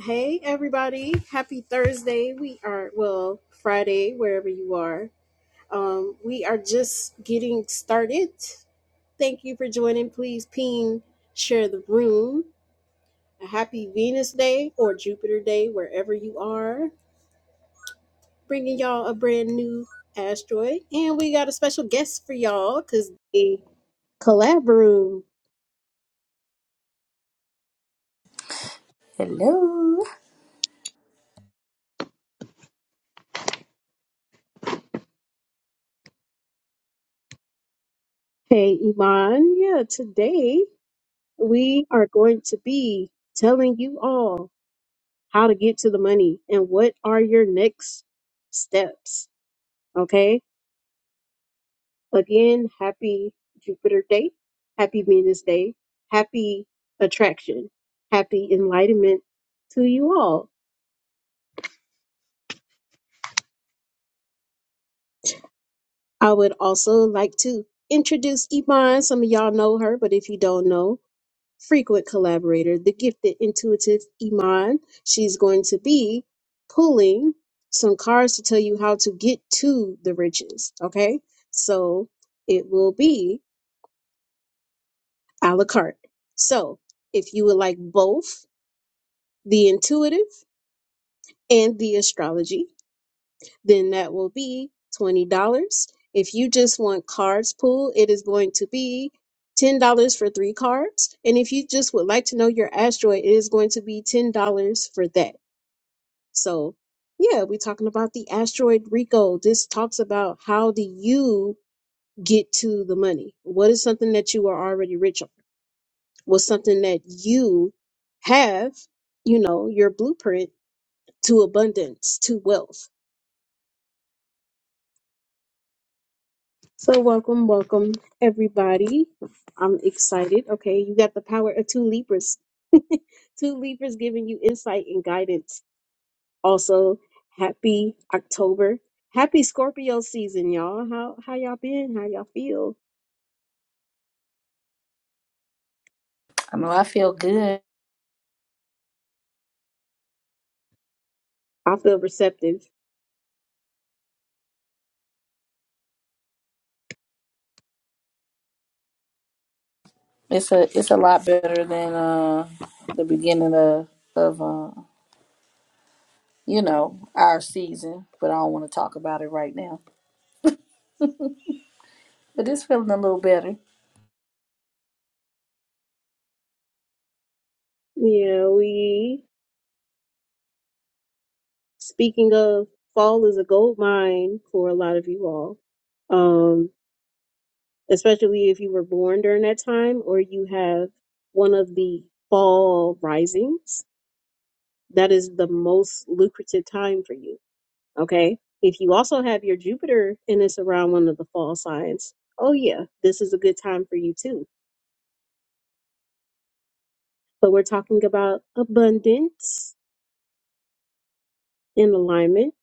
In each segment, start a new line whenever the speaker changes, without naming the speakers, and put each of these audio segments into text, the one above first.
Hey everybody, happy Thursday. We are well, Friday, wherever you are. Um, we are just getting started. Thank you for joining. Please ping, share the room. A happy Venus Day or Jupiter Day, wherever you are. Bringing y'all a brand new asteroid, and we got a special guest for y'all because they collab room.
Hello.
Hey Iman, yeah, today we are going to be telling you all. how to get to the money, and what are your next steps. Okay. Again, happy Jupiter Day, happy Venus Day, happy attraction, happy enlightenment to you all. I would also like to introduce Yvonne. Some of y'all know her, but if you don't know, frequent collaborator, the gifted, intuitive Iman. She's going to be pulling some cards to tell you how to get to the riches. Okay. So it will be a la carte. So if you would like both the intuitive and the astrology, then that will be $20. If you just want cards pulled, it is going to be $10 for three cards. And if you just would like to know your asteroid, it is going to be $10 for that. So, yeah, we're talking about the asteroid Rico. This talks about how do you get to the money? What is something that you are already rich on? What's something that you have, you know, your blueprint to abundance, to wealth? So, welcome, welcome, everybody. I'm excited. Okay, you got the power of two Libras. Two Libras giving you insight and guidance Also, happy October. Happy Scorpio season, y'all. How how y'all been? How y'all feel?
I know I feel good.
I feel receptive.
It's a it's a lot better than uh the beginning of of uh you know our season, but I don't want to talk about it right now. But it's feeling a little better.
Yeah, we speaking of fall is a gold mine for a lot of you all. Um, especially if you were born during that time or you have one of the fall risings. That is the most lucrative time for you Okay. If you also have your Jupiter and it's around one of the fall signs, oh yeah, this is a good time for you too. But we're talking about abundance in alignment.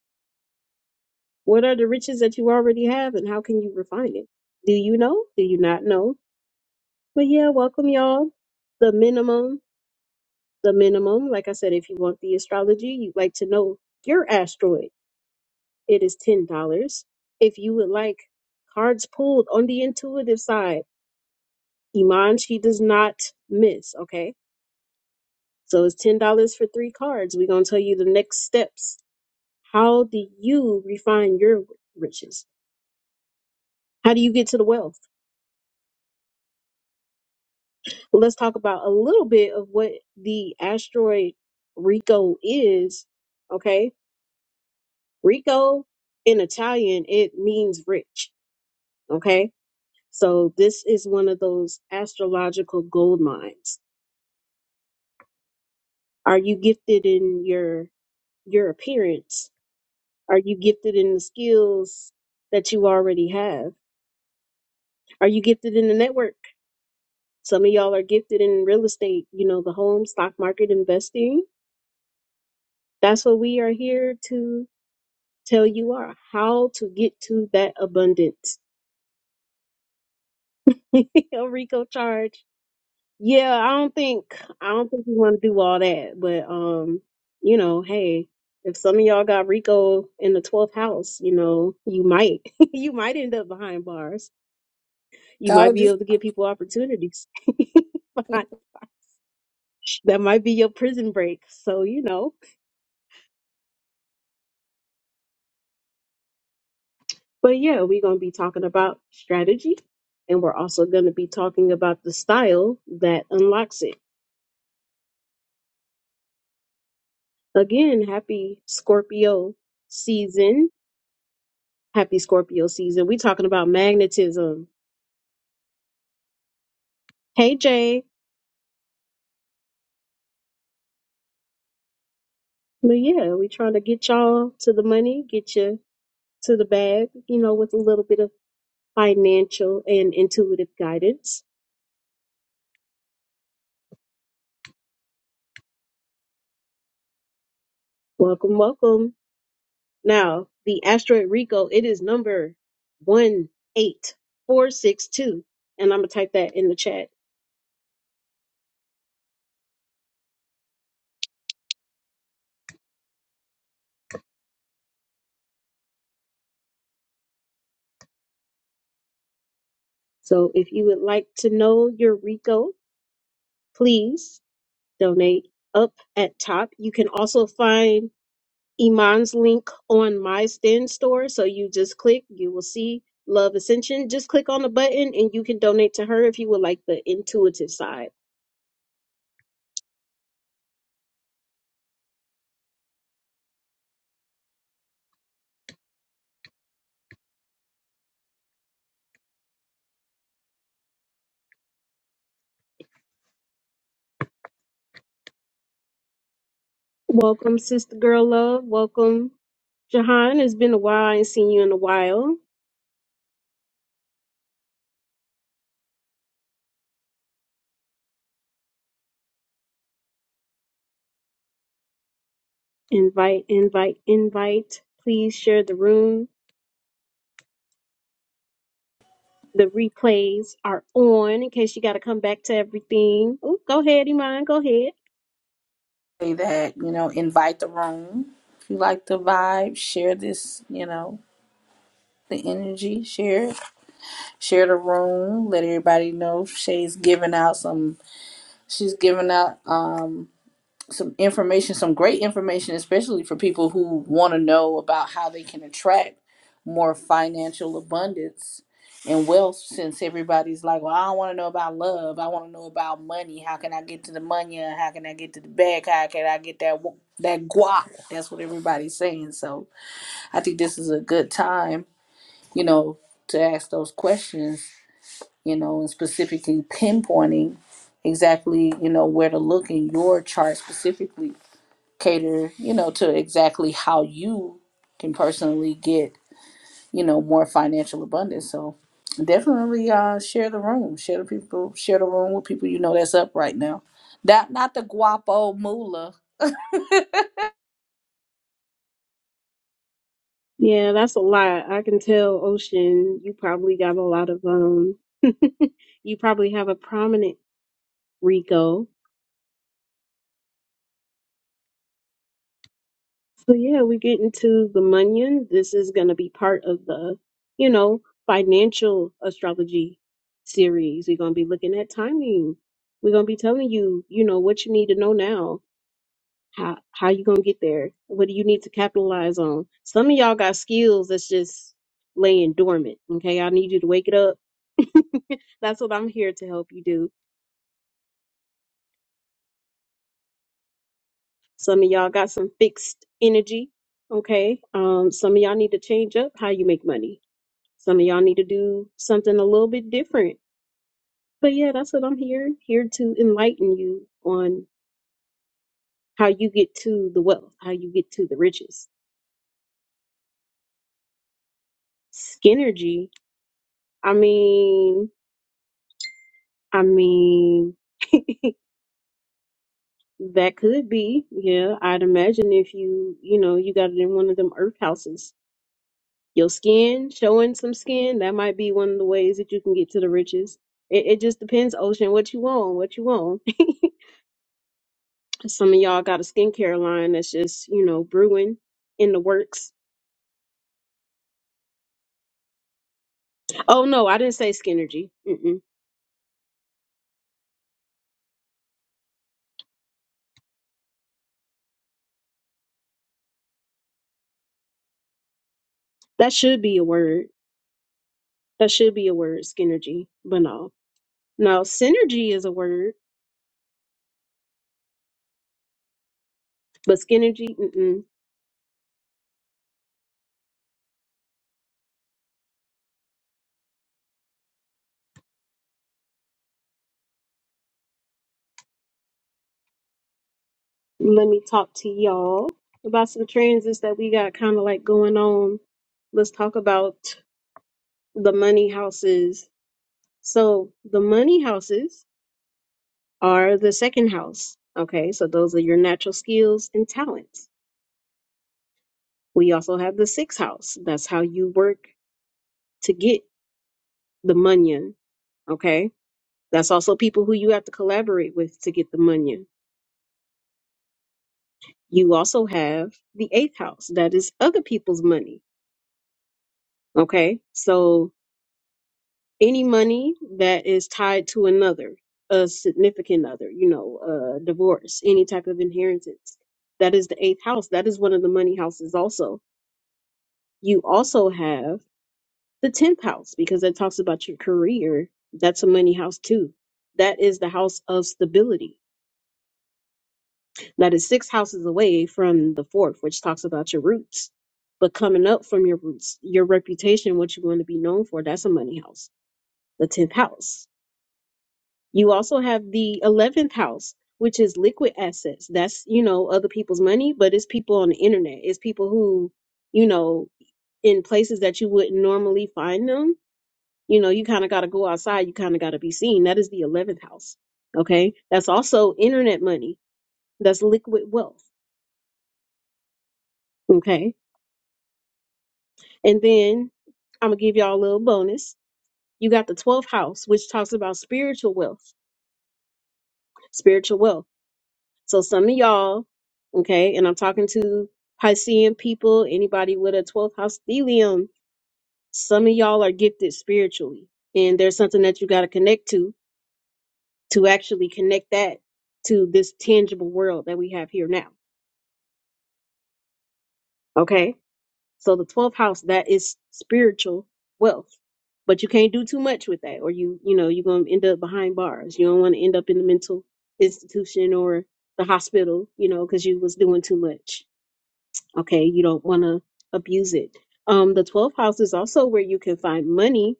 What are the riches that you already have and how can you refine it? Do you know? Do you not know? But yeah, welcome y'all. The minimum, the minimum, like I said, if you want the astrology, you'd like to know your asteroid. It is $10. If you would like cards pulled on the intuitive side, Iman, she does not miss. Okay. So it's ten dollars for three cards. We're gonna tell you the next steps. How do you refine your riches? How do you get to the wealth? Well, let's talk about a little bit of what the asteroid Rico is. Okay. Rico in Italian, it means rich. Okay. So this is one of those astrological gold mines. Are you gifted in your your appearance? Are you gifted in the skills that you already have? Are you gifted in the network? Some of y'all are gifted in real estate, you know, the home, stock market, investing. That's what we are here to tell you are how to get to that abundance. Rico charge. Yeah, I don't think I don't think we want to do all that, but um, you know, hey, if some of y'all got Rico in the twelfth house, you know, you might you might end up behind bars
So
You
I'll
might be
just
able to give people opportunities. that might be your prison break. So, you know. But yeah, we're going to be talking about strategy and we're also going to be talking about the style that unlocks it. Again, happy Scorpio season. Happy Scorpio season. we talking about magnetism. Hey, Jay. But yeah, we trying to get y'all to the money, get you to the bag, you know, with a little bit of financial and intuitive guidance. Welcome, welcome. Now, the asteroid Rico, it is number 18462. And I'm going to type that in the chat. So if you would like to know your Rico, please donate up at top. You can also find Iman's link on my Stand store. So you just click, you will see Love Ascension. Just click on the button and you can donate to her if you would like the intuitive side. Welcome, Sister Girl Love. Welcome. Jahan, it's been a while. I ain't seen you in a while. Invite, invite, invite. Please share the room. The replays are on in case you got to come back to everything. Ooh, go ahead, Iman. Go ahead.
say that you know invite the room if you like the vibe. Share this you know the energy. Share it. share the room. Let everybody know Shay's giving out some. She's giving out. um some information, some great information, especially for people who want to know about how they can attract more financial abundance and wealth. Since everybody's like, well, I don't want to know about love. I want to know about money. How can I get to the money? Uh, How can I get to the bag? How can I get that that guap? That's what everybody's saying. So I think this is a good time, you know, to ask those questions, you know, and specifically pinpointing exactly, you know, where to look in your chart specifically cater, you know, to exactly how you can personally get, you know, more financial abundance. So definitely uh share the room. Share the people share the room with people you know that's up right now. That not the guapo moolah.
Yeah, that's a lot. I can tell, Ocean, you probably got a lot of, um, you probably have a prominent Rico. So yeah, we get into the Munyon. This is going to be part of the, you know, financial astrology series. We're going to be looking at timing. We're going to be telling you, you know, what you need to know now. How how you going to get there? What do you need to capitalize on? Some of y'all got skills that's just laying dormant. Okay, I need you to wake it up. that's what I'm here to help you do. Some of y'all got some fixed energy. Okay, um, some of y'all need to change up how you make money Some of y'all need to do something a little bit different. But yeah, that's what I'm here here to enlighten you on how you get to the wealth, how you get to the riches. Skinergy, I mean, I mean, that could be. Yeah, I'd imagine if you, you know, you got it in one of them earth houses. Your skin, showing some skin, that might be one of the ways that you can get to the riches. It, it just depends, Ocean, what you want, what you want. Some of y'all got a skincare line that's just, you know, brewing in the works. Oh no, I didn't say skinergy. Mm-mm. That should be a word. That should be a word, skinergy. But no, no, synergy is a word, but skinergy. Mm-mm. Let me talk to y'all about some transits that we got kind of like going on. Let's talk about the money houses. So the money houses are the second house. Okay, so those are your natural skills and talents. We also have the sixth house. That's how you work to get the munyan. Okay. That's also people who you have to collaborate with to get the munyan. You also have the eighth house. That is other people's money. Okay. So any money that is tied to another, a significant other, you know, a divorce, any type of inheritance, that is the eighth house. That is one of the money houses also. You also have the 10th house because that talks about your career that's a money house too that is the house of stability that is six houses away from the fourth which talks about your roots but coming up from your roots your reputation what you're going to be known for that's a money house the 10th house you also have the 11th house which is liquid assets that's you know other people's money but it's people on the internet it's people who you know in places that you wouldn't normally find them You know, you kind of got to go outside. You kind of got to be seen. That is the 11th house. Okay. That's also internet money. That's liquid wealth. Okay. And then I'm going to give y'all a little bonus. You got the 12th house, which talks about spiritual wealth. Spiritual wealth. So some of y'all, okay, and I'm talking to Piscean people, anybody with a 12th house stellium, some of y'all are gifted spiritually. And there's something that you got to connect to to actually connect that to this tangible world that we have here now. Okay. So the 12th house, that is spiritual wealth, but you can't do too much with that or you, you know, you're going to end up behind bars. You don't want to end up in the mental institution or the hospital, you know, cause you was doing too much. Okay. You don't want to abuse it. Um, the 12th house is also where you can find money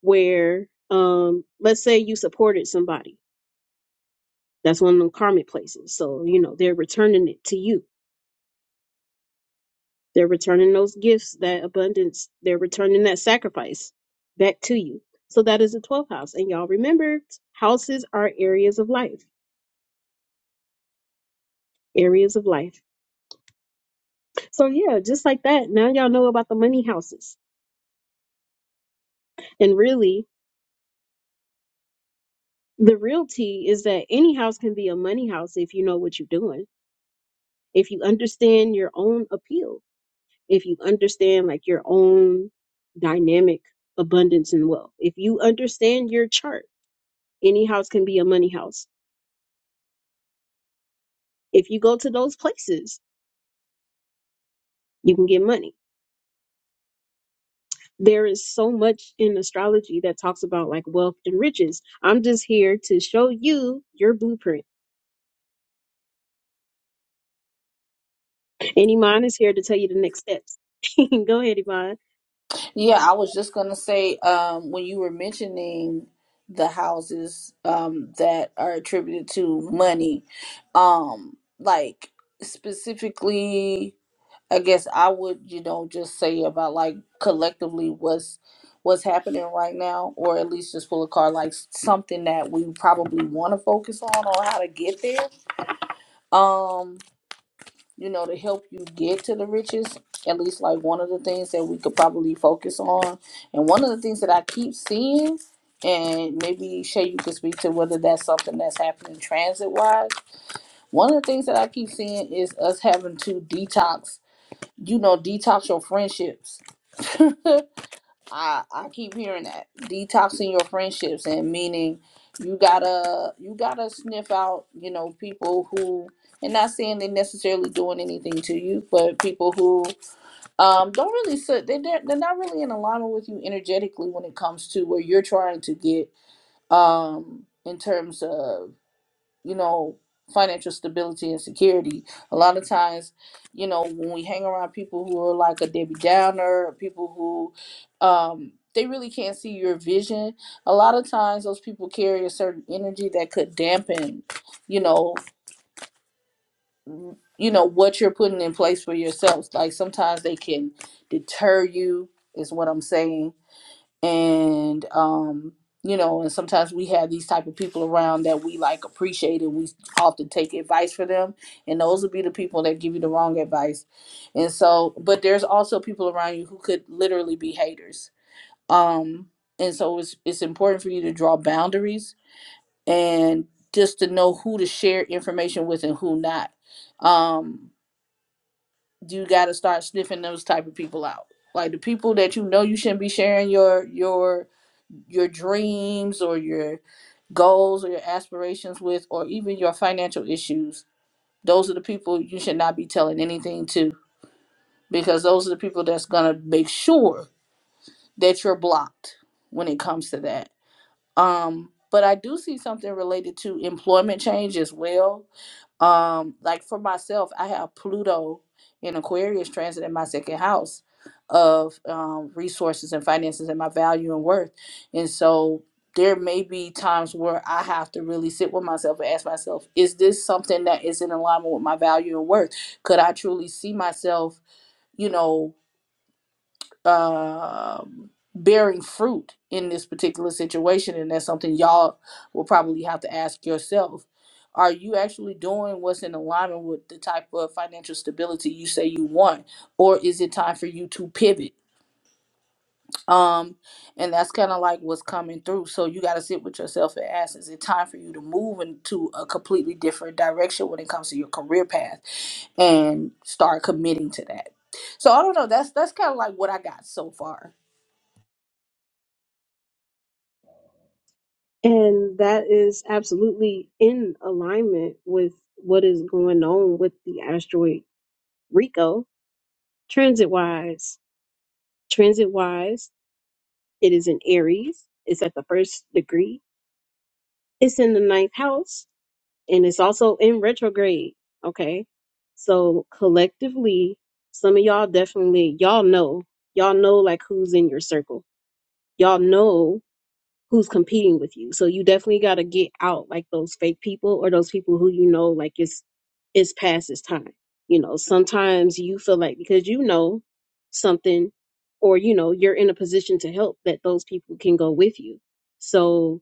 where, um, let's say you supported somebody. That's one of the karmic places. So, you know, they're returning it to you They're returning those gifts, that abundance. They're returning that sacrifice back to you. So that is the 12th house. And y'all remember, houses are areas of life, areas of life. So yeah, just like that. Now y'all know about the money houses. And really, the realty is that any house can be a money house if you know what you're doing. If you understand your own appeal, if you understand like your own dynamic abundance and wealth. If you understand your chart, any house can be a money house if you go to those places, you can get money. There is so much in astrology that talks about like wealth and riches. I'm just here to show you your blueprint. And Iman is here to tell you the next steps. go ahead, Iman.
Yeah, I was just gonna say, um, when you were mentioning the houses um that are attributed to money, um, like specifically I guess I would, you know, just say about like collectively what's what's happening right now, or at least just pull a card like something that we probably want to focus on or how to get there. Um, you know, to help you get to the riches. At least like one of the things that we could probably focus on, and one of the things that I keep seeing, and maybe Shay, you can speak to whether that's something that's happening transit wise. One of the things that I keep seeing is us having to detox you know, detox your friendships I I keep hearing that detoxing your friendships and meaning you gotta you gotta sniff out you know people who and not saying they're necessarily doing anything to you, but people who um don't really sit they they're, they're not really in alignment with you energetically when it comes to where you're trying to get um in terms of you know, financial stability and security. A lot of times, you know, when we hang around people who are like a Debbie Downer, people who um they really can't see your vision. A lot of times those people carry a certain energy that could dampen, you know, w- you know what you're putting in place for yourselves. Like sometimes they can deter you is what I'm saying and um you know and sometimes we have these type of people around that we like appreciate and we often take advice for them and those would be the people that give you the wrong advice and so but there's also people around you who could literally be haters um and so it's it's important for you to draw boundaries and just to know who to share information with and who not um you got to start sniffing those type of people out like the people that you know you shouldn't be sharing your your your dreams or your goals or your aspirations with or even your financial issues those are the people you should not be telling anything to because those are the people that's going to make sure that you're blocked when it comes to that um but i do see something related to employment change as well um like for myself i have pluto in aquarius transit in my second house of um, resources and finances and my value and worth and so there may be times where i have to really sit with myself and ask myself is this something that is in alignment with my value and worth could i truly see myself you know um bearing fruit in this particular situation and that's something y'all will probably have to ask yourself are you actually doing what's in alignment with the type of financial stability you say you want or is it time for you to pivot um and that's kind of like what's coming through so you got to sit with yourself and ask is it time for you to move into a completely different direction when it comes to your career path and start committing to that so i don't know that's that's kind of like what i got so far
And that is absolutely in alignment with what is going on with the asteroid Rico transit wise. Transit wise, it is in Aries, it's at the first degree, it's in the ninth house and it's also in retrograde. Okay. So collectively, some of y'all definitely, y'all know, y'all know like who's in your circle. Y'all know who's competing with you. So you definitely got to get out like those fake people or those people who you know, like it's, it's past its time. You know, sometimes you feel like because you know something or, you know, you're in a position to help that those people can go with you. So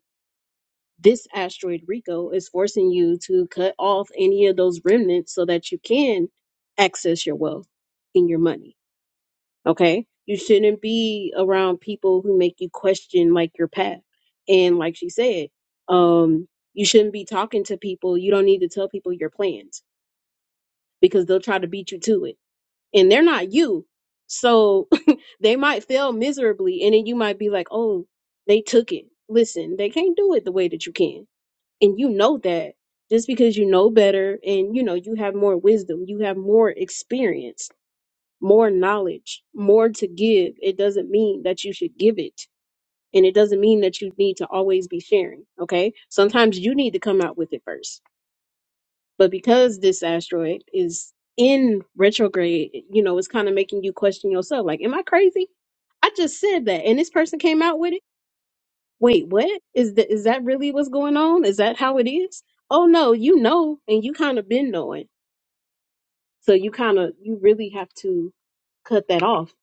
this asteroid Rico is forcing you to cut off any of those remnants so that you can access your wealth and your money. Okay? You shouldn't be around people who make you question like your path. And like she said, um, you shouldn't be talking to people. You don't need to tell people your plans because they'll try to beat you to it. And they're not you. So they might fail miserably and then you might be like oh they took it listen they can't do it the way that you can and you know that just because you know better and you know you have more wisdom you have more experience more knowledge more to give it doesn't mean that you should give it and it doesn't mean that you need to always be sharing okay sometimes you need to come out with it first but because this asteroid is in retrograde you know it's kind of making you question yourself like am i crazy i just said that and this person came out with it wait, what is that? Is that really what's going on? Is that how it is? Oh no, you know, and you kind of been knowing, so you kind of you really have to cut that off.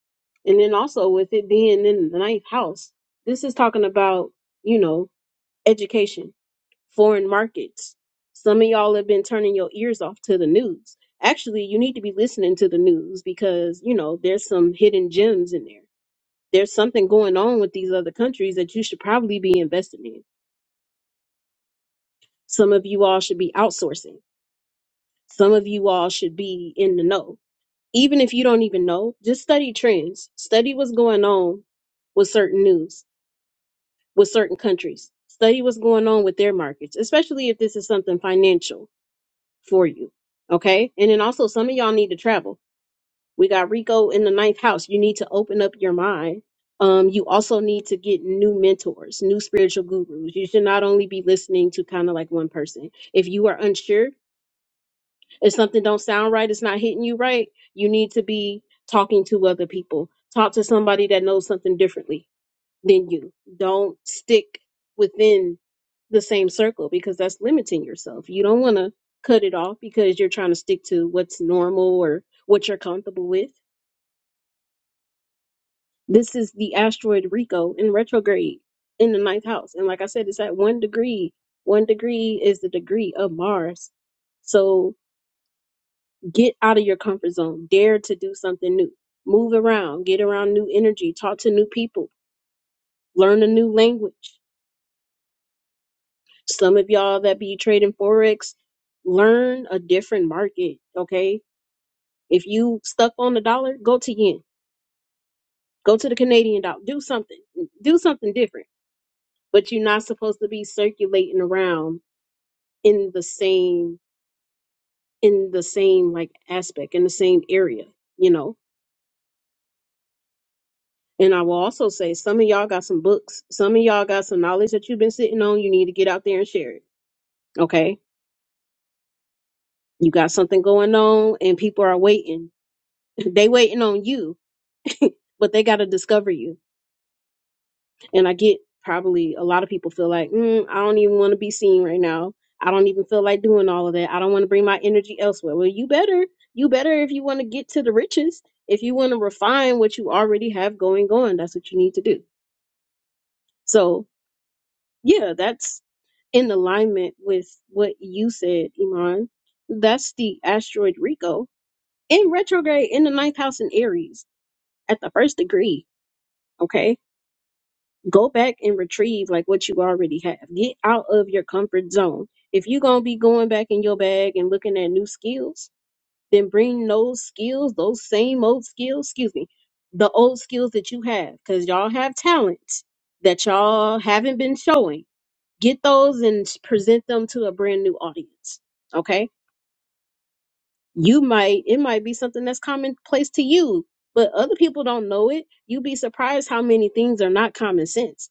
And then also with it being in the ninth house, this is talking about you know education, foreign markets. Some of y'all have been turning your ears off to the news. Actually, you need to be listening to the news because you know there's some hidden gems in there. There's something going on with these other countries that you should probably be investing in Some of you all should be outsourcing. Some of you all should be in the know. Even if you don't even know, just study trends. Study what's going on with certain news, with certain countries. Study what's going on with their markets, especially if this is something financial for you. Okay. And then also, some of y'all need to travel. We got Rico in the ninth house. You need to open up your mind. Um, you also need to get new mentors, new spiritual gurus. You should not only be listening to kind of like one person. If you are unsure, if something don't sound right it's not hitting you right you need to be talking to other people talk to somebody that knows something differently than you don't stick within the same circle because that's limiting yourself you don't want to cut it off because you're trying to stick to what's normal or what you're comfortable with this is the asteroid rico in retrograde in the ninth house and like i said it's at one degree one degree is the degree of mars so Get out of your comfort zone. Dare to do something new. Move around. Get around new energy. Talk to new people. Learn a new language. Some of y'all that be trading Forex, learn a different market. Okay. If you stuck on the dollar, go to yen. Go to the Canadian dollar. Do something. Do something different. But you're not supposed to be circulating around in the same in the same like aspect in the same area, you know And I will also say, some of y'all got some books. Some of y'all got some knowledge that you've been sitting on. You need to get out there and share it. Okay. You got something going on and people are waiting. they waiting on you, but they got to discover you. And I get probably a lot of people feel like, mm, I don't even want to be seen right now. I don't even feel like doing all of that. I don't want to bring my energy elsewhere. Well, you better, you better if you want to get to the riches, if you want to refine what you already have going on, that's what you need to do. So yeah, that's in alignment with what you said, Iman. That's the asteroid Rico in retrograde in the ninth house in Aries at the first degree. Okay. Go back and retrieve like what you already have. Get out of your comfort zone. If you're going to be going back in your bag and looking at new skills, then bring those skills, those same old skills, excuse me, the old skills that you have because y'all have talents that y'all haven't been showing get those and s- present them to a brand new audience. Okay. You might, it might be something that's commonplace to you, but other people don't know it. You'd be surprised how many things are not common sense.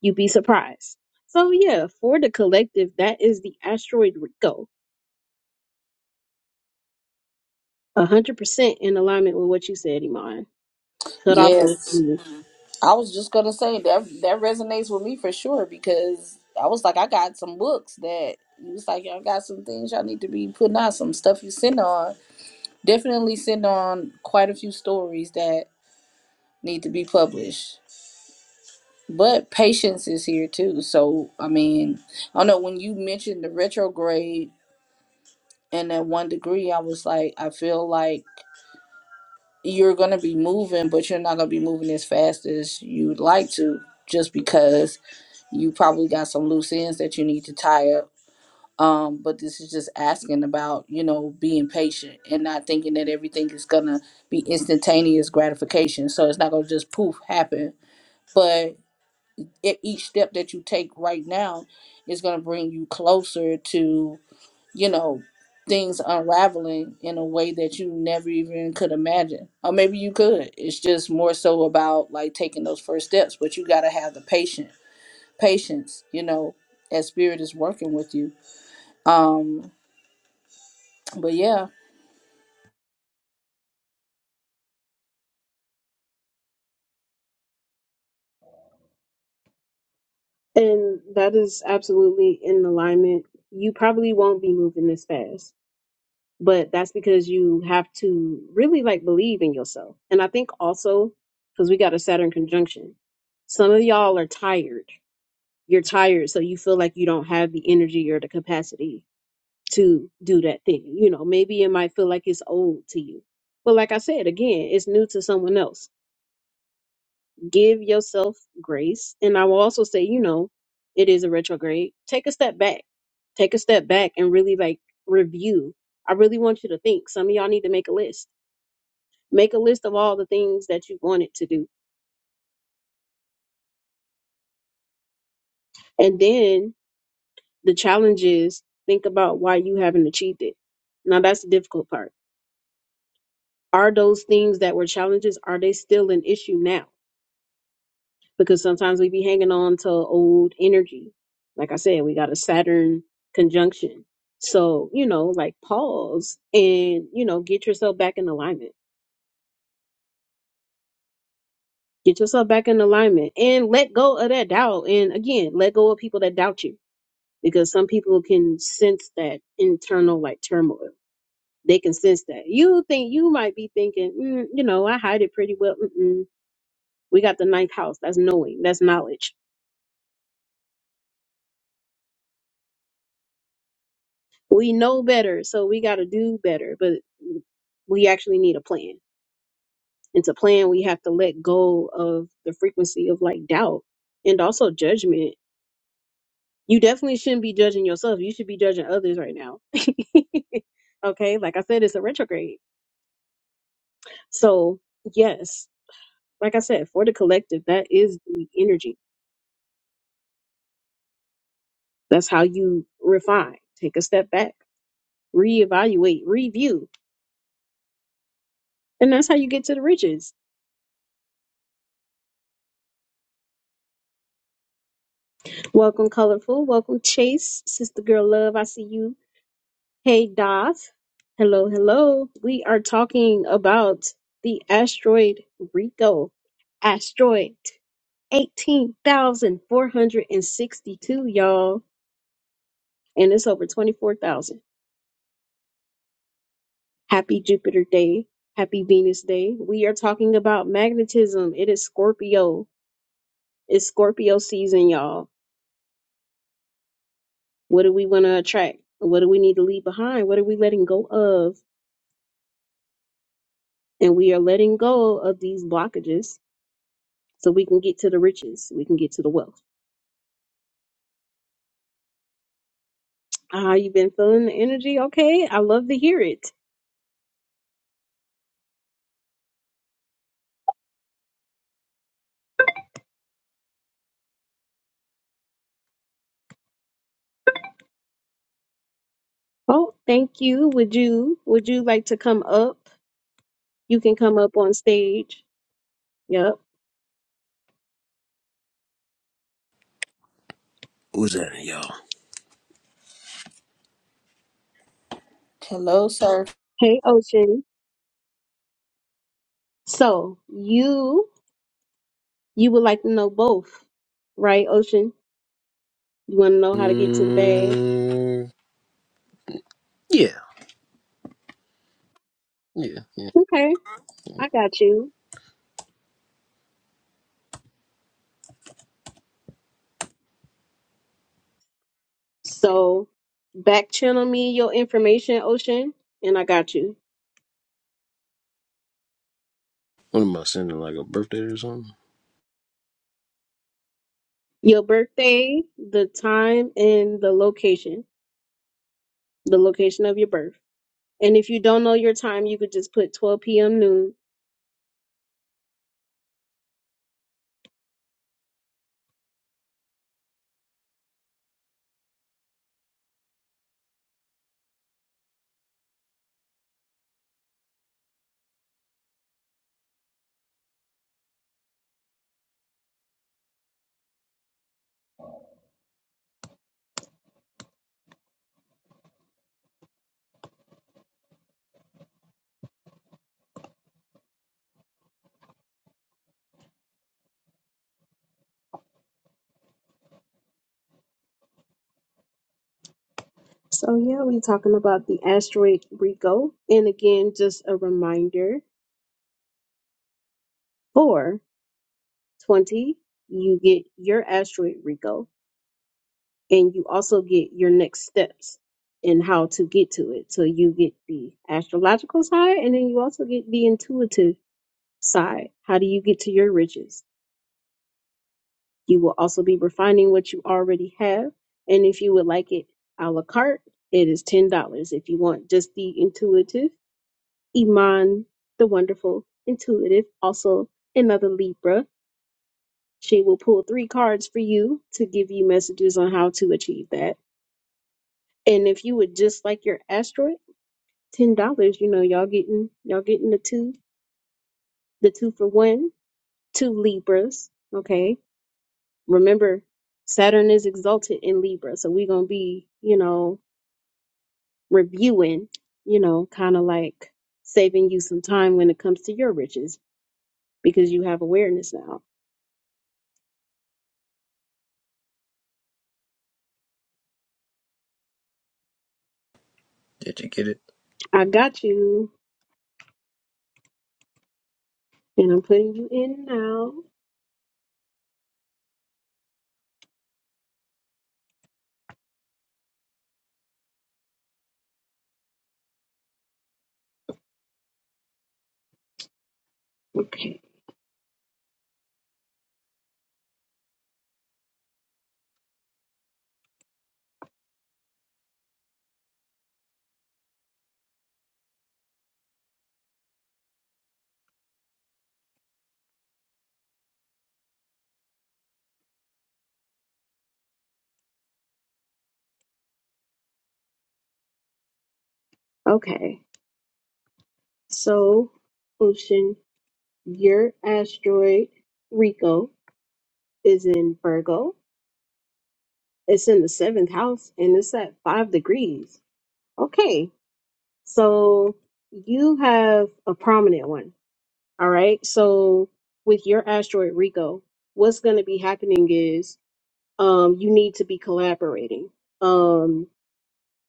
You'd be surprised. So, yeah, for the collective, that is the asteroid Rico. 100% in alignment with what you said, Iman. Cut off those
Yes.
things.
I was just gonna say that that resonates with me for sure because I was like, I got some books that you was like, y'all got some things y'all need to be putting out, some stuff you send on. Definitely send on quite a few stories that need to be published. But patience is here too. So I mean, I don't know when you mentioned the retrograde and that one degree, I was like, I feel like you're gonna be moving, but you're not gonna be moving as fast as you'd like to, just because you probably got some loose ends that you need to tie up um but this is just asking about you know being patient and not thinking that everything is gonna be instantaneous gratification so it's not gonna just poof happen but it, each step that you take right now is gonna bring you closer to you know things unraveling in a way that you never even could imagine or maybe you could it's just more so about like taking those first steps but you gotta have the patience patience, you know, as spirit is working with you. Um, but yeah.
And that is absolutely in alignment. You probably won't be moving this fast but that's because you have to really like believe in yourself. And I think also because we got a Saturn conjunction, some of y'all are tired. You're tired, so you feel like you don't have the energy or the capacity to do that thing. You know, maybe it might feel like it's old to you. But like I said, again, it's new to someone else. Give yourself grace. And I will also say, you know, it is a retrograde. Take a step back. Take a step back and really like review. I really want you to think. Some of y'all need to make a list Make a list of all the things that you wanted to do. And then the challenge is think about why you haven't achieved it. Now that's the difficult part. Are those things that were challenges, are they still an issue now? Because sometimes we be hanging on to old energy. Like I said, we got a Saturn conjunction. So, you know, like pause and, you know, get yourself back in alignment. Get yourself back in alignment and let go of that doubt. And again, let go of people that doubt you because some people can sense that internal like turmoil. They can sense that. You think you might be thinking, mm, you know, I hide it pretty well. Mm-mm. We got the ninth house. That's knowing. That's knowledge. We know better, so we got to do better. But we actually need a plan. And to plan, we have to let go of the frequency of like doubt and also judgment. You definitely shouldn't be judging yourself. You should be judging others right now. okay, like I said, it's a retrograde. So yes Like I said, for the collective, that is the energy. That's how you refine, take a step back, reevaluate, review. And that's how you get to the riches. Welcome, Colorful. Welcome, Chase. Sister Girl Love, I see you. Hey, Doth. Hello, hello. We are talking about the asteroid Rico. Asteroid 18,462, y'all. And it's over 24,000. Happy Jupiter Day. Happy Venus Day. We are talking about magnetism. It is Scorpio. It's Scorpio season, y'all. What do we want to attract? What do we need to leave behind? What are we letting go of? And we are letting go of these blockages so we can get to the riches. We can get to the wealth. Ah, you have been feeling the energy? Okay. I love to hear it. Oh, thank you. Would you would you like to come up? You can come up on stage. Yep.
Who's that, y'all?
Hello, sir.
Hey Ocean. So you You would like to know both, right, Ocean? You want to know how to get to the bag?
Mm, yeah, yeah, yeah.
Okay, I got you. So back channel me your information, Ocean, and I got you.
What am I sending? Like a birthday or something?
Your birthday, the time, and the location, the location of your birth. And if you don't know your time, you could just put 12 p.m. noon. So, yeah, we're talking about the asteroid Rico. And again, just a reminder for 20, you get your asteroid Rico. and you also get your next steps in how to get to it. So you get the astrological side, and then you also get the intuitive side. How do you get to your riches? You will also be refining what you already have, and if you would like it a la carte, it is ten dollars. If you want just the intuitive, Iman, the wonderful intuitive, also another Libra. She will pull three cards for you to give you messages on how to achieve that. And if you would just like your asteroid ten dollars. You know, y'all getting y'all getting the two the two for one, two Libras. Okay. Remember, Saturn is exalted in Libra, so we're gonna be, you know, reviewing, you know, kind of like saving you some time when it comes to your riches because you have awareness now.
Did you get it?
I got you, and I'm putting you in now. Okay. Okay. So, Ocean, your asteroid Rico is in Virgo It's in the seventh house and it's at five degrees. Okay, so you have a prominent one. All right, so with your asteroid Rico, what's going to be happening is um, you need to be collaborating. Um,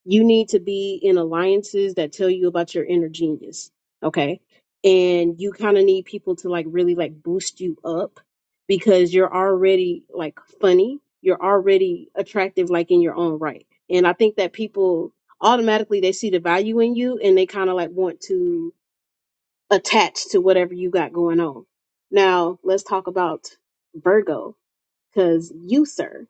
you need to be in alliances that tell you about your inner genius okay and you kind of need people to like really like boost you up because you're already like funny you're already attractive like in your own right and i think that people automatically they see the value in you and they kind of like want to attach to whatever you got going on now let's talk about virgo because you sir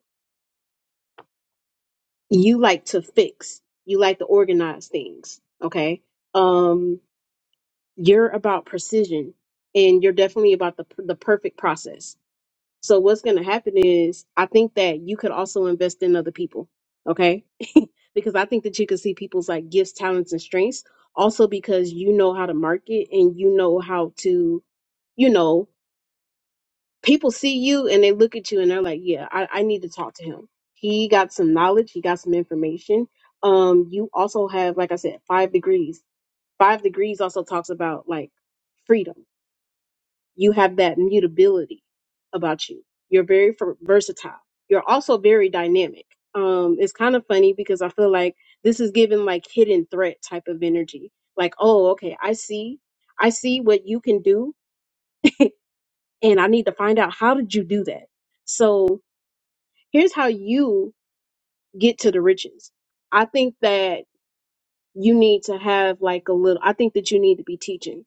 you like to fix you like to organize things okay um you're about precision and you're definitely about the the perfect process so what's going to happen is i think that you could also invest in other people okay because i think that you can see people's like gifts talents and strengths also because you know how to market and you know how to you know people see you and they look at you and they're like, yeah, I, I need to talk to him. He got some knowledge, he got some information. Um, you also have, like I said, five degrees. Five degrees also talks about like freedom. You have that mutability about you. You're very fer- versatile. You're also very dynamic. Um, it's kind of funny because I feel like this is given like hidden threat type of energy. Like, oh, okay, I see, I see what you can do, and I need to find out how did you do that. So here's how you get to the riches. I think that you need to have like a little, I think that you need to be teaching,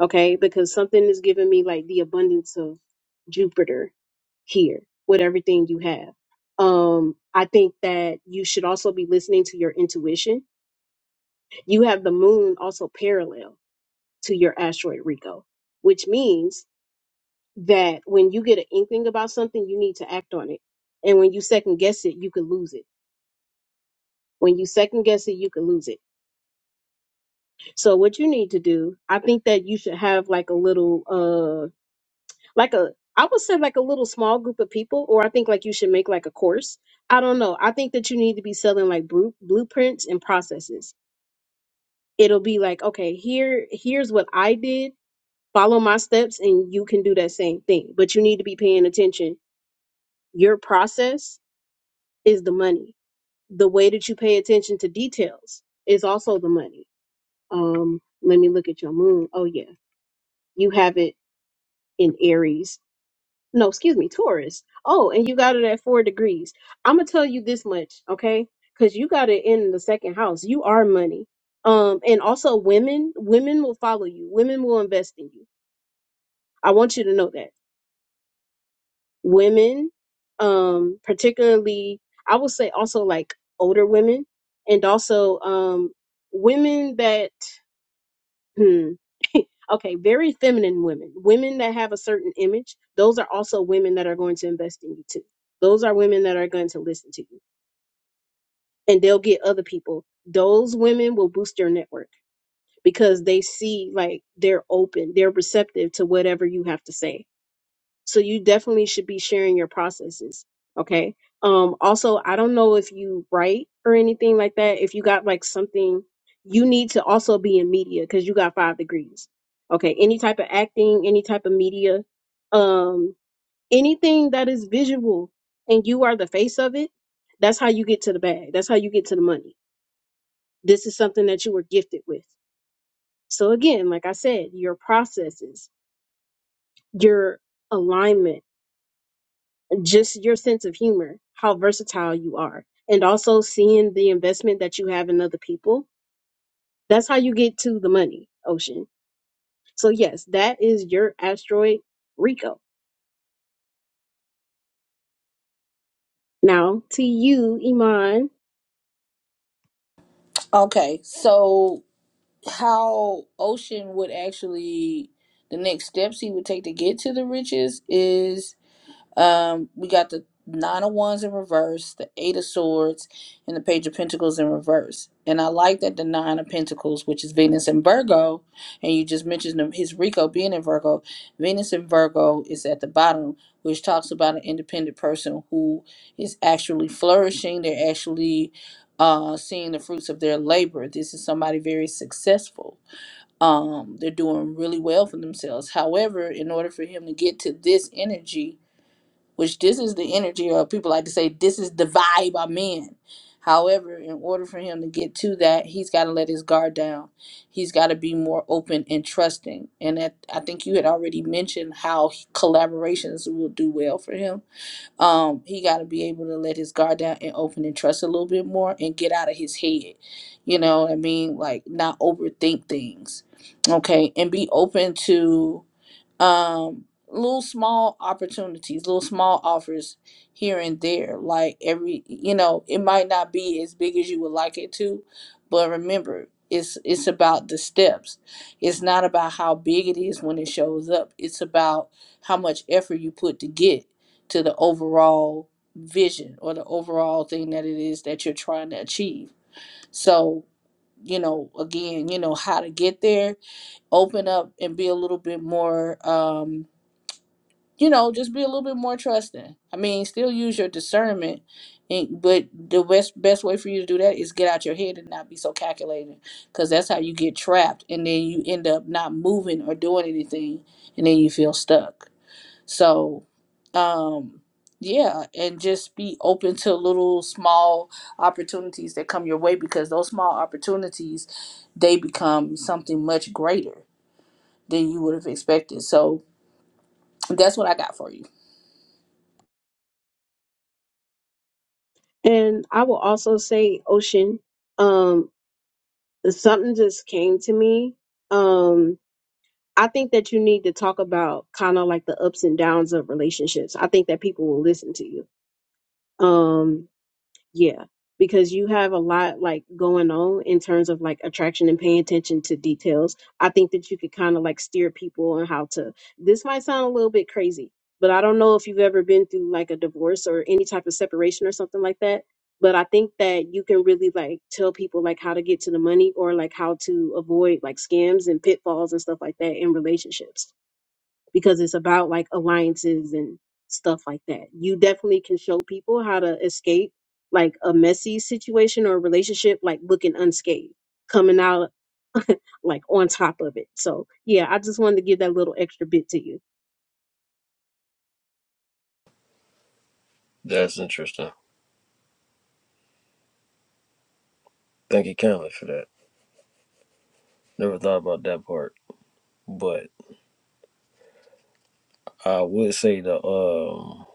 okay? Because something is giving me like the abundance of Jupiter here with everything you have. Um, I think that you should also be listening to your intuition. You have the moon also parallel to your asteroid Rico, which means that when you get an inkling about something, you need to act on it. And when you second guess it, you could lose it When you second guess it, you can lose it. So what you need to do, I think that you should have like a little uh like a I would say like a little small group of people, or I think like you should make like a course. I don't know. I think that you need to be selling like bru- blueprints and processes. It'll be like, okay, here here's what I did. Follow my steps and you can do that same thing. But you need to be paying attention. Your process is the money. The way that you pay attention to details is also the money Um, let me look at your moon. Oh yeah, you have it in Aries. No, excuse me, Taurus. Oh, and you got it at four degrees. I'm gonna tell you this much, okay? Because you got it in the second house. You are money. Um, and also women, women will follow you. Women will invest in you. I want you to know that women, um, particularly, I would say also like older women, and also um, women that Hmm. okay, very feminine women, women that have a certain image, those are also women that are going to invest in you too. Those are women that are going to listen to you and they'll get other people. Those women will boost your network because they see like they're open, they're receptive to whatever you have to say so you definitely should be sharing your processes. Okay. Um, also, I don't know if you write or anything like that. If you got like something, you need to also be in media because you got five degrees. Okay. Any type of acting, any type of media, um, anything that is visual and you are the face of it, that's how you get to the bag. That's how you get to the money. This is something that you were gifted with. So again, like I said, your processes, your alignment just your sense of humor, how versatile you are, and also seeing the investment that you have in other people. That's how you get to the money, Ocean. So, yes, that is your asteroid Rico. Now, to you, Iman,
Okay, so how Ocean would actually the next steps he would take to get to the riches is Um, we got the nine of wands in reverse, the eight of swords, and the page of pentacles in reverse. And I like that the nine of pentacles, which is Venus in Virgo, and you just mentioned him- his Rico being in Virgo. Venus in Virgo is at the bottom, which talks about an independent person who is actually flourishing. They're actually uh, seeing the fruits of their labor. This is somebody very successful. Um, they're doing really well for themselves. However, in order for him to get to this energy, which this is the energy or people like to say this is the vibe I'm in. However, in order for him to get to that, he's got to let his guard down. He's got to be more open and trusting. And that I think you had already mentioned how collaborations will do well for him. Um, he got to be able to let his guard down and open and trust a little bit more and get out of his head. You know what I mean? Like not overthink things. Okay, and be open to um little small opportunities little small offers here and there like every you know it might not be as big as you would like it to but remember it's it's about the steps it's not about how big it is when it shows up it's about how much effort you put to get to the overall vision or the overall thing that it is that you're trying to achieve so you know again you know how to get there open up and be a little bit more Um you know, just be a little bit more trusting. I mean, still use your discernment, and but the best best way for you to do that is get out your head and not be so calculating, because that's how you get trapped, and then you end up not moving or doing anything, and then you feel stuck. So, um, yeah, and just be open to little small opportunities that come your way, because those small opportunities, they become something much greater than you would have expected. So that's what I got for you.
and I will also say, Ocean, um, something just came to me. Um, I think that you need to talk about kind of like the ups and downs of relationships. I think that people will listen to you. Um, Yeah, because you have a lot like going on in terms of like attraction and paying attention to details. I think that you could kind of like steer people on how to. This might sound a little bit crazy, but I don't know if you've ever been through like a divorce or any type of separation or something like that. But I think that you can really like tell people like how to get to the money or like how to avoid like scams and pitfalls and stuff like that in relationships because it's about like alliances and stuff like that. You definitely can show people how to escape like a messy situation or a relationship, like looking unscathed, coming out like on top of it. So, yeah, I just wanted to give that little extra bit to you.
That's interesting. Thank you kindly for that. Never thought about that part, but I would say the um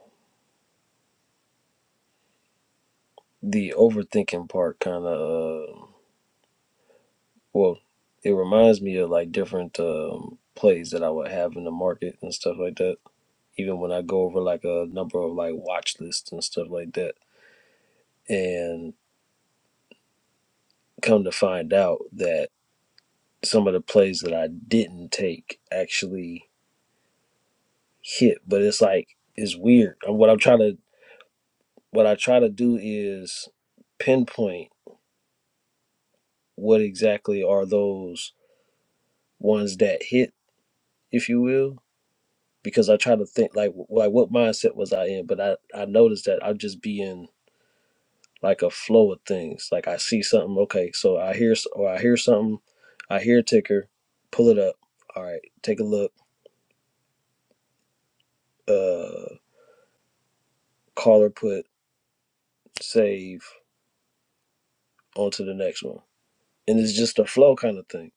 the overthinking part kind of uh, well, it reminds me of like different um plays that I would have in the market and stuff like that. Even when I go over like a number of like watch lists and stuff like that, and come to find out that some of the plays that I didn't take actually hit. But it's like it's weird. Uh, What I'm trying to what I try to do is pinpoint what exactly are those ones that hit, if you will, because I try to think like w- like what mindset was I in. But I I noticed that i will just be in like a flow of things. Like I see something, okay, so I hear s- or I hear something, I hear a ticker, pull it up. All right, take a look. Uh, caller put save on to the next one. And it's just a flow kind of thing.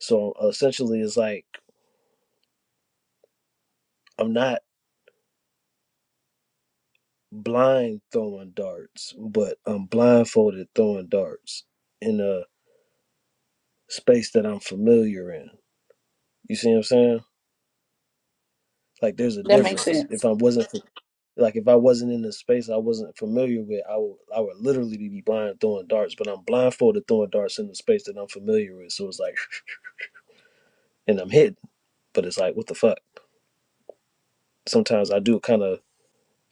So essentially, it's like I'm not blind throwing darts, but I'm blindfolded throwing darts in a space that I'm familiar in. You see what I'm saying? Like there's a
That makes
difference.
sense.
If I wasn't like if I wasn't in the space I wasn't familiar with, I would I would literally be blind throwing darts. But I'm blindfolded throwing darts in the space that I'm familiar with. So it's like, and I'm hidden. But it's like, what the fuck? Sometimes I do kind of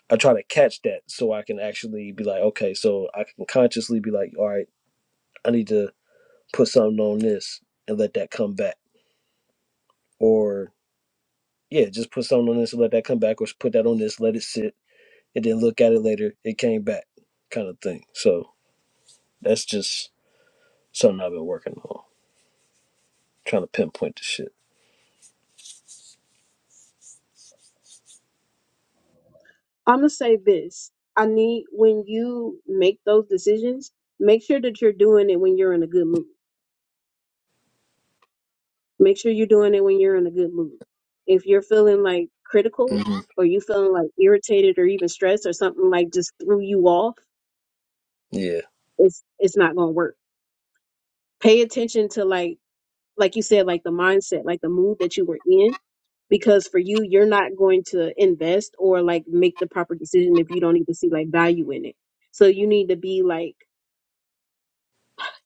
I try to catch that so I can actually be like, okay, so I can consciously be like, all right, I need to put something on this and let that come back. Or yeah, just put something on this and let that come back, or put that on this, let it sit, and then look at it later. It came back, kind of thing. So that's just something I've been working on, trying to pinpoint the shit.
I'm gonna say this I need when you make those decisions, make sure that you're doing it when you're in a good mood. Make sure you're doing it when you're in a good mood. If you're feeling like critical
hmm
or you feeling like irritated or even stressed or something like just threw you off
Yeah,
it's it's not gonna work. Pay attention to like like you said, like the mindset, like the mood that you were in, because for you, you're not going to invest or like make the proper decision if you don't even see like value in it. So you need to be like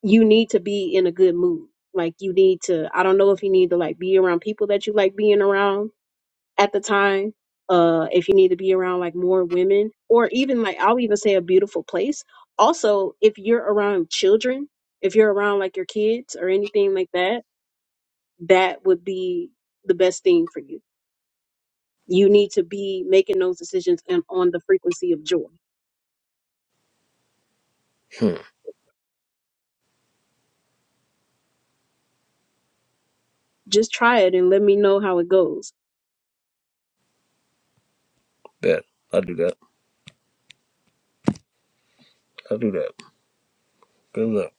you need to be in a good mood. Like you need to I don't know if you need to like be around people that you like being around at the time uh if you need to be around like more women or even like i'll even say a beautiful place also if you're around children if you're around like your kids or anything like that that would be the best thing for you you need to be making those decisions and on the frequency of joy
hmm,
just try it and let me know how it goes
bet I do that. I do that. Good luck.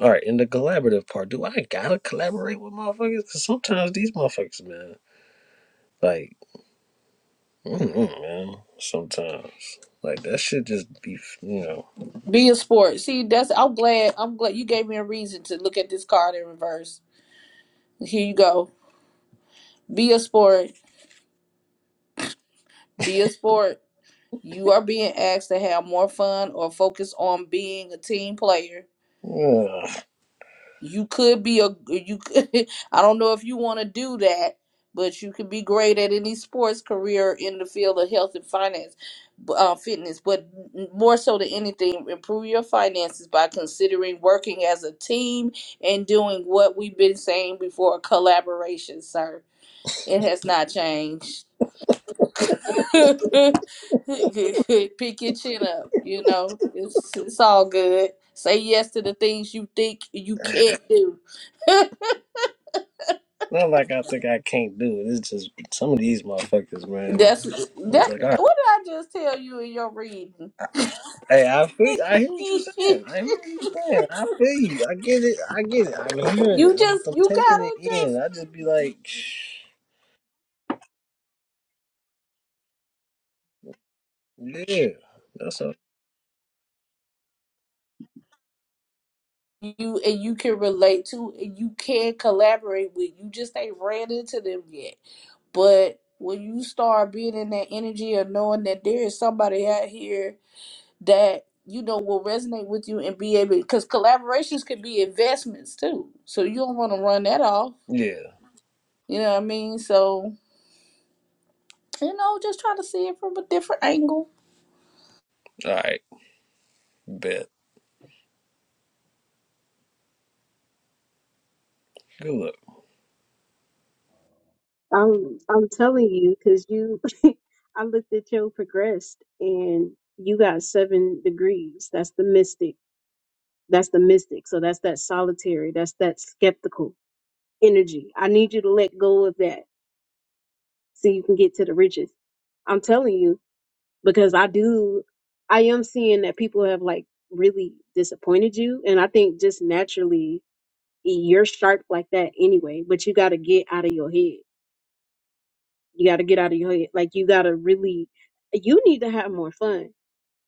All right, in the collaborative part, do I gotta collaborate with motherfuckers? Cause sometimes these motherfuckers, man, like Mm-mm, man. Sometimes, like that shit, just be you know.
Be a sport. See, that's I'm glad I'm glad you gave me a reason to look at this card in reverse. Here you go. Be a sport. Be a sport. You are being asked to have more fun or focus on being a team player
Ugh.
you could be a you could, I don't know if you want to do that, but you could be great at any sports career in the field of health and finance, b- uh, fitness. But m- more so than anything, improve your finances by considering working as a team and doing what we've been saying before collaboration, sir. It has not changed. Pick your chin up, you know. It's it's all good. Say yes to the things you think you can't do.
Not like I think I can't do it. It's just some of these motherfuckers, man.
That's that.
It's
What
like, all
did
right,
I just tell you in your reading?
hey, I feel, I hear what you're
you
saying. I hear what you're saying. I feel you. I get it. I get it. I'm hearing it. I'm,
just
I'm
you
taking
gotta
it
just
in. I just be like, yeah, that's all.
you and you can relate to and you can collaborate with. You just ain't ran into them yet. But when you start being in that energy of knowing that there is somebody out here that you know will resonate with you and be able because collaborations can be investments too. So you don't want to run that off.
Yeah.
You know what I mean? So You know, just trying to see it from a different angle.
All right. Bet. Good luck.
i'm i'm telling you because you i looked at your progressed and you got seven degrees that's the mystic That's the mystic. So that's that solitary. That's that skeptical energy. I need you to let go of that so you can get to the riches. I'm telling you because I do. I am seeing that people have like really disappointed you, and I think just naturally you're sharp like that anyway. But you got to get out of your head. You got to get out of your head. Like you got to really. You need to have more fun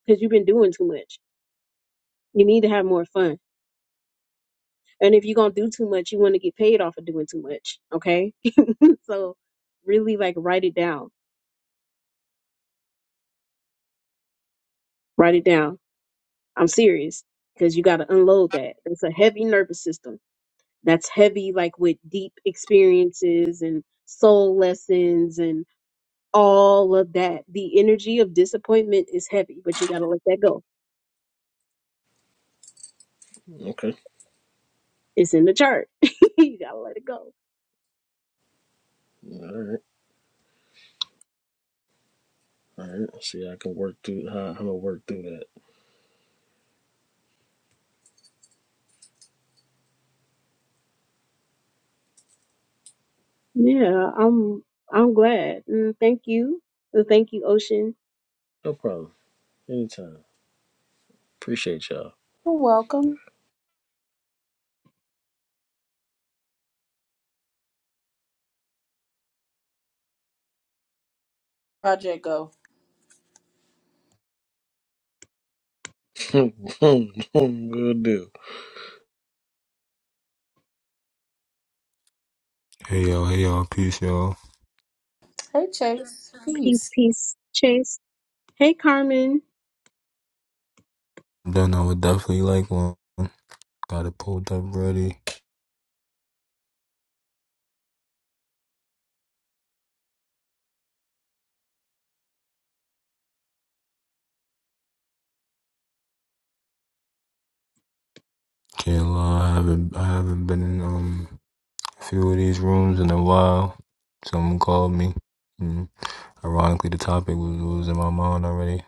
because you've been doing too much. You need to have more fun. And if you're gonna do too much, you want to get paid off for doing too much. Okay So really like write it down. Write it down. I'm serious because you got to unload that. It's a heavy nervous system. That's heavy like with deep experiences and soul lessons and all of that. The energy of disappointment is heavy, but you got to let that go.
Okay.
It's in the chart. you got to let it go.
All right. All right. See, I can work through how I'm gonna work through that.
Yeah, I'm I'm glad. Mm, thank you. Uh, Thank you, Ocean.
No problem. Anytime. Appreciate y'all.
You're welcome. Project Go.
Good deal.
Hey yo, hey yo, peace y'all.
Hey, Chase.
Peace,
Peace.
peace, Chase. Hey, Carmen.
Then I would definitely like one. Got it pulled up ready. Can't lie, I haven't I haven't been in um a few of these rooms in a while. Someone called me. Mm. Ironically, the topic was, was in my mind already.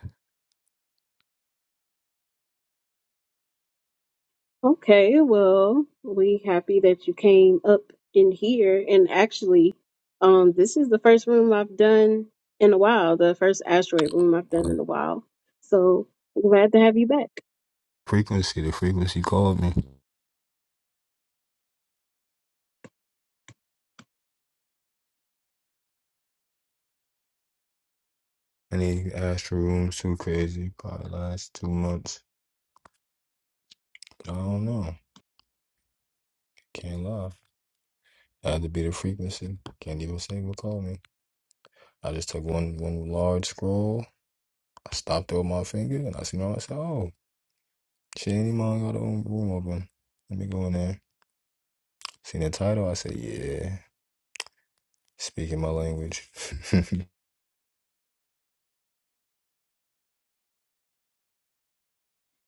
Okay, well, we happy that you came up in here. And actually, um, this is the first room I've done in a while, the first asteroid room I've done
Uh,
in a while. So glad to have you back.
frequency, the frequency called me. Any astral rooms too crazy? Probably last two months. I don't know. Can't lie. Had to be the frequency. Can't even say what called me. I just took one one large scroll I stopped over my finger and I seen her. I said, oh, Shady Mom got her own room open. Let me go in there. Seen the title. I said, yeah, speaking my language.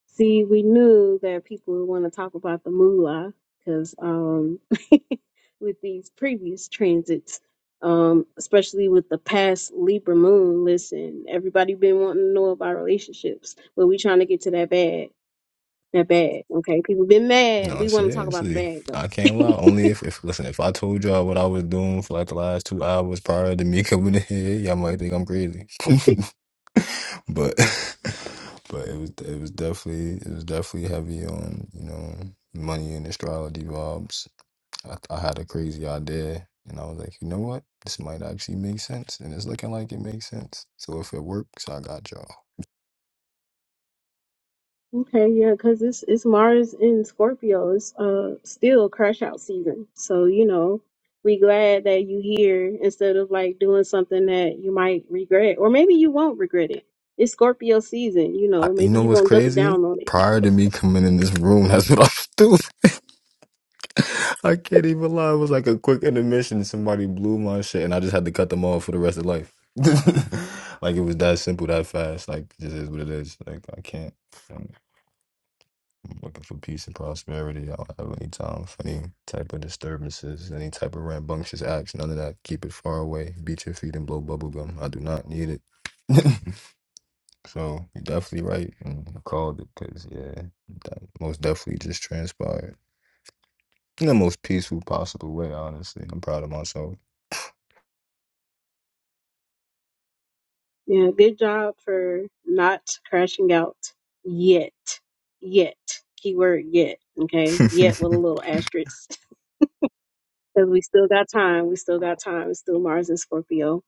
See, we knew that people would want to talk about the moolah because um, with these previous transits, um, especially with the past Libra moon, listen, everybody been wanting to know about relationships, but we trying to get to that bag. That bag. Okay. People been mad.
no,
We want to talk about the
seriously.
bag though.
I can't lie. Only if, if, listen, if I told y'all what I was doing for like the last two hours prior to me coming in here, y'all might think I'm crazy. but but it was it was definitely it was definitely heavy on you know money and astrology vibes. I, I had a crazy idea, and I was like, you know what, this might actually make sense, and it's looking like it makes sense. So if it works, I got y'all.
Okay, yeah, because it's it's Mars in Scorpio. It's uh still crash out season. So, you know, we glad that you here instead of like doing something that you might regret. Or maybe you won't regret it. It's Scorpio season, you
I,
know,
you
maybe
know
you're
what's
gonna double
crazy?
down on it.
Prior to me coming in this room, that's what I was doing. I can't even lie. It was like a quick intermission. Somebody blew my shit, and I just had to cut them off for the rest of life. like it was that simple, that fast. Like it just is what it is. Like I can't. I'm I'm looking for peace and prosperity. I don't have any time for any type of disturbances, any type of rambunctious acts, none of that. Keep it far away. Beat your feet and blow bubble gum. I do not need it. so you're definitely right. And I called it because yeah, that most definitely just transpired in the most peaceful possible way. Honestly, I'm proud of myself.
Yeah, good job for not crashing out yet. Yet. Keyword yet. Okay. Yet with a little asterisk. because we still got time. We still got time. It's still Mars and Scorpio.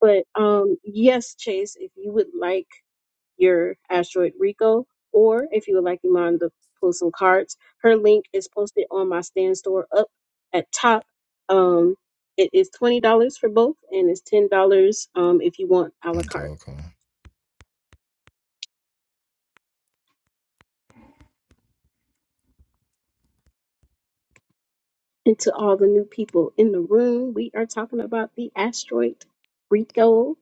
But um, yes, Chase, if you would like your asteroid Rico, or if you would like Iman to pull some cards, her link is posted on my stand store up at top. Um, it is twenty dollars for both, and it's ten dollars um, if you want a la
Okay,
carte.
okay.
And to all the new people in the room, we are talking about the asteroid Rico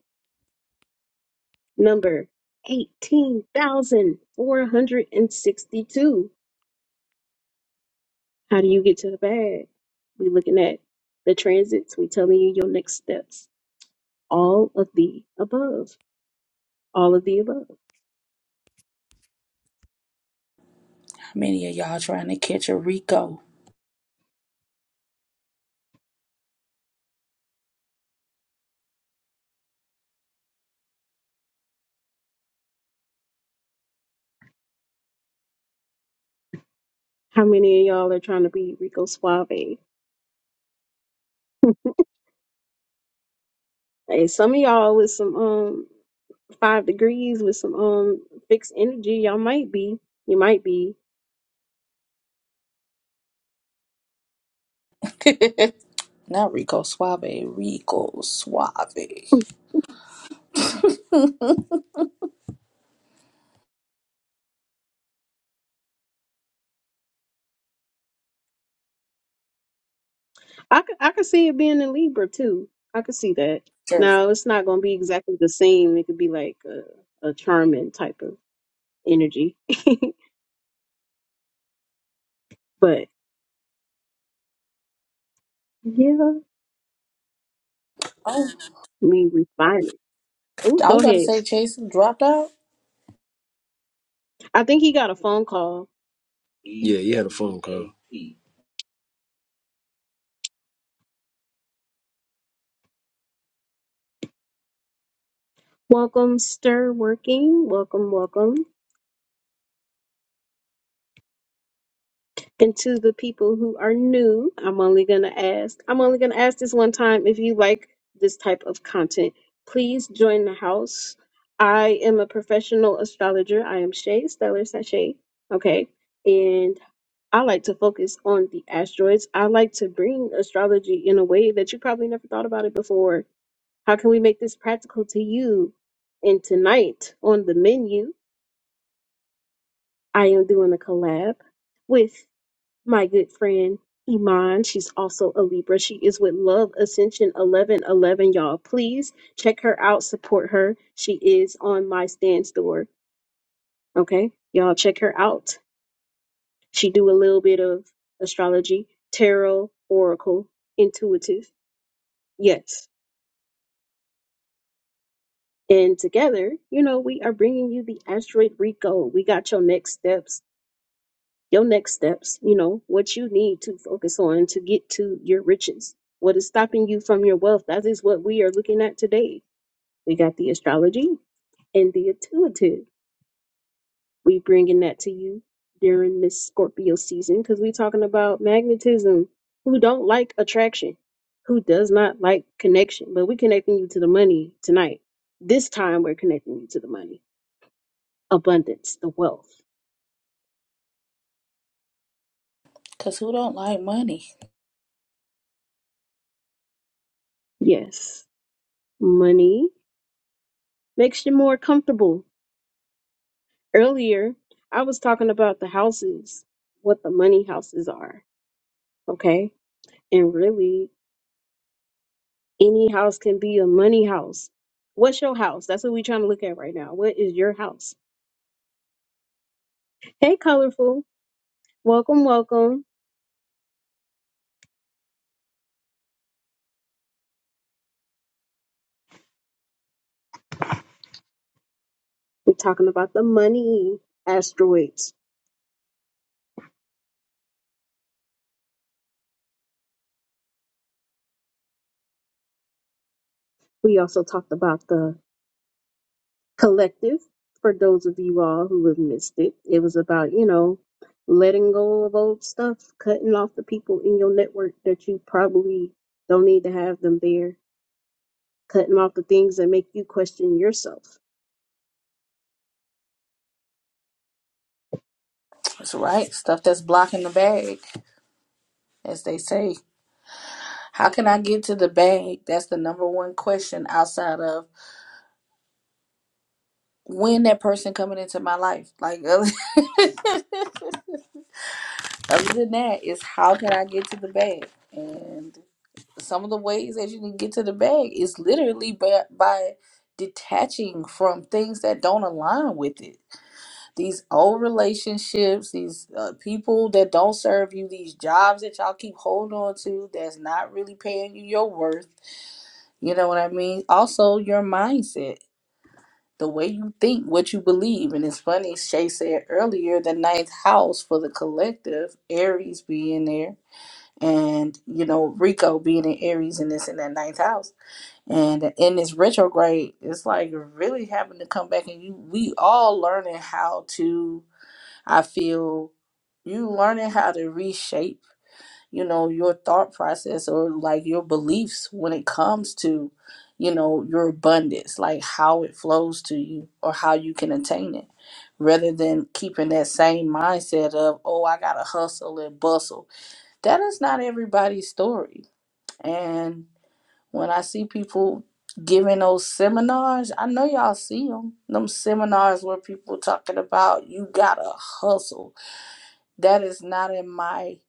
number eighteen thousand four hundred and sixty-two How do you get to the bag? We looking at the transits. We telling you your next steps. All of the above. All of the above.
Many of y'all trying to catch a Rico.
How many of y'all are trying to be Rico Suave? Hey, some of y'all with some um five degrees with some um fixed energy, y'all might be. You might be.
Not Rico Suave. Rico Suave.
I could I could see it being in Libra too. I could see that.
Chase.
Now it's not gonna be exactly the same. It could be like a, a charming type of energy. but yeah, I
Oh,
mean refined. Oh,
I
go
was about to
ahead.
say Chase dropped out.
I think he got a phone call.
Yeah, you had a phone call.
Welcome, Stir Working. Welcome, welcome. And to the people who are new, I'm only going to ask, I'm only going to ask this one time if you like this type of content, please join the house. I am a professional astrologer. I am Shay, Stellar Sashay. Okay. And I like to focus on the asteroids. I like to bring astrology in a way that you probably never thought about it before How can we make this practical to you? And tonight on the menu, I am doing a collab with my good friend Iman. She's also a Libra. She is with Love Ascension 1111, y'all. Please check her out, support her. She is on my stand store. Okay? Y'all check her out. She do a little bit of astrology, tarot, oracle, intuitive. Yes. And together, you know, we are bringing you the asteroid Rico. We got your next steps your next steps, you know, what you need to focus on to get to your riches. What is stopping you from your wealth? That is what we are looking at today. We got the astrology and the intuitive. We bringing that to you during this Scorpio season because we talking about magnetism. Who don't like attraction? Who does not like connection? But we connecting you to the money tonight. This time we're connecting you to the money, abundance, the wealth.
Because who don't like money?
Yes, money makes you more comfortable Earlier, I was talking about the houses, what the money houses are, okay? And really, any house can be a money house. What's your house? That's what we're trying to look at right now. What is your house? Hey, colorful. Welcome, welcome. We're talking about the money asteroids. We also talked about the collective for those of you all who have missed it. It was about, you know, letting go of old stuff, cutting off the people in your network that you probably don't need to have them there, cutting off the things that make you question yourself.
That's right. Stuff that's blocking the bag, as they say. How can I get to the bag? That's the number one question outside of when that person coming into my life. Like Other than that, it's how can I get to the bag? And some of the ways that you can get to the bag is literally by, by detaching from things that don't align with it. These old relationships, these uh, people that don't serve you, these jobs that y'all keep holding on to that's not really paying you your worth. You know what I mean? Also, your mindset, the way you think, what you believe. And it's funny, Shay said earlier, the ninth house for the collective, Aries being there and you know Rico being in Aries and this in that ninth house, and in this retrograde, it's like really having to come back and you we all learning how to. I feel you learning how to reshape, you know, your thought process or like your beliefs when it comes to, you know, your abundance, like how it flows to you or how you can attain it, rather than keeping that same mindset of oh I gotta hustle and bustle that is not everybody's story. And when I see people giving those seminars, I know y'all see them. Them seminars where people talking about you gotta hustle. That is not in my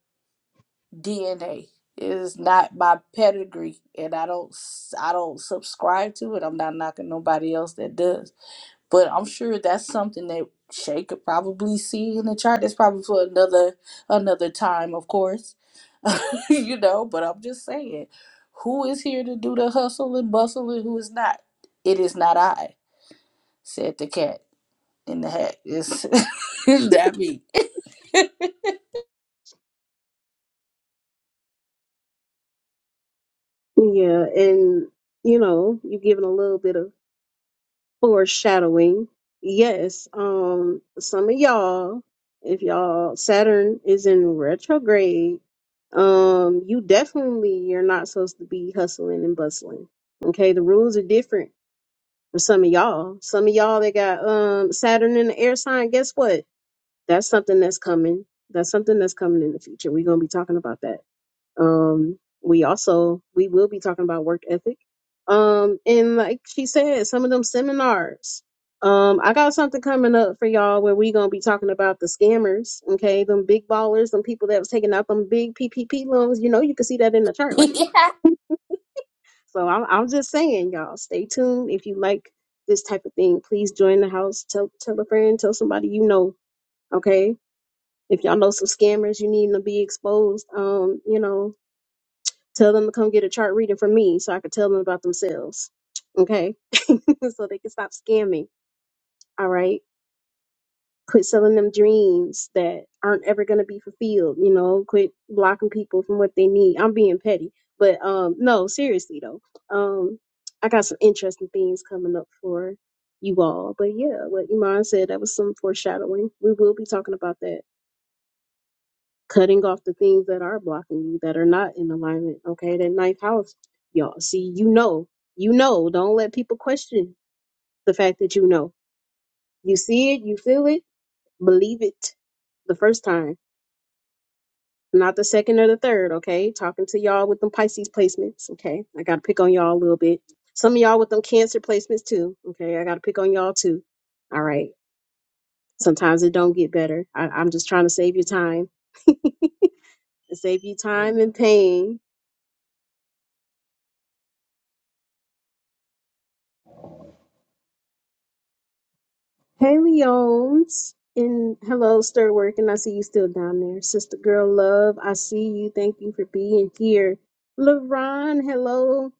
DNA. It is not my pedigree, and I don't I I don't subscribe to it. I'm not knocking nobody else that does, but I'm sure that's something that Shay could probably see in the chart. That's probably for another another time, of course you know, but I'm just saying, who is here to do the hustle and bustle and who is not? It is not I, said the cat in the hat. It's, it's not me.
Yeah, and you know, you're giving a little bit of foreshadowing. Yes, um, some of y'all, if y'all Saturn is in retrograde, um, you definitely are not supposed to be hustling and bustling. Okay, the rules are different for some of y'all. Some of y'all that got um Saturn in the air sign, guess what? That's something that's coming. That's something that's coming in the future. We're gonna be talking about that. Um, we also we will be talking about work ethic. Um, and like she said, some of them seminars. Um, I got something coming up for y'all where we gonna be talking about the scammers, okay? Them big ballers, them people that was taking out them big PPP loans. You know, you can see that in the chart, right? So I'm, I'm just saying, y'all, stay tuned. If you like this type of thing, please join the house. Tell tell a friend, tell somebody you know, okay? If y'all know some scammers, you need to be exposed. Um, you know, Tell them to come get a chart reading from me so I could tell them about themselves. Okay. so they can stop scamming. All right. Quit selling them dreams that aren't ever going to be fulfilled. You know, quit blocking people from what they need. I'm being petty, but um, no, seriously though. Um, I got some interesting things coming up for you all. But yeah, what Iman said, that was some foreshadowing. We will be talking about that cutting off the things that are blocking you that are not in alignment. Okay, that ninth house, y'all. See, you know, you know. Don't let people question the fact that you know. You see it, you feel it, believe it the first time, not the second or the third. Okay, talking to y'all with them Pisces placements. Okay, I got to pick on y'all a little bit. Some of y'all with them Cancer placements too. Okay, I got to pick on y'all too. All right. Sometimes it don't get better. I, I'm just trying to save you time, save you time and pain Hey, Leones. And hello, Stir working. I see you still down there. Sister Girl Love, I see you. Thank you for being here. LaRon, hello.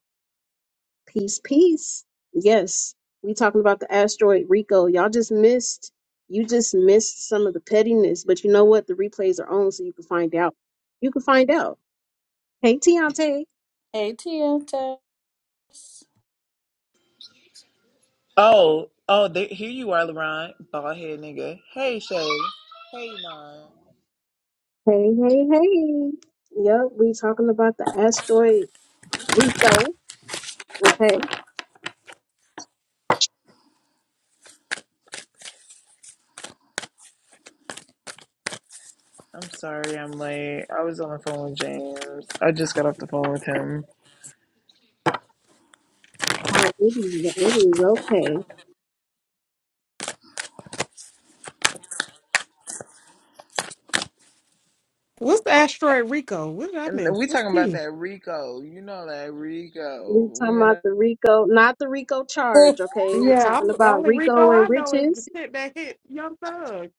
Peace, peace. Yes, we talking about the asteroid Rico. Y'all just missed, you just missed some of the pettiness. But you know what? The replays are on so you can find out. You can find out. Hey, Tiante.
Hey, TM Tess.
Oh, oh, there, here you are, LeBron, bald head nigga. Hey, Shay. Hey, Mon.
Hey, hey, hey. Yep, we talking about the asteroid Rico. Okay.
I'm sorry, I'm late. I was on the phone with James. I just got off the phone with him,
Oh, it is, it is okay.
What's the asteroid Rico? What did I
and
miss?
we
What's
talking about
T?
that Rico. You know that
We
Rico.
talking
You
about
know.
the RICO, not the RICO charge, okay? We
Yeah,
talking
I'm, the
about
only Rico
RICO and
I know is the
riches.
shit that hit Young Thug.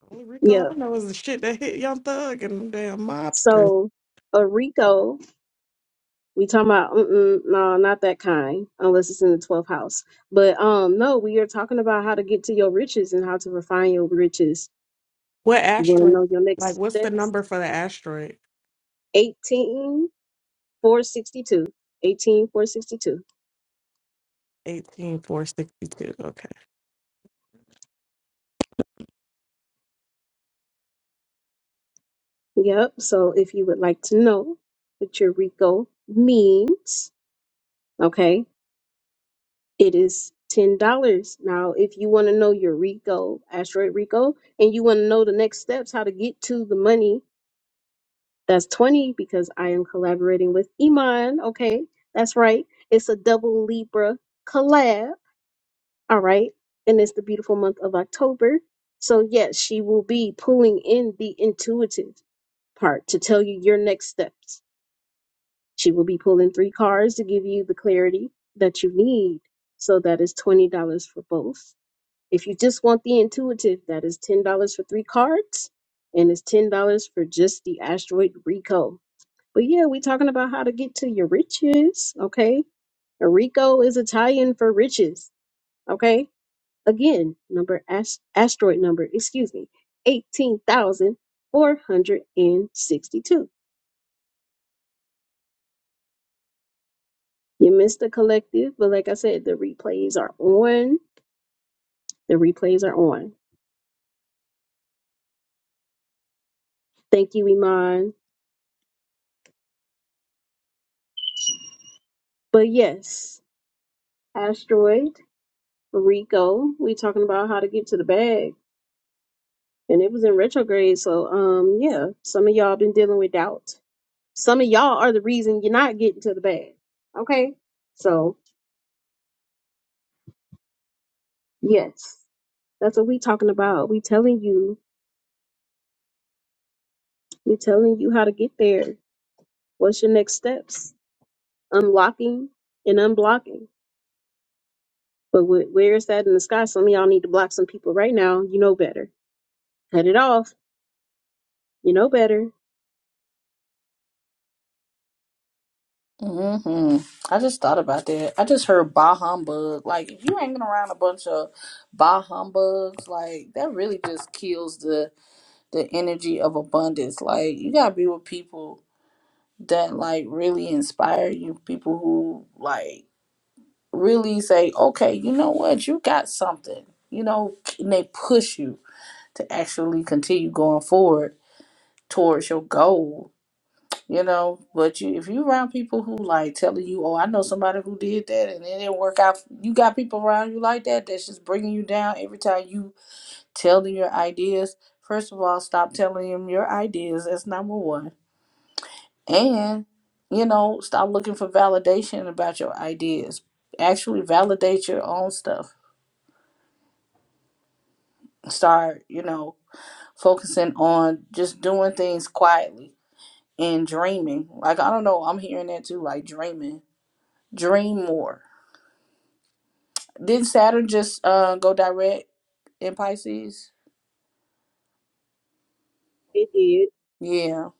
The only Rico
Yeah.
I know is the shit that hit Young Thug and damn mobsters.
So a RICO, we talking about mm-mm, no, not that kind, unless it's in the twelfth house. But um, no, we are talking about how to get to your riches and how to refine your riches.
What
You want to
asteroid?
know your
Like,
next
what's the
steps?
number for the asteroid?
Eighteen four sixty two. Eighteen four sixty two.
18462. Okay.
Yep. So if you would like to know what your RICO means, okay? It is ten dollars. Now, if you want to know your Rico, asteroid Rico, and you want to know the next steps, how to get to the money, that's twenty because I am collaborating with Iman. Okay, that's right. It's a double Libra collab. All right, and it's the beautiful month of October. So yes, she will be pulling in the intuitive part to tell you your next steps. She will be pulling three cards to give you the clarity that you need. So that is twenty dollars for both If you just want the intuitive, that is $10 for three cards and it's $10 for just the asteroid Rico. But yeah, we're talking about how to get to your riches, okay? Rico is Italian for riches, okay? Again, number ast- asteroid number, excuse me, 18,462. You missed the collective, but like I said, the replays are on. The replays are on. Thank you, Iman. But yes, asteroid. Rico. We talking about how to get to the bag. And it was in retrograde. So um yeah, some of y'all been dealing with doubt. Some of y'all are the reason you're not getting to the bag. Okay? So yes, that's what we talking about. We telling you, we telling you how to get there. What's your next steps? Unlocking and unblocking. But wh- where is that in the sky? Some of y'all need to block some people right now. You know better. Cut it off. You know better.
hmm I just thought about that. I just heard bah humbug. Like, if you hanging around a bunch of bah humbugs, like, that really just kills the, the energy of abundance. Like, you gotta be with people that, like, really inspire you, people who, like, really say, okay, you know what, you got something, you know, and they push you to actually continue going forward towards your goal, you know. But you, if you around people who like telling you, oh, I know somebody who did that and it didn't work out, you got people around you like that that's just bringing you down every time you tell them your ideas. First of all, stop telling them your ideas. That's number one. And, you know, stop looking for validation about your ideas. Actually, validate your own stuff start, you know, focusing on just doing things quietly and dreaming. Like I don't know, I'm hearing that too, like dreaming. Dream more. Didn't Saturn just uh go direct in Pisces?
It did.
Yeah.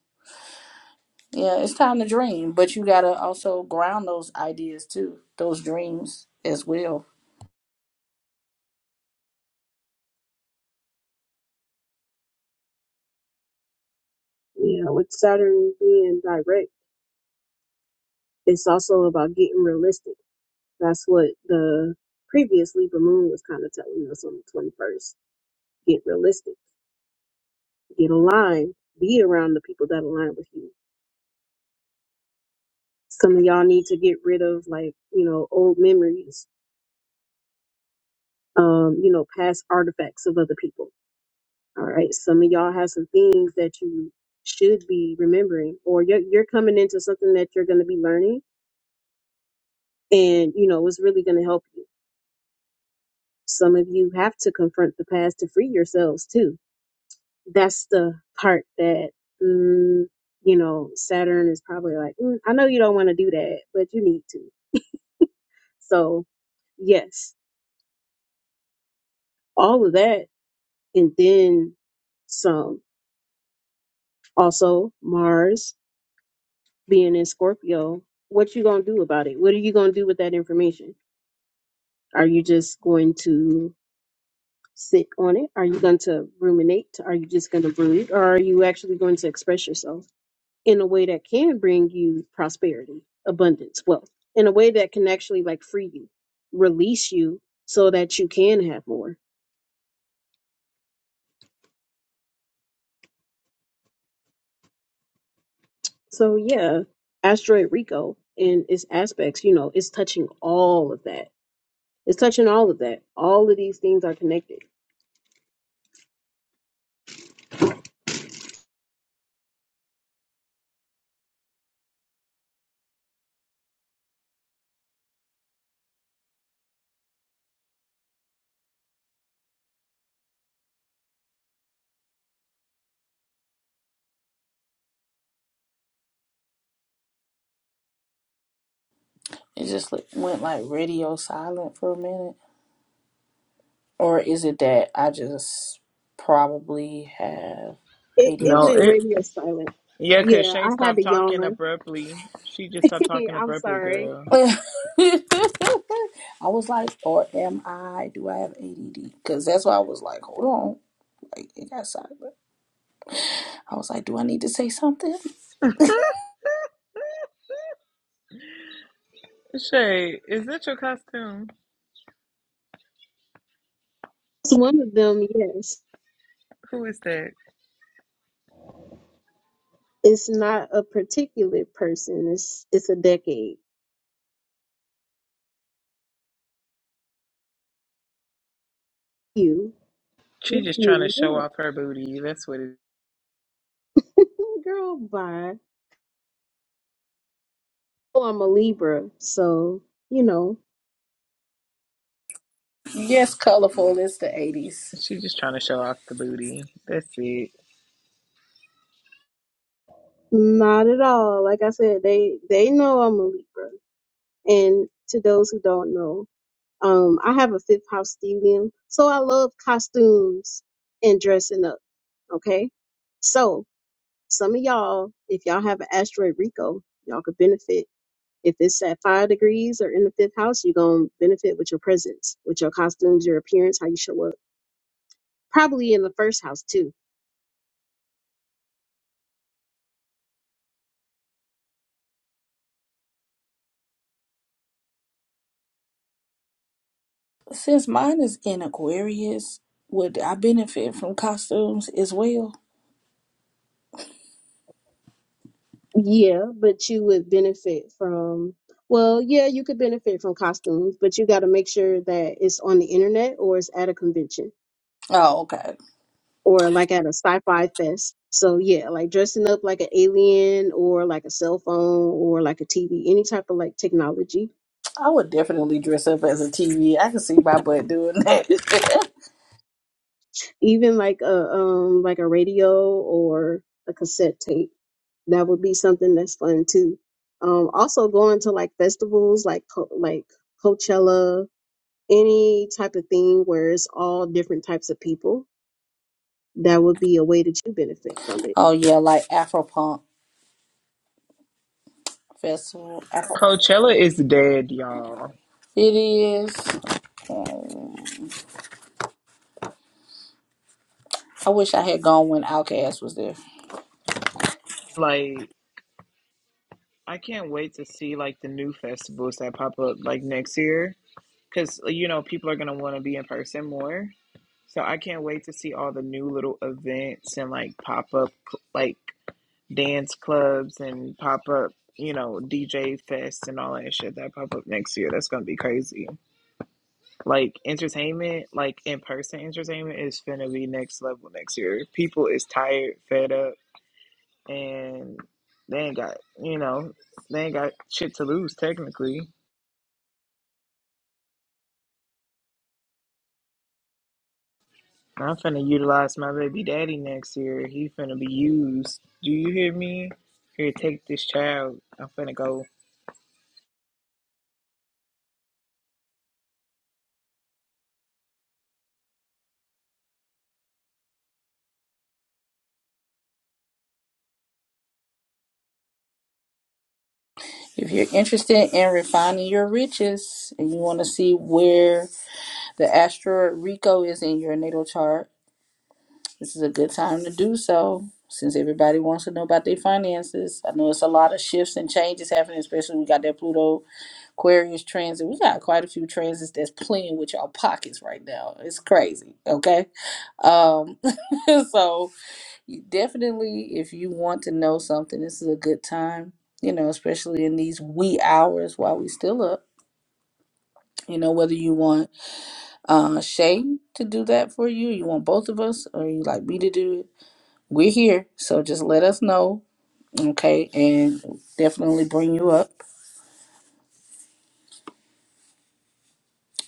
Yeah, it's time to dream, but you got to also ground those ideas too, those dreams as well.
Yeah, with Saturn being direct. It's also about getting realistic. That's what the previous Libra moon was kind of telling us on the 21st. Get realistic, get aligned, be around the people that align with you. Some of y'all need to get rid of like, you know, old memories, um, you know, past artifacts of other people. All right. Some of y'all have some things that you should be remembering or you're, you're coming into something that you're going to be learning and, you know, it's really going to help you. Some of you have to confront the past to free yourselves too that's the part that mm, you know Saturn is probably like, mm, I know you don't want to do that, but you need to. So yes, all of that, and then some. Also, Mars being in Scorpio, what you gonna do about it? What are you gonna do with that information? Are you just going to sit on it? Are you going to ruminate? Are you just going to brood, or are you actually going to express yourself? in a way that can bring you prosperity, abundance, wealth, in a way that can actually like free you, release you so that you can have more. So yeah, asteroid Rico and its aspects, you know, it's touching all of that. It's touching all of that. All of these things are connected.
It just went like radio silent for a minute. Or is it that I just probably have
It it
No,
ADHD?
went
it.
radio silent.
Yeah, cause
Yeah,
Shay
I had
stopped
to
talking
yawn.
abruptly. She just stopped talking
I'm
abruptly,
sorry.
girl.
I was like, or am I? Do I have ADD? Because that's why I was like, hold on, like it got silent. I was like, do I need to say something?
Shay, is that your costume?
It's one of them, yes.
Who is that?
It's not a particular person. It's it's a decade. You.
She
Thank
just trying to
you.
show
yeah.
off her booty. That's what it.
Girl, bye. Well, I'm a Libra, so you know,
Yes, colorful. It's the '80s.
is. She just trying to show off the booty. That's it.
not at all. Like I said, they they know I'm a Libra, and to those who don't know, um, I have a fifth house stellium, so I love costumes and dressing up. Okay, so some of y'all, if y'all have an asteroid Rico, y'all could benefit. If it's at five degrees or in the fifth house, you're gonna benefit with your presence, with your costumes, your appearance, how you show up. Probably in the first house too
Since mine is in Aquarius, would I benefit from costumes as well?
Yeah, but you would benefit from, well, yeah, you could benefit from costumes, but you got to make sure that it's on the internet or it's at a convention
Oh, okay.
or like at a sci-fi fest. So yeah, like dressing up like an alien or like a cell phone or like a TV, any type of like technology,
I would definitely dress up as a TV. I can see my butt doing that.
even like a um like a radio or a cassette tape. That would be something that's fun too. Um, also going to like festivals like Co- like Coachella any type of thing where it's all different types of people, that would be a way that you benefit from it.
oh yeah, like Afro Punk Festival. Afro.
Coachella is dead, y'all.
It is. Um, I wish I had gone when Outkast was there.
Like, I can't wait to see like the new festivals that pop up like next year because you know people are gonna want to be in person more. So I can't wait to see all the new little events and like pop up like dance clubs and pop up you know DJ fest and all that shit that pop up next year. That's gonna be crazy. Like entertainment, like in person entertainment is gonna be next level next year. People is tired, fed up and they ain't got you know they ain't got shit to lose technically. I'm finna utilize my baby daddy next year. He finna be used. Do you hear me? Here, take this child. I'm finna go.
If you're interested in refining your riches and you want to see where the asteroid Rico is in your natal chart, this is a good time to do so since everybody wants to know about their finances. I know it's a lot of shifts and changes happening, especially we got that Pluto Aquarius transit. We got quite a few transits that's playing with y'all pockets right now. It's crazy, okay? Um, so You definitely, if you want to know something, this is a good time, you know, especially in these wee hours while we still up. You know, whether you want uh Shay to do that for you, you want both of us, or you like me to do it, we're here. So just let us know, okay? And definitely bring you up.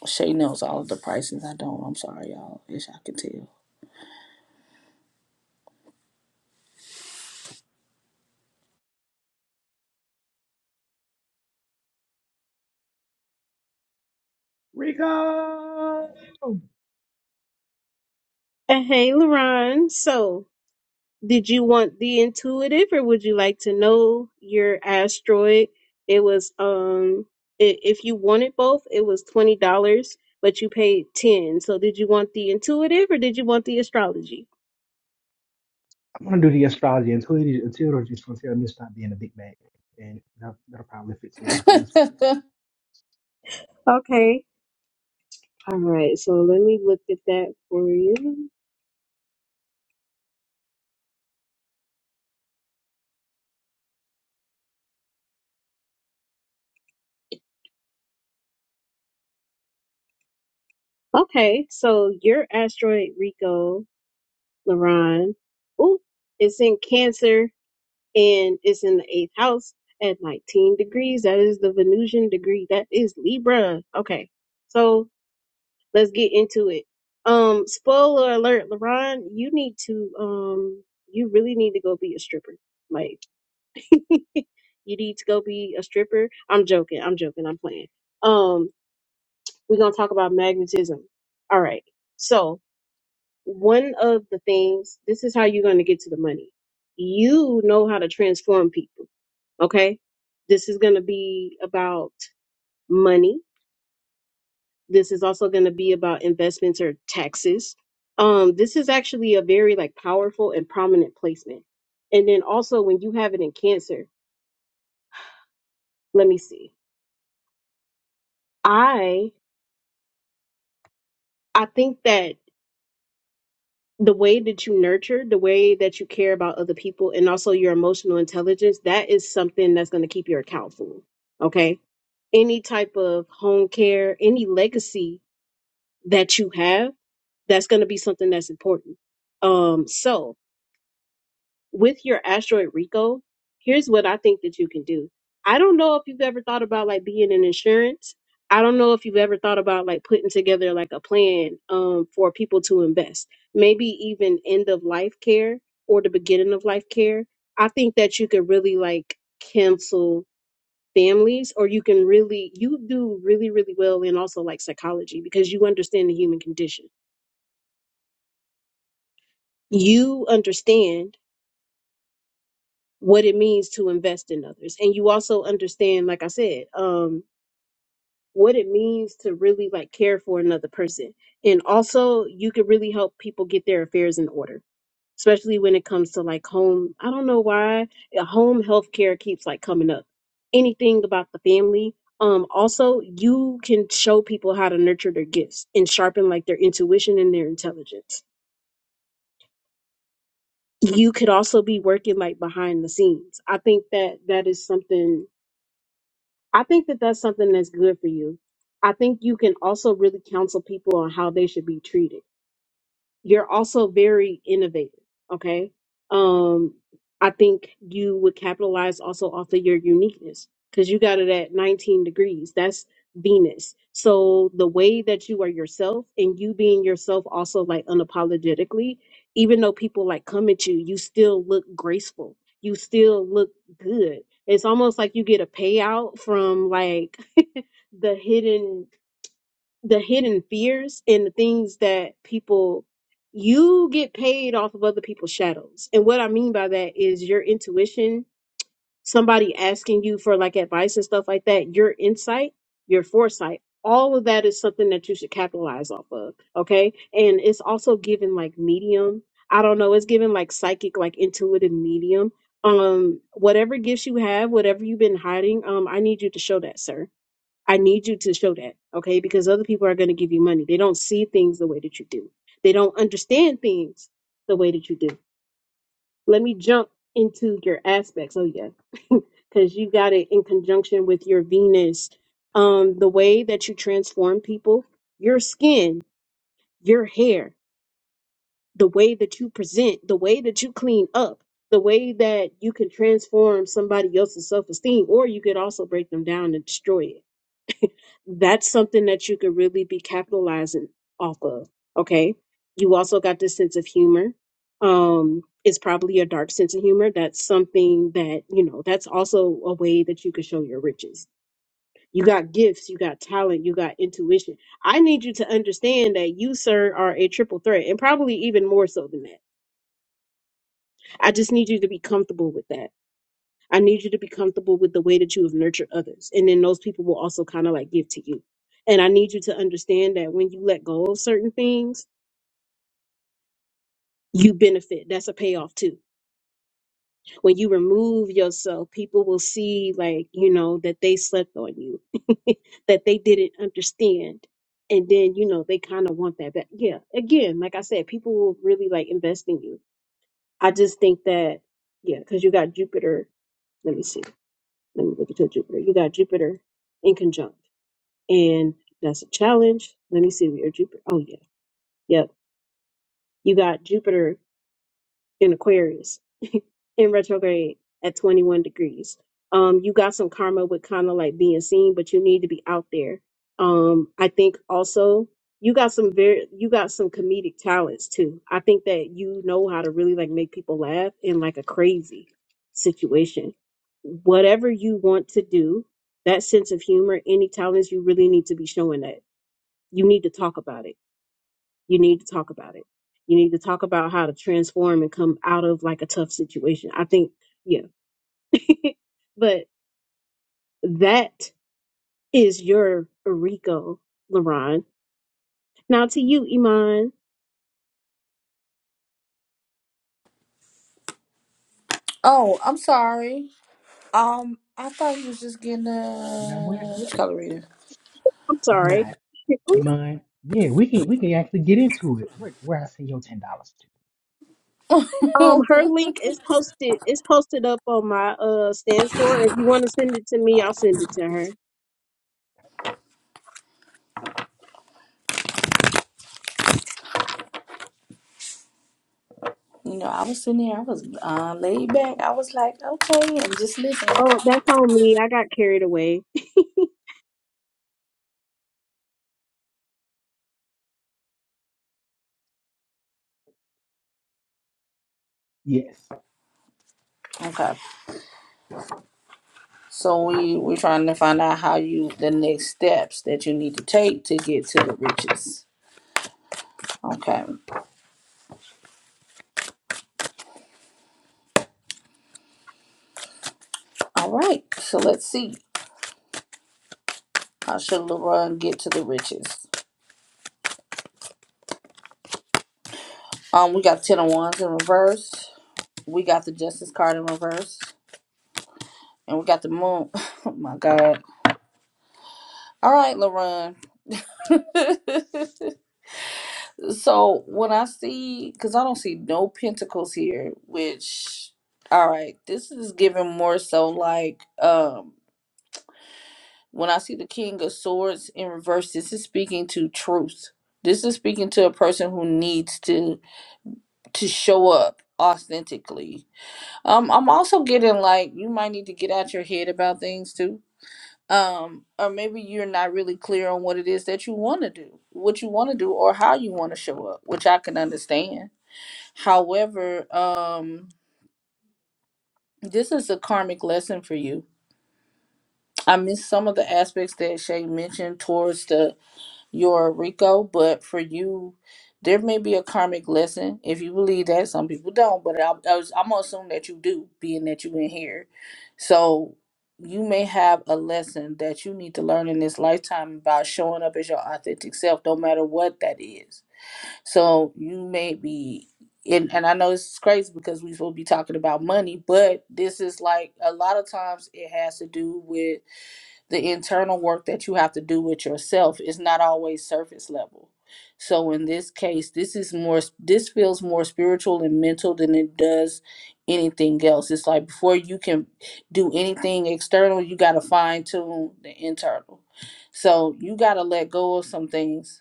Shay knows all of the prices. I don't. I'm sorry, y'all. Wish I could
Rico! I'm
And hey, Laron, so did you want the intuitive or would you like to know your asteroid? It was, um, i- if you wanted both, it was $20, but you paid 10 So did you want the intuitive or did you want the astrology?
gonna do the astrology until it, until it's just until me to stop being a big bag, and that, that'll probably fix a lot of things for them.
tell.
Okay. All right. So let me look at that for you. Okay. So your asteroid, Rico, Laron. Ooh, it's in Cancer and it's in the eighth house at 19 degrees. That is the Venusian degree. That is Libra. Okay, so let's get into it. Um, spoiler alert, Laron, you need to um, you really need to go be a stripper. Like, you need to go be a stripper. I'm joking. I'm joking. I'm playing. Um, we're gonna talk about magnetism. All right. So one of the things this is how you're going to get to the money you know how to transform people okay this is going to be about money this is also going to be about investments or taxes um this is actually a very like powerful and prominent placement and then also when you have it in cancer let me see i i think that the way that you nurture, the way that you care about other people, and also your emotional intelligence, that is something that's going to keep your account full. Okay. Any type of home care, any legacy that you have, that's going to be something that's important. Um, so, with your asteroid Rico, here's what I think that you can do. I don't know if you've ever thought about like being in insurance. I don't know if you've ever thought about like putting together like a plan um, for people to invest, maybe even end of life care or the beginning of life care. I think that you could really like cancel families or you can really you do really really well in also like psychology because you understand the human condition you understand what it means to invest in others and you also understand like i said um what it means to really like care for another person and also you could really help people get their affairs in order especially when it comes to like home i don't know why uh, home health care keeps like coming up anything about the family um also you can show people how to nurture their gifts and sharpen like their intuition and their intelligence you could also be working like behind the scenes i think that that is something I think that that's something that's good for you. I think you can also really counsel people on how they should be treated. You're also very innovative, okay? Um, I think you would capitalize also off of your uniqueness because you got it at 19 degrees. That's Venus. So the way that you are yourself and you being yourself also like unapologetically, even though people like come at you, you still look graceful. You still look good it's almost like you get a payout from like the hidden the hidden fears and the things that people you get paid off of other people's shadows. And what I mean by that is your intuition, somebody asking you for like advice and stuff like that, your insight, your foresight, all of that is something that you should capitalize off of. Okay. And it's also given like medium. I don't know, it's given like psychic, like intuitive medium. Um, whatever gifts you have, whatever you've been hiding, um, I need you to show that, sir I need you to show that, okay? Because other people are going to give you money. They don't see things the way that you do, they don't understand things the way that you do. Let me jump into your aspects. Oh, yeah. Because you got it in conjunction with your Venus. Um, the way that you transform people, your skin, your hair, the way that you present, the way that you clean up, the way that you can transform somebody else's self esteem, or you could also break them down and destroy it that's something that you could really be capitalizing off of. Okay. You also got this sense of humor. Um, it's probably a dark sense of humor. That's something that, you know, that's also a way that you could show your riches. You got gifts, you got talent, you got intuition. I need you to understand that you, sir, are a triple threat and probably even more so than that. I just need you to be comfortable with that I need you to be comfortable with the way that you have nurtured others. And then those people will also kind of like give to you. And I need you to understand that when you let go of certain things, you benefit. That's a payoff too. When you remove yourself, people will see, like, you know, that they slept on you, that they didn't understand. And then, you know, they kind of want that back. Yeah. Again, like I said, people will really like invest in you. I just think that, yeah, because you got Jupiter. Let me see. Let me look into Jupiter. You got Jupiter in conjunct. and that's a challenge. Let me see, we Jupiter. Oh yeah, yep. You got Jupiter in Aquarius in retrograde at 21 degrees. Um, you got some karma with kind of like being seen, but you need to be out there. Um, I think also you got some very you got some comedic talents too. I think that you know how to really like make people laugh in like a crazy situation. Whatever you want to do, that sense of humor, any talents you really need to be showing that. You need to talk about it You need to talk about it. You need to talk about how to transform and come out of like a tough situation. I think, yeah. but that is your Rico, Lauren. Now to you, Iman.
oh, I'm sorry. Um, I thought he was just getting
You know what?
a uh, which color reader.
I'm
Why
sorry.
not? You mind? Yeah, we can we can actually get into it. Where where I send your ten dollars to?
Um, her link is posted. It's posted up on my uh stand store. If you want to send it to me, I'll send it to her.
You know, I was sitting there, I was uh, laid back. I was like, okay, and just listening.
Oh, that's on me. I got carried away.
Yes,
Okay. So we we're trying to find out how you the next steps that you need to take to get to the riches. Okay. All right. So let's see. How should LeBron get to the riches? Um, we got ten of wands in reverse. We got the justice card in reverse. And we got the moon. Oh my God. All right, LaRon. So when I see, because I don't see no pentacles here, which, all right, this is given more so like um when I see the King of Swords in reverse, this is speaking to truth. This is speaking to a person who needs to to show up authentically. Um, I'm also getting like you might need to get out your head about things too. Um, or maybe you're not really clear on what it is that you want to do, what you want to do, or how you want to show up, which I can understand However, um, this is a karmic lesson for you. I miss some of the aspects that Shay mentioned towards the your Rico, but for you, there may be a karmic lesson if you believe that. Some people don't, but I, I was, I'm gonna assume that you do, being that you in here. So you may have a lesson that you need to learn in this lifetime about showing up as your authentic self, no matter what that is So you may be, and, and I know this is crazy because we will be talking about money, but this is like a lot of times it has to do with the internal work that you have to do with yourself. It's not always surface level. So in this case, this is more, this feels more spiritual and mental than it does anything else. It's like before you can do anything external, you got to fine tune the internal. So you got to let go of some things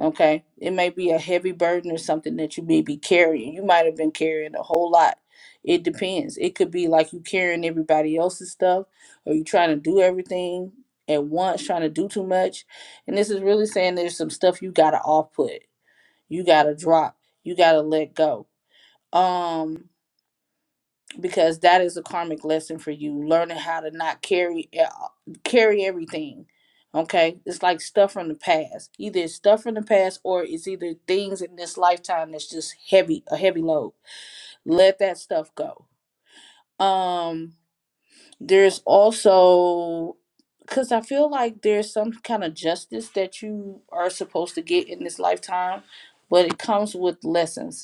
Okay. It may be a heavy burden or something that you may be carrying. You might have been carrying a whole lot. It depends. It could be like you carrying everybody else's stuff or you trying to do everything at once, trying to do too much. And this is really saying there's some stuff you gotta off put. You gotta drop. You gotta let go. Um because that is a karmic lesson for you learning how to not carry e- carry everything okay it's like stuff from the past either it's stuff from the past or it's either things in this lifetime that's just heavy a heavy load let that stuff go um there's also because i feel like there's some kind of justice that you are supposed to get in this lifetime but it comes with lessons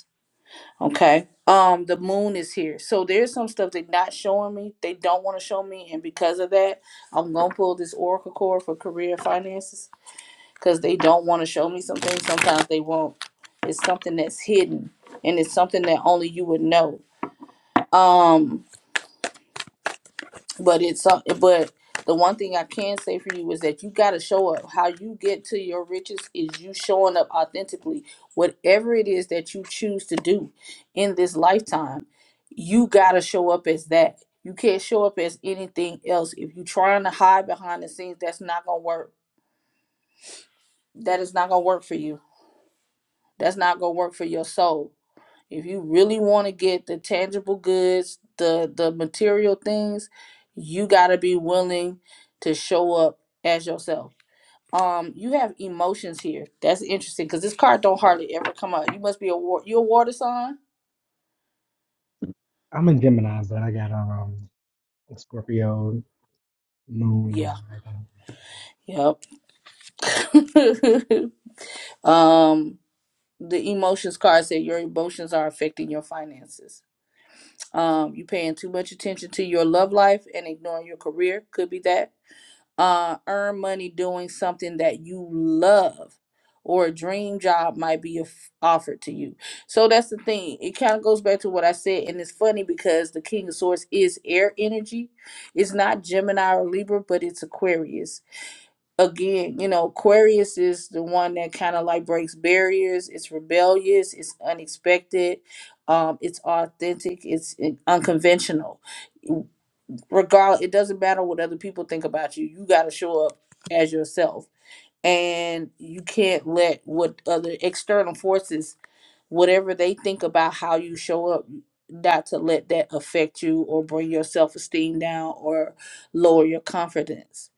Okay. Um, the moon is here. So there's some stuff they're not showing me. They don't want to show me, and because of that, I'm gonna pull this Oracle card for career finances because they don't want to show me some things. Sometimes they won't. It's something that's hidden, and it's something that only you would know. Um, but it's uh, but the one thing I can say for you is that you got to show up. How you get to your riches is you showing up authentically. Whatever it is that you choose to do in this lifetime, you got to show up as that. You can't show up as anything else. If you're trying to hide behind the scenes, that's not gonna work. That is not gonna work for you. That's not gonna work for your soul if you really want to get the tangible goods, the the material things, you got to be willing to show up as yourself. Um, you have emotions here. That's interesting because this card don't hardly ever come up. You must be a war. You a water sign?
I'm a Gemini, but I got um a Scorpio, Moon, and
Yeah.
Rising.
Yep. um, the emotions card said your emotions are affecting your finances. Um, you paying too much attention to your love life and ignoring your career. Could be that uh, earn money doing something that you love or a dream job might be aff- offered to you so that's the thing it kind of goes back to what i said and it's funny because the king of swords is air energy it's not gemini or libra but it's aquarius again you know aquarius is the one that kind of like breaks barriers it's rebellious it's unexpected um it's authentic it's uh, unconventional regardless, it doesn't matter what other people think about you you got to show up as yourself and you can't let what other external forces whatever they think about how you show up not to let that affect you or bring your self-esteem down or lower your confidence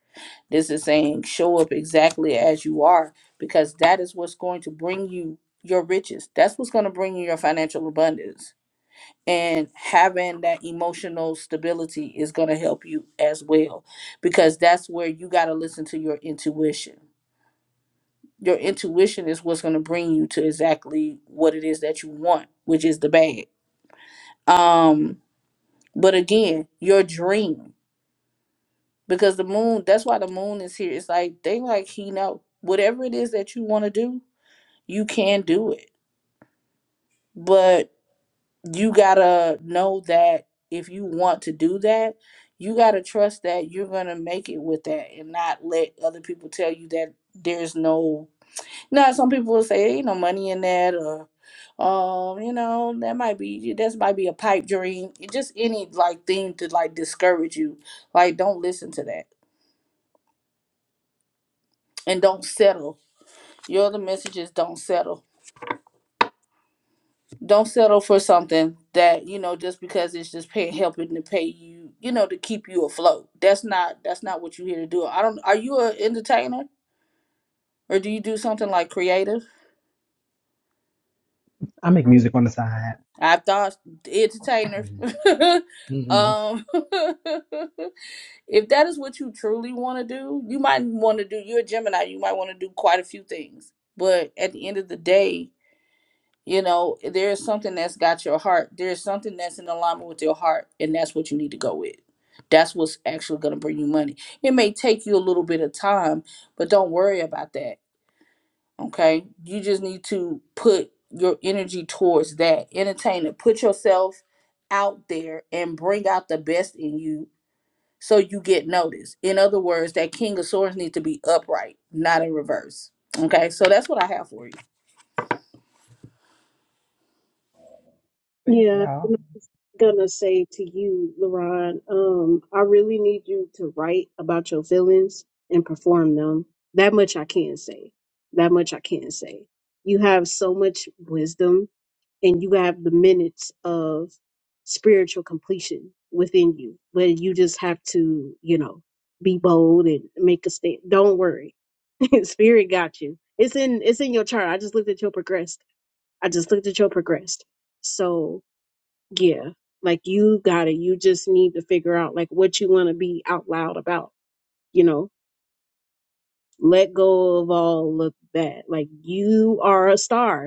this is saying show up exactly as you are because that is what's going to bring you your riches that's what's going to bring you your financial abundance and having that emotional stability is going to help you as well because that's where you got to listen to your intuition your intuition is what's going to bring you to exactly what it is that you want which is the bag um but again your dream because the moon that's why the moon is here it's like they like he know whatever it is that you want to do you can do it but you gotta know that if you want to do that, you gotta trust that you're gonna make it with that and not let other people tell you that there's no now some people will say ain't no money in that or um you know that might be that might be a pipe dream It just any like thing to like discourage you like don't listen to that and don't settle your other messages don't settle don't settle for something that you know just because it's just pay, helping to pay you you know to keep you afloat that's not that's not what you're here to do i don't are you an entertainer or do you do something like creative
I make music on the side.
i thought entertainer
Mm-hmm. Mm-hmm.
um if that is what you truly want to do you might want to do you're a gemini you might want to do quite a few things but at the end of the day You know, there is something that's got your heart. There is something that's in alignment with your heart, and that's what you need to go with. That's what's actually going to bring you money. It may take you a little bit of time, but don't worry about that. Okay. You just need to put your energy towards that. Entertain it. Put yourself out there and bring out the best in you so you get noticed. In other words, that King of Swords needs to be upright, not in reverse. Okay. So that's what I have for you.
Thank
Yeah,
y'all.
I'm gonna say to you, LaRon, um, I really need you to write about your feelings and perform them. That much I can say. That much I can say. You have so much wisdom and you have the minutes of spiritual completion within you, but you just have to, you know, be bold and make a stand. Don't worry. Spirit got you. It's in it's in your chart. I just looked at your progressed. I just looked at your progressed. So yeah like you got it you just need to figure out like what you want to be out loud about you know let go of all of that like you are a star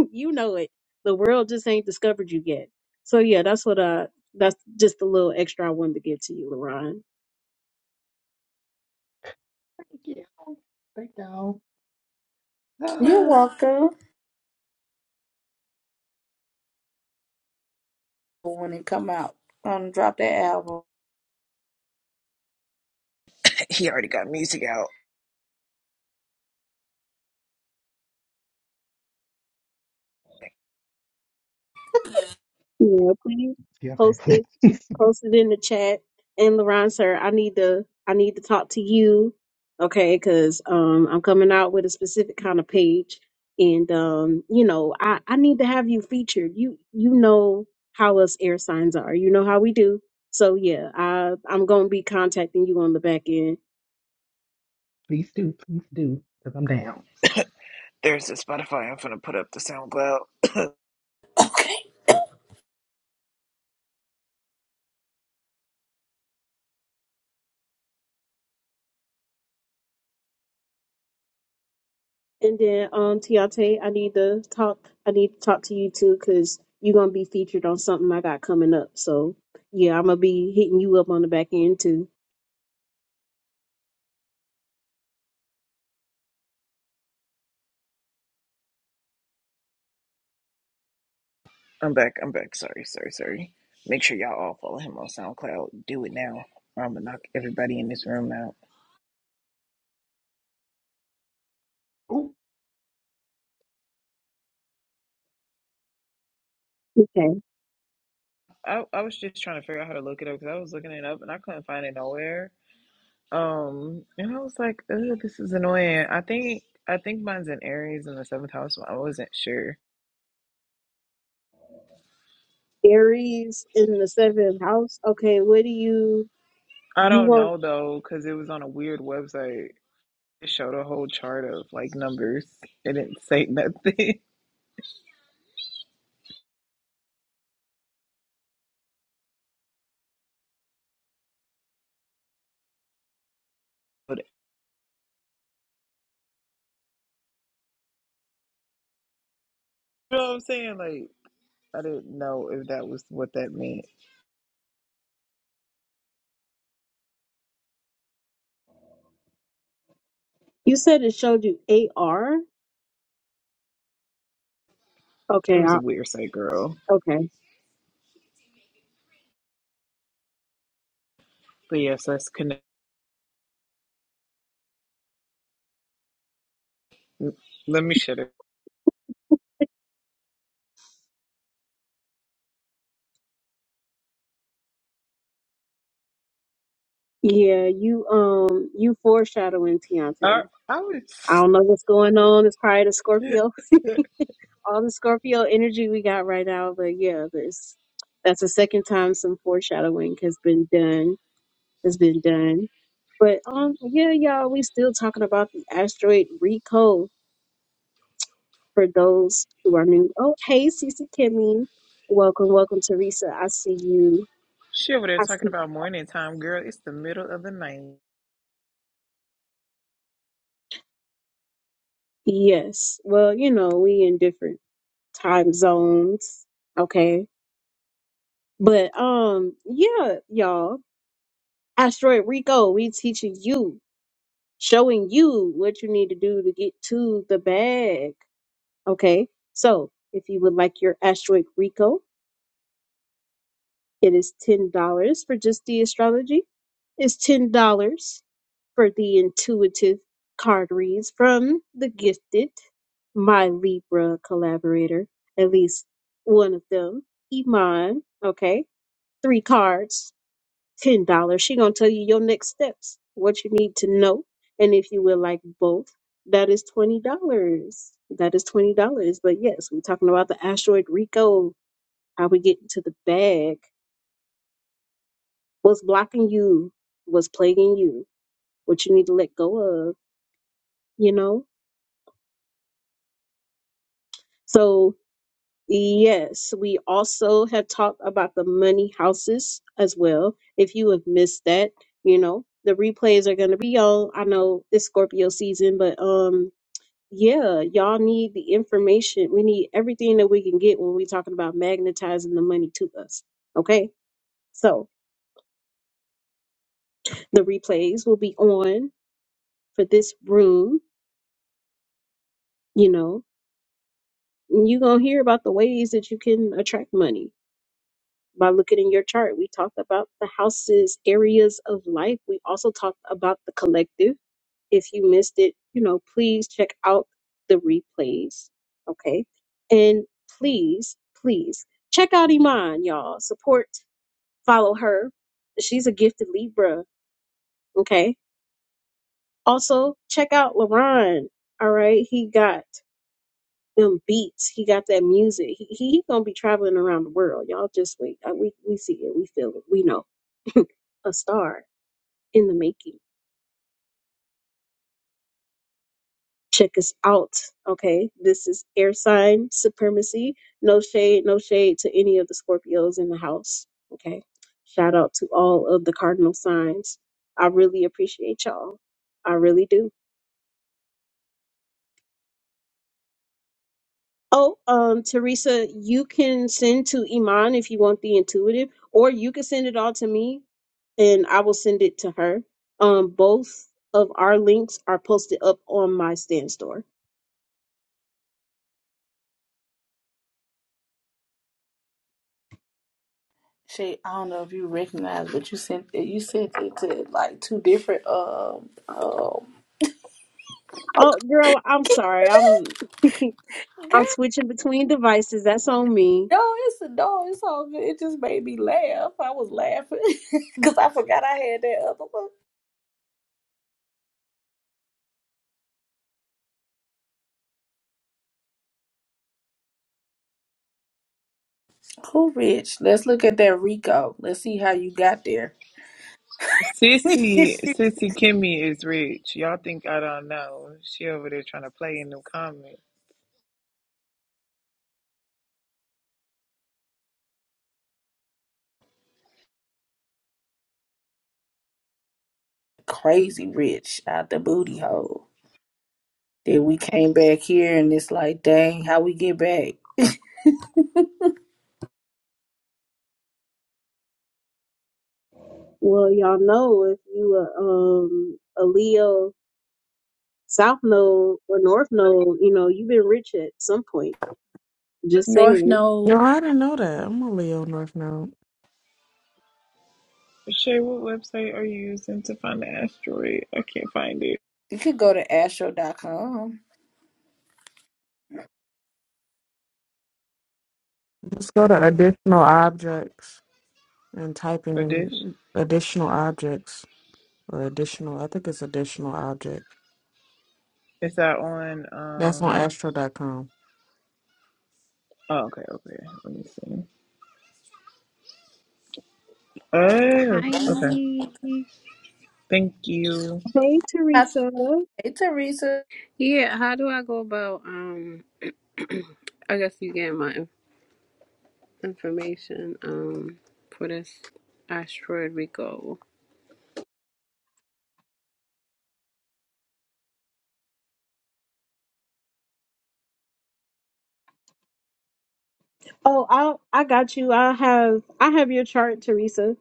you know it. The world just ain't discovered you yet. So yeah, that's what I. That's just a little extra I wanted to give to you, Leron.
Thank you. Thank y'all.
You're
Oh,
welcome. when it come out. Um, drop that album.
He already got music out.
Yeah, please
yeah,
post
thank
it.
you.
Post it in the chat. And Laron, sir, I need to I need to talk to you. Okay, because um I'm coming out with a specific kind of page. And um, you know, I, I need to have you featured. You you know how us air signs are. You know how we do. So yeah, I I'm gonna be contacting you on the back end
Please do, please do, because I'm down.
There's the Spotify. I'm finna put up the SoundCloud.
Okay.
And then, um, Tiate, I need to talk. I need to talk to you too, cause you're gonna be featured on something I got coming up. So, yeah, I'm gonna be hitting you up on the back end too.
I'm back. I'm back. Sorry, sorry, sorry. Make sure y'all all follow him on SoundCloud. Do it now. I'm gonna knock everybody in this room out.
Ooh.
Okay.
I, I was just trying to figure out how to look it up because I was looking it up and I couldn't find it nowhere. Um, and I was like, "Oh, this is annoying." I think I think mine's in Aries in the seventh house, but I wasn't sure.
Aries in the seventh house. Okay, what do you
I
you
don't
want?
know though, because it was on a weird website. It showed a whole chart of like numbers. It didn't say nothing. But you know what I'm saying? Like, I didn't know if that was what that meant.
You said it showed you AR.
It
Okay.
was a
I,
weird site, girl.
okay.
But yes, let's connect. mm, Let me shut it.
Yeah, you um you foreshadowing
I,
Tiante.
I was.
I don't know what's going on. It's probably the Scorpio all the Scorpio energy we got right now, but yeah, this that's the second time some foreshadowing has been done has been done. But um yeah, y'all, we still talking about the asteroid Rico for those who are new. Oh hey Cece Kimmy. Welcome, welcome Teresa. I see you.
She over there
I
talking
see
about morning time, girl. It's the middle of the night.
yes. Well, you know, we in different time zones. Okay. But um yeah, y'all. Asteroid Rico, we teaching you showing you what you need to do to get to the bag. Okay, so if you would like your asteroid Rico, it is ten dollars for just the astrology. It's ten dollars for the intuitive card reads from the gifted, my Libra collaborator, at least one of them, Iman. Okay, three cards ten dollars. She gonna tell you your next steps, what you need to know, and if you would like both, that is twenty dollars. That is twenty dollars. But yes, we're talking about the asteroid Rico. How we get into the bag? What's blocking you? What's plaguing you? What you need to let go of? You know. So yes, we also have talked about the money houses as well. If you have missed that, you know the replays are going to be on i know it's scorpio season but um Yeah, y'all need the information. We need everything that we can get when we're talking about magnetizing the money to us. Okay. So the replays will be on for this room, you know, and you're going to hear about the ways that you can attract money by looking in your chart. We talked about the houses, areas of life. We also talked about the collective. If you missed it, you know, please check out the replays. Okay. And please, please check out Iman, y'all. Support, follow her. She's a gifted Libra. Okay. Also, check out LaRon. All right. He got them beats. He got that music. He, he, he gonna be traveling around the world. Y'all just wait. Uh, We we see it. We feel it. We know a star in the making. check us out. Okay, this is air sign supremacy. No shade, no shade to any of the Scorpios in the house. Okay, shout out to all of the cardinal signs. I really appreciate y'all. I really do. Oh, um, Teresa, you can send to Iman if you want the intuitive, or you can send it all to me and I will send it to her. Um, both of our links are posted up on my stand store.
Shay, I don't know if you recognize, but you sent it. You sent it to like two different um um.
Oh, girl, I'm sorry. I'm.
Girl,
I'm switching between devices. That's on me.
no, it's a no, it's all good. It just made me laugh. I was laughing because I forgot I had that other one. Who rich? Let's look at that Rico. Let's see how you got there.
Sissy, Sissy Kimmy is rich. Y'all think I don't know? She over there trying to play in the comments.
Crazy rich out the booty hole. Then we came back here and it's like, dang, how we get back?
Well, y'all know if you a um a Leo South Node or North Node, you know you've been rich at some point. Just
North
saying.
No,
Node.
I didn't know that. I'm a Leo North Node.
Shay, what website are you using to find the asteroid? I can't find it.
You could go to astro. dot com.
Let's go to additional objects and type
Or dish?
in additional objects or additional. I think it's additional object.
Is that on?
That's on
Um.
Astro dot com.
Oh, okay, okay. Let me see. Oh,
Hi.
okay. Thank you.
Hey,
Hey,
Teresa.
Teresa.
Yeah, how do I go about um I guess you get my in- information um for this asteroid Rico.
Oh, I I got you. I have I have your chart, Teresa.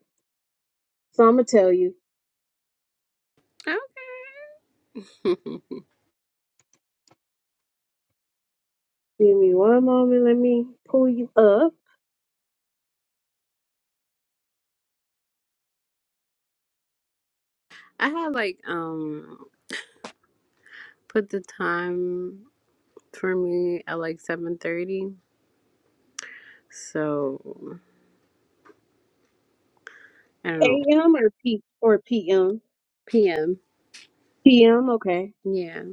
So I'm gonna tell you.
Okay.
Give me one moment. Let me pull you up.
I had like um put the time for me at like 7:30. So, I don't know.
A.M. or P or P.M.
PM.
P.M. Okay.
Yeah.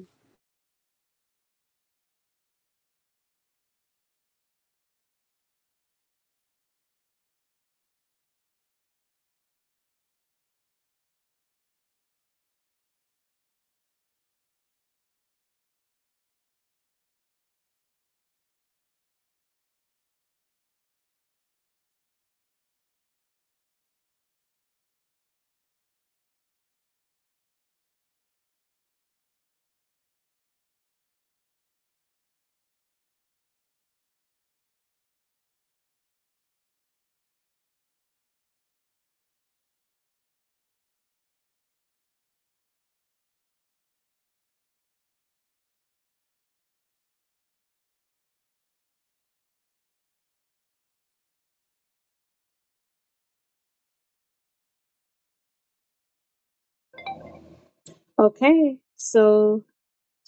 Okay. So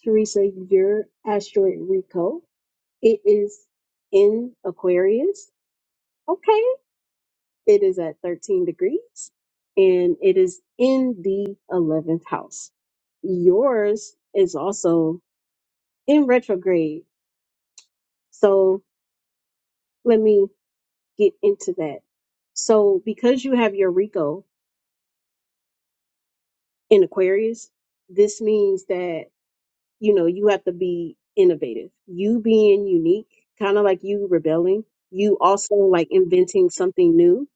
Teresa, your asteroid Rico. It is in Aquarius. Okay. It is at 13 degrees and it is in the 11th house. Yours is also in retrograde. So let me get into that. So because you have your Rico in Aquarius, this means that, you know, you have to be innovative. You being unique, kind of like you rebelling, you also like inventing something new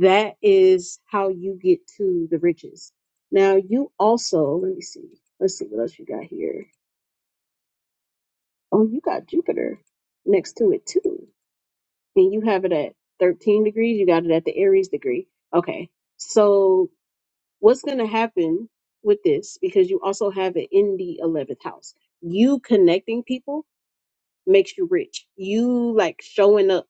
That is how you get to the riches. Now you also, let me see. Let's see what else you got here. Oh, you got Jupiter next to it too. And you have it at 13 degrees. You got it at the Aries degree. Okay. So what's going to happen with this? Because you also have it in the 11th house. You connecting people makes you rich. You like showing up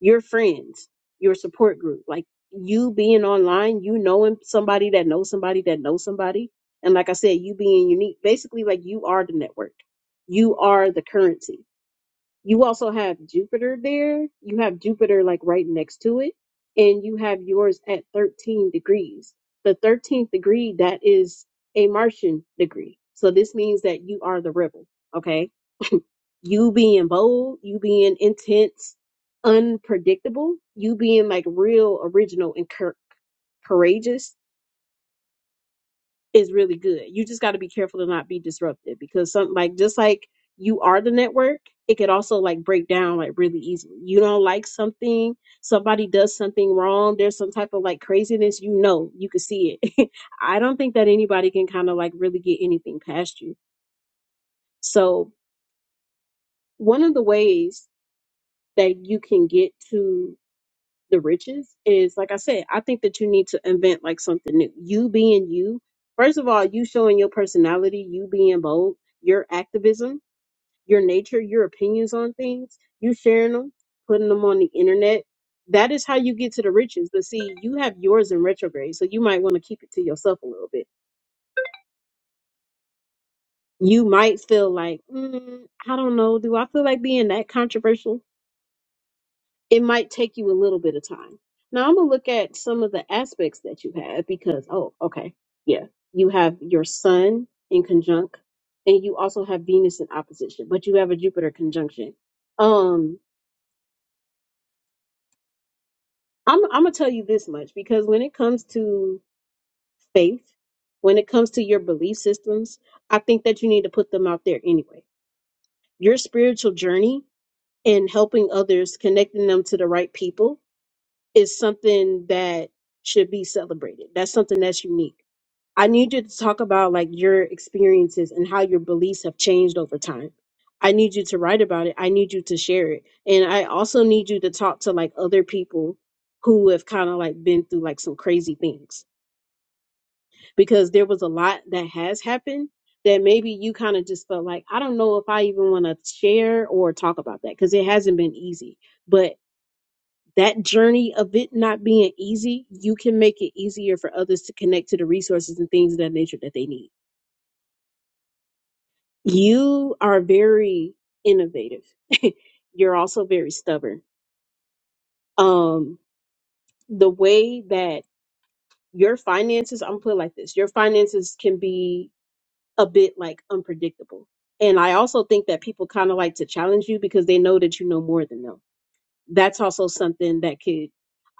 your friends, your support group, like you being online, you knowing somebody that knows somebody that knows somebody. And like I said, you being unique, basically like you are the network. You are the currency. You also have Jupiter there. You have Jupiter like right next to it. And you have yours at 13 degrees. The 13th degree, that is a Martian degree. So this means that you are the rebel. Okay you being bold, you being intense, unpredictable, you being like real original and cour- courageous is really good. You just got to be careful to not be disruptive because something like just like you are the network, it could also like break down like really easily. You don't like something, somebody does something wrong, there's some type of like craziness, you know, you can see it. I don't think that anybody can kind of like really get anything past you. So, one of the ways that you can get to the riches is like I said, I think that you need to invent like something new. You being you, first of all, you showing your personality, you being bold, your activism, your nature, your opinions on things, you sharing them, putting them on the internet. That is how you get to the riches. But see, you have yours in retrograde, so you might want to keep it to yourself a little bit. You might feel like, mm, I don't know, do I feel like being that controversial? it might take you a little bit of time. Now I'm gonna look at some of the aspects that you have because oh, okay, yeah, you have your Sun in conjunct, and you also have Venus in opposition, but you have a Jupiter conjunction. Um, I'm I'm gonna tell you this much because when it comes to faith, when it comes to your belief systems, I think that you need to put them out there anyway. Your spiritual journey and helping others, connecting them to the right people is something that should be celebrated. That's something that's unique. I need you to talk about like your experiences and how your beliefs have changed over time. I need you to write about it. I need you to share it. And I also need you to talk to like other people who have kind of like been through like some crazy things because there was a lot that has happened that maybe you kind of just felt like I don't know if I even want to share or talk about that because it hasn't been easy. But that journey of it not being easy, you can make it easier for others to connect to the resources and things of that nature that they need. You are very innovative. You're also very stubborn. Um, the way that your finances, I'm gonna put it like this, your finances can be a bit like unpredictable. And I also think that people kind of like to challenge you because they know that you know more than them that's also something that could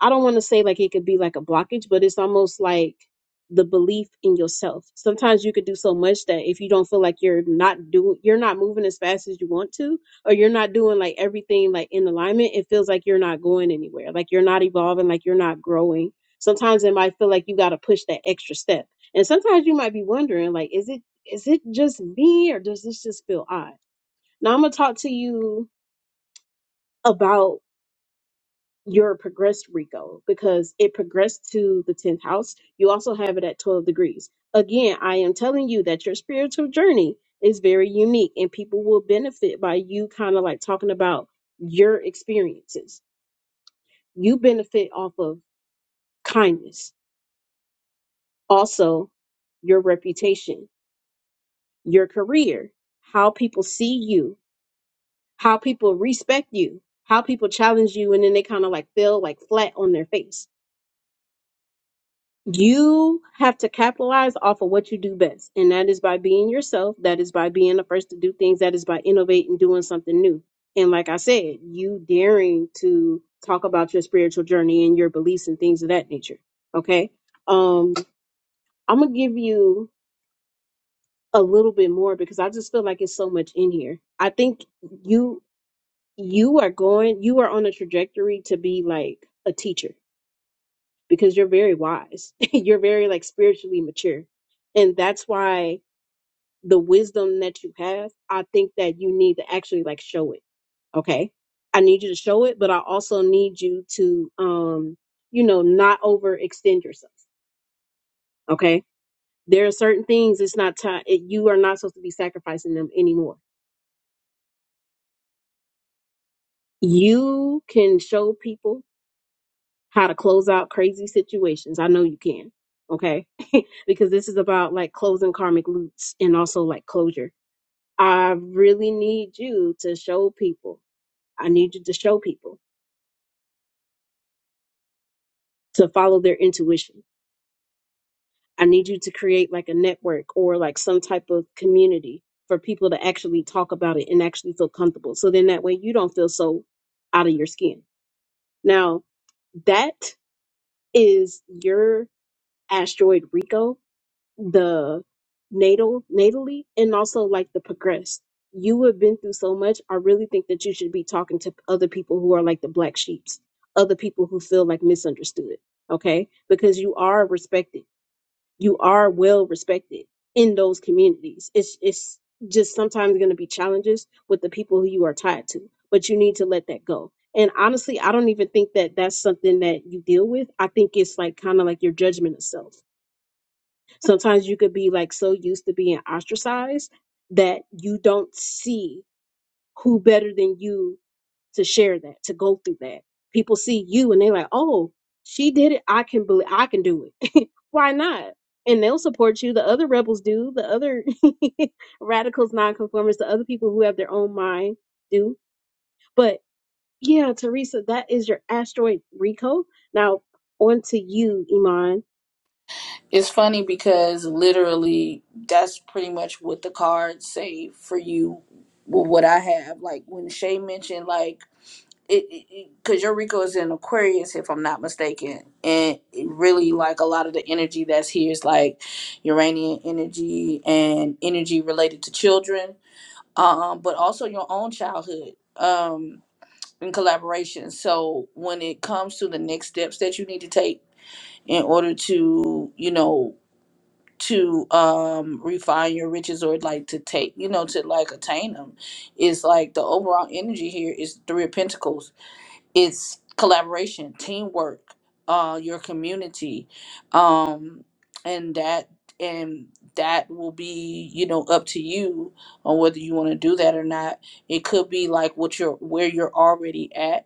i don't want to say like it could be like a blockage but it's almost like the belief in yourself sometimes you could do so much that if you don't feel like you're not doing you're not moving as fast as you want to or you're not doing like everything like in alignment it feels like you're not going anywhere like you're not evolving like you're not growing sometimes it might feel like you got to push that extra step and sometimes you might be wondering like is it is it just me or does this just feel odd now i'm gonna talk to you about your progressed Rico because it progressed to the 10th house. You also have it at 12 degrees. Again, I am telling you that your spiritual journey is very unique and people will benefit by you kind of like talking about your experiences. You benefit off of kindness, also your reputation, your career, how people see you, how people respect you, how people challenge you, and then they kind of like feel like flat on their face You have to capitalize off of what you do best, and that is by being yourself. That is by being the first to do things. That is by innovating, doing something new. And like I said, you daring to talk about your spiritual journey and your beliefs and things of that nature. Okay. Um, I'm gonna give you a little bit more because I just feel like it's so much in here. I think you you are going you are on a trajectory to be like a teacher because you're very wise. you're very like spiritually mature. And that's why the wisdom that you have, I think that you need to actually like show it. Okay. I need you to show it, but I also need you to um, you know, not overextend yourself. Okay. There are certain things it's not time you are not supposed to be sacrificing them anymore. You can show people how to close out crazy situations. I know you can. Okay. because this is about like closing karmic loops and also like closure. I really need you to show people. I need you to show people to follow their intuition. I need you to create like a network or like some type of community for people to actually talk about it and actually feel comfortable. So then that way you don't feel so out of your skin. Now, that is your asteroid Rico the natal natally and also like the progressed you have been through so much i really think that you should be talking to other people who are like the black sheeps other people who feel like misunderstood okay because you are respected you are well respected in those communities it's it's just sometimes going to be challenges with the people who you are tied to but you need to let that go and honestly i don't even think that that's something that you deal with i think it's like kind of like your judgment of self Sometimes you could be like so used to being ostracized that you don't see who better than you to share that, to go through that. People see you and they're like, "Oh, she did it. I can believe I can do it. Why not?" And they'll support you. The other rebels do. The other radicals, nonconformists, the other people who have their own mind do. But yeah, Teresa, that is your asteroid Rico. Now on to you, Iman
It's funny because literally that's pretty much what the cards say for you with what I have. Like when Shay mentioned like it because your Rico is in Aquarius if I'm not mistaken. And it really like a lot of the energy that's here is like Uranian energy and energy related to children. Um but also your own childhood. um. in collaboration. So when it comes to the next steps that you need to take in order to, you know, to um refine your riches or like to take, you know, to like attain them, is like the overall energy here is three of pentacles. It's collaboration, teamwork, uh your community. Um and that and that will be, you know, up to you on whether you want to do that or not. It could be like what you're where you're already at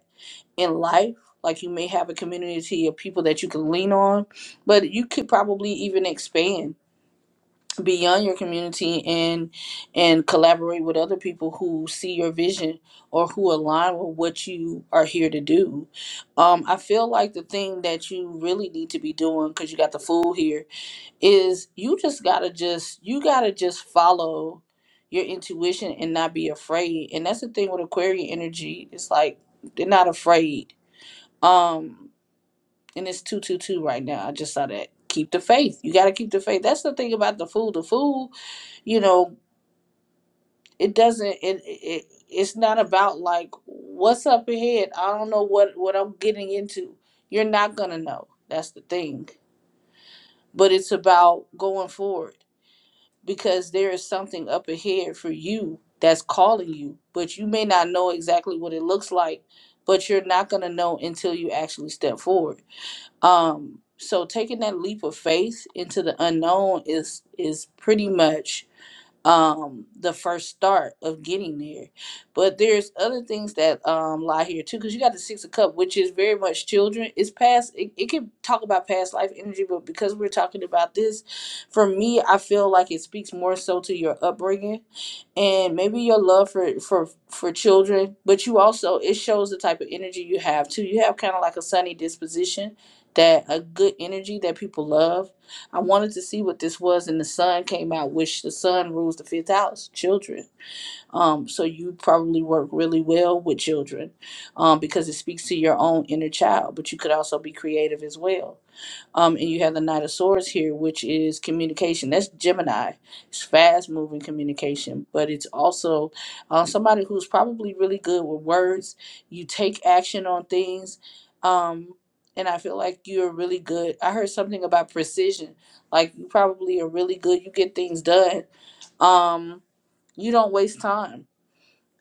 in life. Like you may have a community of people that you can lean on, but you could probably even expand beyond your community and and collaborate with other people who see your vision or who align with what you are here to do. Um, I feel like the thing that you really need to be doing because you got the fool here is you just gotta just you gotta just follow your intuition and not be afraid. And that's the thing with Aquarian energy. It's like they're not afraid um, and it's two two two right now. I just saw that. Keep the faith. You got to keep the faith. That's the thing about the food. The food, you know, it doesn't. It, it it's not about like what's up ahead. I don't know what what I'm getting into. You're not gonna know. That's the thing. But it's about going forward because there is something up ahead for you that's calling you. But you may not know exactly what it looks like. But you're not gonna know until you actually step forward Um, so taking that leap of faith into the unknown is is pretty much um the first start of getting there. But there's other things that um lie here too, because you got the six of cup, which is very much children. It's past it, it can talk about past life energy, but because we're talking about this, for me I feel like it speaks more so to your upbringing and maybe your love for for for children but you also it shows the type of energy you have too you have kind of like a sunny disposition that a good energy that people love i wanted to see what this was and the sun came out which the sun rules the fifth house children um so you probably work really well with children um because it speaks to your own inner child but you could also be creative as well um, and you have the Knight of Swords here, which is communication. That's Gemini. It's fast moving communication, but it's also uh, somebody who's probably really good with words. You take action on things. Um, and I feel like you're really good. I heard something about precision. Like you probably are really good. You get things done. Um, you don't waste time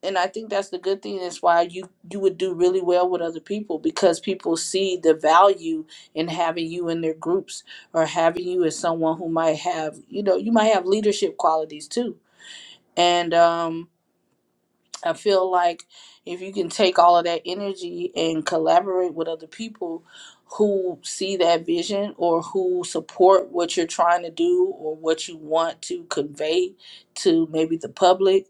and I think that's the good thing. That's why you you would do really well with other people because people see the value in having you in their groups or having you as someone who might have you know you might have leadership qualities too. And um, I feel like if you can take all of that energy and collaborate with other people who see that vision or who support what you're trying to do or what you want to convey to maybe the public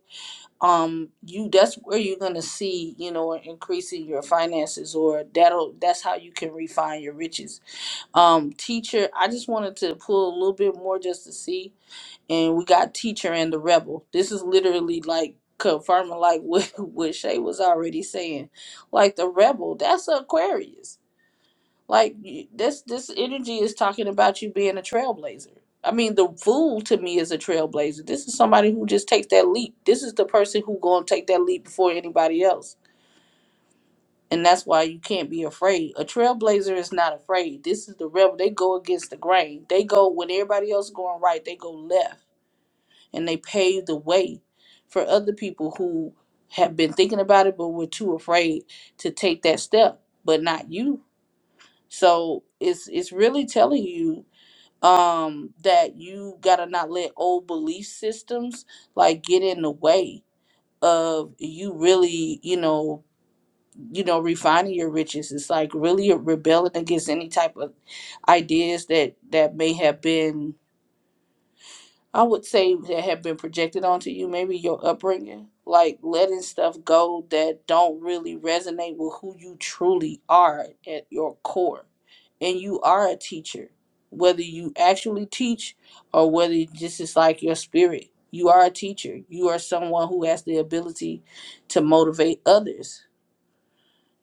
um you that's where you're going to see you know an increase in your finances or that'll that's how you can refine your riches um teacher i just wanted to pull a little bit more just to see and we got teacher and the rebel this is literally like confirming like what what shay was already saying like the rebel that's aquarius like y- this this energy is talking about you being a trailblazer. I mean, the fool to me is a trailblazer. This is somebody who just takes that leap. This is the person who gonna take that leap before anybody else. And that's why you can't be afraid. A trailblazer is not afraid. This is the rebel. They go against the grain. They go when everybody else going right, they go left and they pave the way for other people who have been thinking about it but were too afraid to take that step. But not you. So it's it's really telling you um that you gotta not let old belief systems like get in the way of you really you know you know refining your riches it's like really rebelling against any type of ideas that that may have been I would say that have been projected onto you, maybe your upbringing, like letting stuff go that don't really resonate with who you truly are at your core. And you are a teacher, whether you actually teach or whether it just is like your spirit. You are a teacher. You are someone who has the ability to motivate others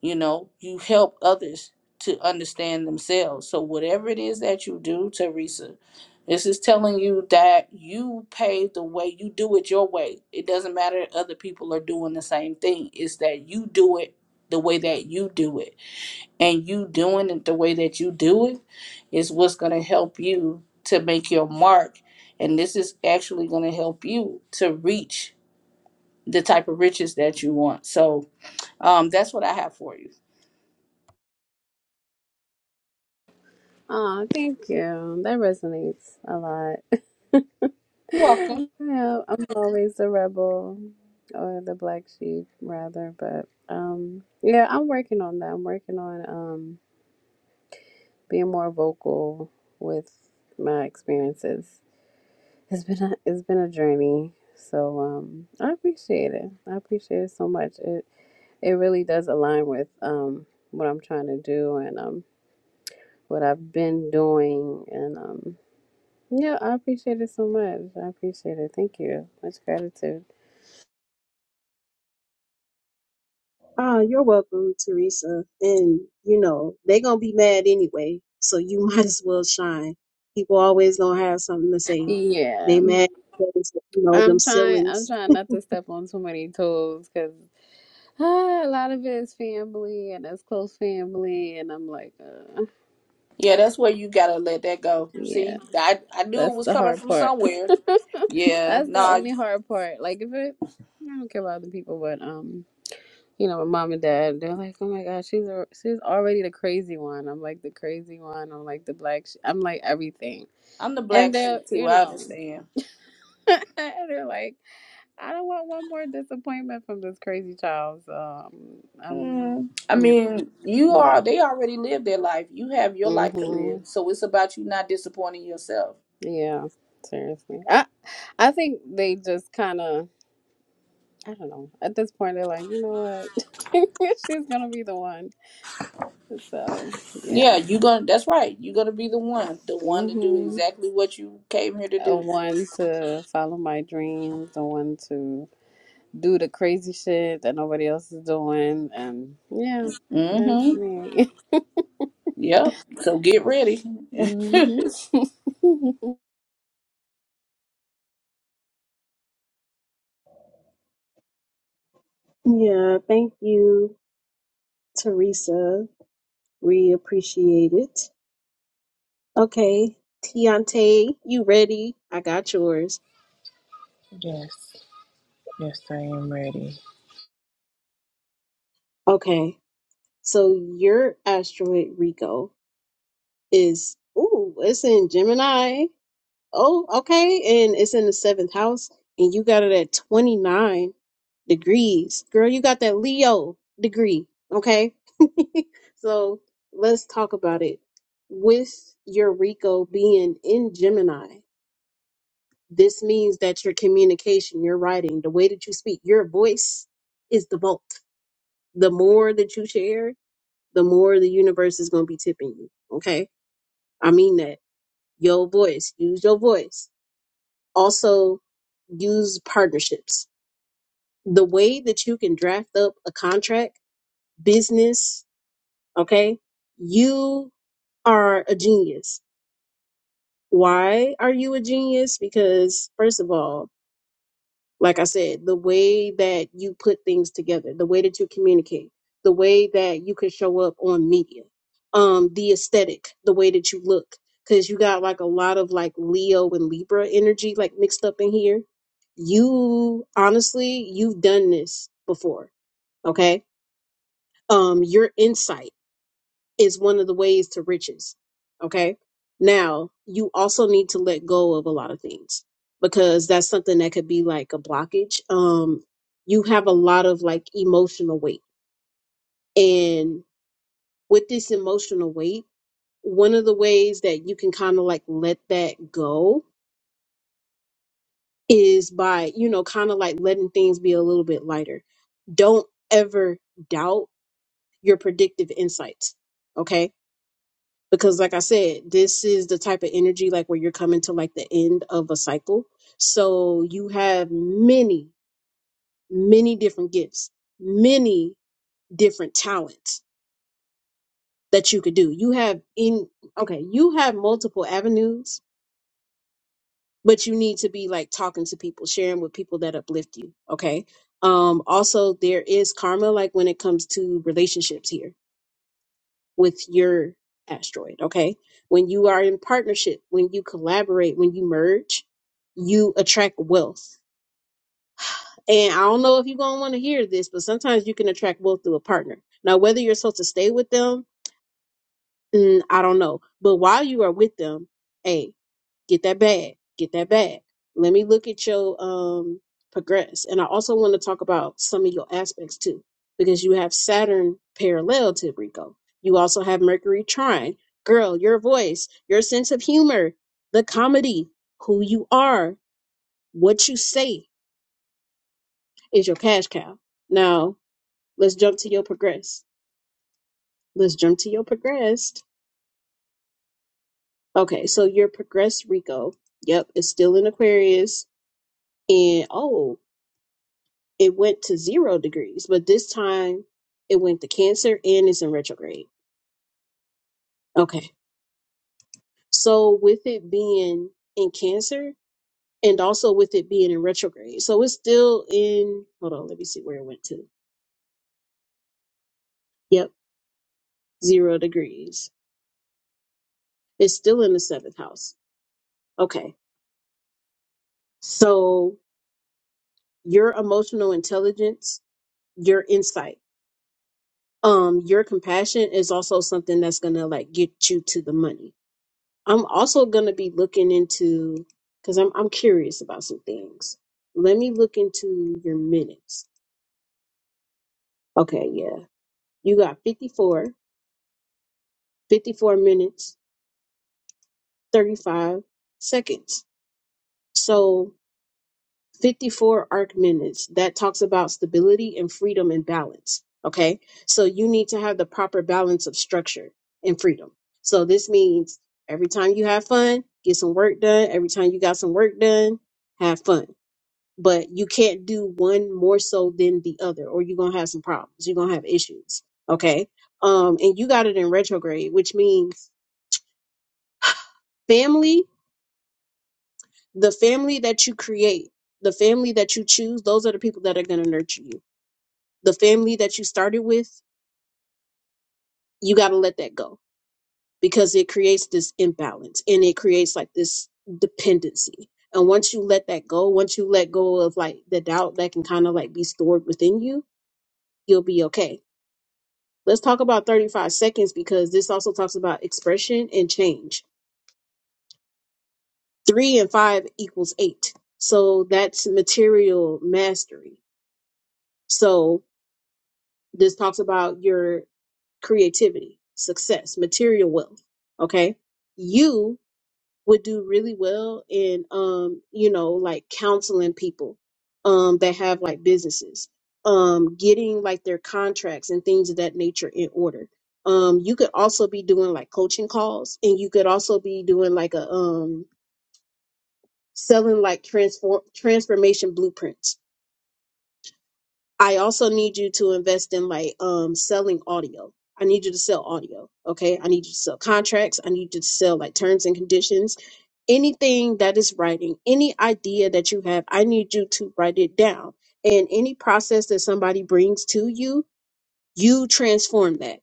you know you help others to understand themselves so whatever it is that you do teresa this is telling you that you pave the way you do it your way it doesn't matter if other people are doing the same thing it's that you do it the way that you do it and you doing it the way that you do it is what's going to help you to make your mark and this is actually going to help you to reach the type of riches that you want so um, that's what i have for you
Oh, thank you. That resonates a lot. Yeah,
welcome
I'm always the rebel or the black sheep rather, but um yeah, I'm working on that. I'm working on um being more vocal with my experiences. It's been a, it's been a journey. So um I appreciate it. I appreciate it so much. It it really does align with um what I'm trying to do and um what I've been doing and um yeah, I appreciate it so much. I appreciate it. Thank you. Much gratitude.
Oh, you're welcome, Teresa. And you know, they gonna be mad anyway, so you might as well shine. People always gonna have something to say.
Yeah,
They mad because you know them
I'm trying. I'm
ceilings.
trying not to step on too many toes because a lot of it is family and it's close family, and I'm like, uh,
Yeah, that's where you gotta let that go.
yeah,
See, I I knew it
that's
was
the
coming
hard
from
part.
somewhere. Yeah,
that's the
nah,
only hard part. Like if it, I don't care about other people, but um, you know, my mom and dad, they're like, oh my gosh, she's a, she's already the crazy one. I'm like the crazy one. I'm like the black. Sh-. I'm like everything,
I'm the black
and they're
sheep too.
you
I
know,
understand.
they're like. I don't want one more disappointment from this crazy child. So um, I'm
Mm, I
yeah,
mean, you
yeah,
are. They already lived their life. You have your life to
hmm
live. So it's about you not disappointing yourself.
yeah. Seriously, I I think they just kind of I don't know. At this point, they're like, you know what, she's gonna be the one. So
Yeah,
yeah,
you gonna. That's right. You're gonna be the one, the one to do
hmm
exactly what you came here to
a
do.
one to follow my dreams, a one to do the crazy shit that nobody else is doing, and yeah, that's
Mm-hmm.
me.
Yep. So get ready.
hmm
Yeah, thank you, Teresa. We appreciate it. Okay, Tiante, you ready? I got yours.
Yes, yes, I am ready.
Okay, so your asteroid Rico is ooh, it's in Gemini. Oh, okay. And it's in the seventh house, and you got it at 29 degrees. Girl, you got that Leo degree. Okay. so let's talk about it. With your Rico being in Gemini, this means that your communication, your writing, the way that you speak, your voice is the bulk. The more that you share, the more the universe is going to be tipping you. Okay. I mean that. Your voice, use your voice. Also, use partnerships. The way that you can draft up a contract, business, okay, you are a genius. Why are you a genius? Because, first of all, like I said, the way that you put things together, the way that you communicate, the way that you can show up on media, um, the aesthetic, the way that you look, because you got like a lot of like Leo and Libra energy like mixed up in here. You honestly, you've done this before, okay? Um, your insight is one of the ways to riches. Okay. Now, you also need to let go of a lot of things because that's something that could be like a blockage. Um, you have a lot of like emotional weight. And with this emotional weight, one of the ways that you can kind of like let that go is by, you know, kind of like letting things be a little bit lighter. Don't ever doubt your predictive insights. Okay because like i said this is the type of energy like where you're coming to like the end of a cycle so you have many many different gifts many different talents that you could do you have in okay you have multiple avenues but you need to be like talking to people sharing with people that uplift you okay um also there is karma like when it comes to relationships here with your asteroid. Okay. When you are in partnership, when you collaborate, when you merge, you attract wealth. And I don't know if you're going to want to hear this, but sometimes you can attract wealth through a partner. Now, whether you're supposed to stay with them mm, I don't know. But while you are with them, hey, get that bag, get that bag. Let me look at your um progress. And I also want to talk about some of your aspects too, because you have Saturn parallel to Rico. You also have Mercury trine. Girl, your voice, your sense of humor, the comedy, who you are, what you say is your cash cow. Now, let's jump to your progress. Let's jump to your progress. Okay, so your progressed Rico, yep, is still in Aquarius. And oh, it went to zero degrees, but this time it went to Cancer and it's in retrograde. Okay, so with it being in Cancer and also with it being in retrograde, so it's still in, hold on, let me see where it went to. Yep, zero degrees. It's still in the seventh house. Okay, so your emotional intelligence, your insight. um your compassion is also something that's gonna like get you to the money i'm also gonna be looking into because I'm, I'm curious about some things let me look into your minutes okay yeah you got 54, 54 minutes 35 seconds so 54 arc minutes that talks about stability and freedom and balance. Okay. So you need to have the proper balance of structure and freedom. So this means every time you have fun, get some work done. Every time you got some work done, have fun. But you can't do one more so than the other, or you're going to have some problems. You're going to have issues. Okay. Um, and you got it in retrograde, which means family, the family that you create, the family that you choose, those are the people that are going to nurture you the family that you started with, you got to let that go because it creates this imbalance and it creates like this dependency. And once you let that go, once you let go of like the doubt that can kind of like be stored within you, you'll be okay. Let's talk about 35 seconds because this also talks about expression and change. Three and five equals eight. So that's material mastery. So this talks about your creativity, success, material wealth. Okay. You would do really well in um you know like counseling people um that have like businesses um getting like their contracts and things of that nature in order um you could also be doing like coaching calls and you could also be doing like a um selling like transform transformation blueprints i also need you to invest in like um selling audio i need you to sell audio okay i need you to sell contracts i need you to sell like terms and conditions anything that is writing, any idea that you have, I need you to write it down. And any process that somebody brings to you, you transform that.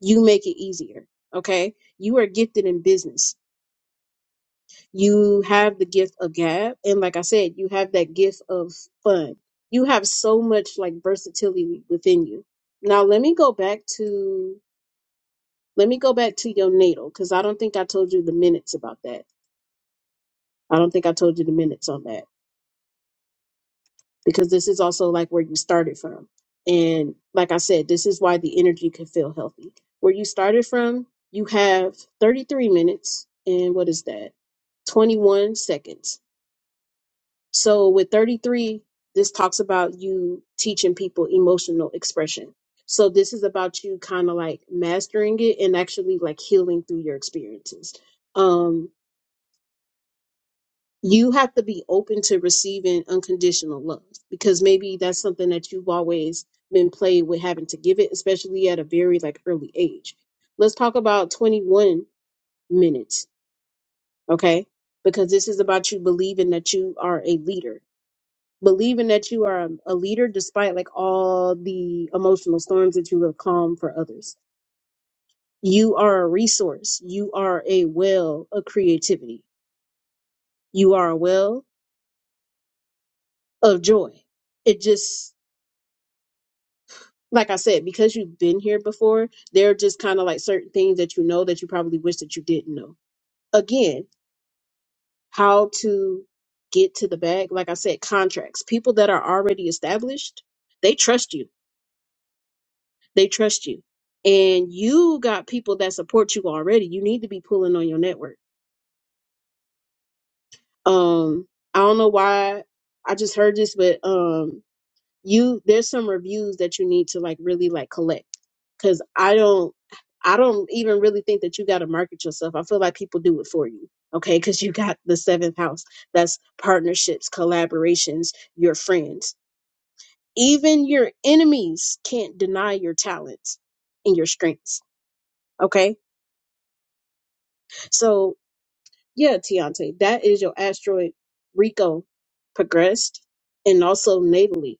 You make it easier. Okay. You are gifted in business. You have the gift of gab. And like I said, you have that gift of fun. You have so much like versatility within you. Now, let me go back to. Let me go back to your natal because I don't think I told you the minutes about that. I don't think I told you the minutes on that because this is also like where you started from. And like I said, this is why the energy can feel healthy. Where you started from, you have 33 minutes and what is that? 21 seconds. So with 33, this talks about you teaching people emotional expression. So this is about you kind of like mastering it and actually like healing through your experiences. Um, you have to be open to receiving unconditional love because maybe that's something that you've always been played with having to give it especially at a very like early age let's talk about 21 minutes okay because this is about you believing that you are a leader believing that you are a leader despite like all the emotional storms that you have calmed for others you are a resource you are a well of creativity you are a well of joy it just like I said, because you've been here before, there are just kind of like certain things that you know that you probably wish that you didn't know. Again, how to get to the bag. Like I said, contracts. People that are already established, they trust you. They trust you. And you got people that support you already. You need to be pulling on your network. Um, I don't know why I just heard this, but um you there's some reviews that you need to like really like collect because i don't i don't even really think that you got to market yourself i feel like people do it for you okay because you got the seventh house that's partnerships collaborations your friends even your enemies can't deny your talents and your strengths okay so yeah Tiante, that is your asteroid rico progressed and also natally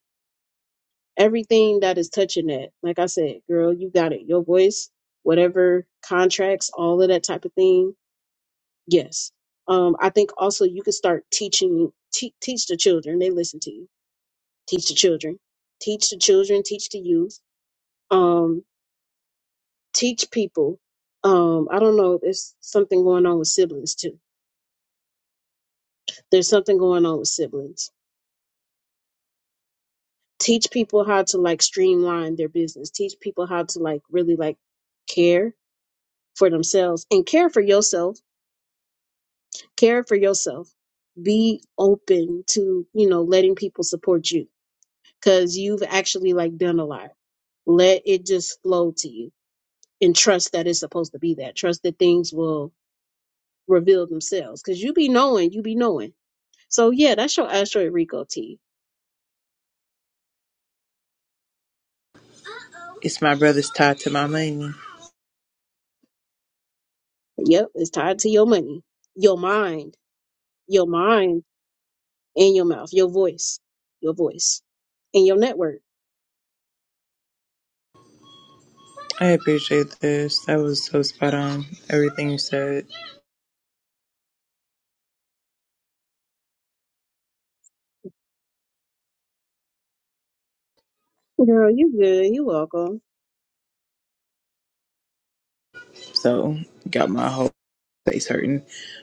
everything that is touching that. Like I said, girl, you got it. Your voice, whatever contracts, all of that type of thing. Yes. Um, I think also you can start teaching, te- teach the children. They listen to you. Teach the children, teach the children, teach the youth, um, teach people. Um, I don't know. There's something going on with siblings too. There's something going on with siblings. Teach people how to like streamline their business. Teach people how to like really like care for themselves and care for yourself care for yourself be open to you know letting people support you because you've actually like done a lot let it just flow to you and trust that it's supposed to be that trust that things will reveal themselves because you be knowing you be knowing so yeah that's your asteroid rico tea
It's my brother's tie to my money.
yep it's tied to your money your mind your mind and your mouth your voice your voice and your network
I appreciate this. That was so spot on. Everything you said.
girl you good you welcome
So, got my whole face hurting.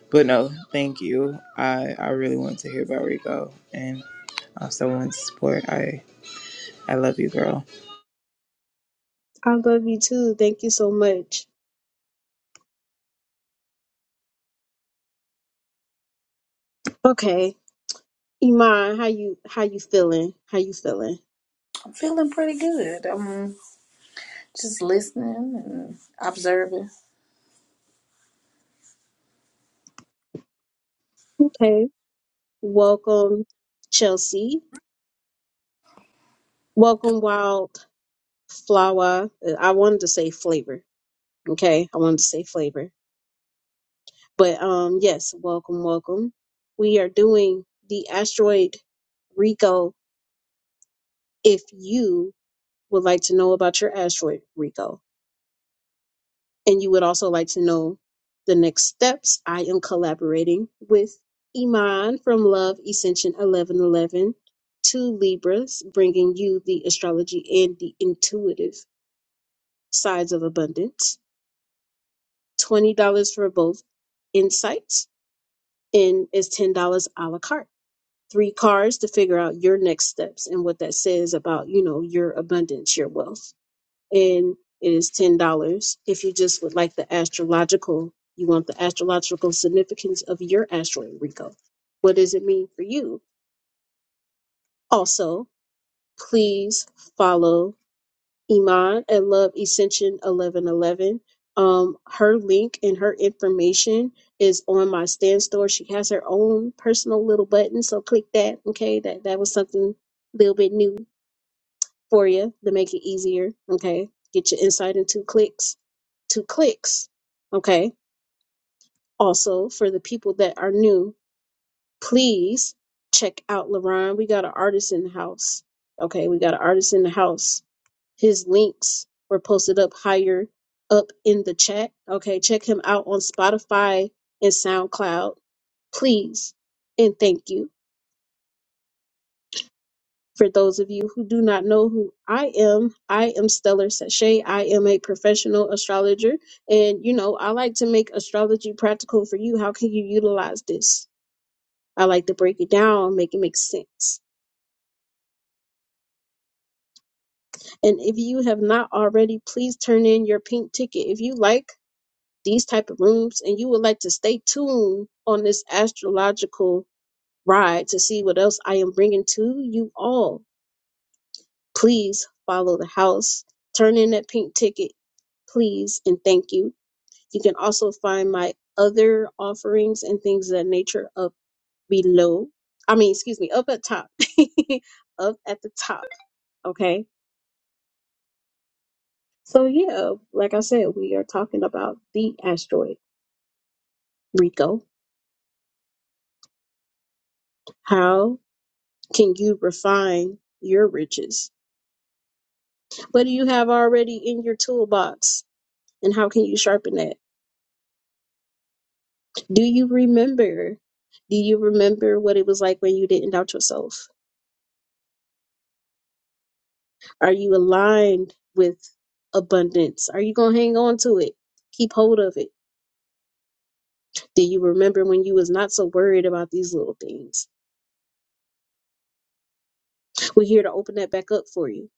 But no, thank you. I, I really wanted to hear about Rico and I also wanted to support. I I love you, girl.
i love you too thank you so much okay Iman, how you how you feeling? How you feeling?
I'm feeling pretty good. I'm just listening and observing.
Okay. Welcome, Chelsea. Welcome, Wild Flower. Uh, I wanted to say flavor. Okay, I wanted to say flavor, but um, yes, welcome, welcome. We are doing the asteroid Rico. If you would like to know about your asteroid Rico, and you would also like to know the next steps, I am collaborating with Iman from Love Ascension 1111 to Libras, bringing you the astrology and the intuitive sides of abundance. $20 for both insights and is $10 a la carte. Three cards to figure out your next steps and what that says about, you know, your abundance, your wealth. and it is $10. If you just would like the astrological, you want the astrological significance of your asteroid, Rico. What does it mean for you? Also, please follow Iman at Love Ascension 1111. Um, her link and her information is on my stand store. She has her own personal little button, so click that. Okay, that that was something a little bit new for you to make it easier. Okay, get your insight in two clicks two clicks. Okay. Also, for the people that are new, please check out LaRon. We got an artist in the house. Okay. We got an artist in the house. His links were posted up higher up in the chat. Okay. Check him out on Spotify and SoundCloud, please. And thank you. For those of you who do not know who I am, I am Stellar Sachet. I am a professional astrologer. And, you know, I like to make astrology practical for you. How can you utilize this? I like to break it down, make it make sense. And if you have not already, please turn in your pink ticket. If you like these type of rooms and you would like to stay tuned on this astrological ride to see what else I am bringing to you all, Please follow the house. Turn in that pink ticket, please, and thank you. You can also find my other offerings and things of that nature up below. I mean, excuse me, up at top. up at the top. Okay. So, yeah, like I said, we are talking about the asteroid, Rico. How can you refine your riches? What do you have already in your toolbox? And how can you sharpen that? Do you remember? Do you remember what it was like when you didn't doubt yourself? Are you aligned with abundance? Are you gonna hang on to it? Keep hold of it. Do you remember when you was not so worried about these little things? We're here to open that back up for you.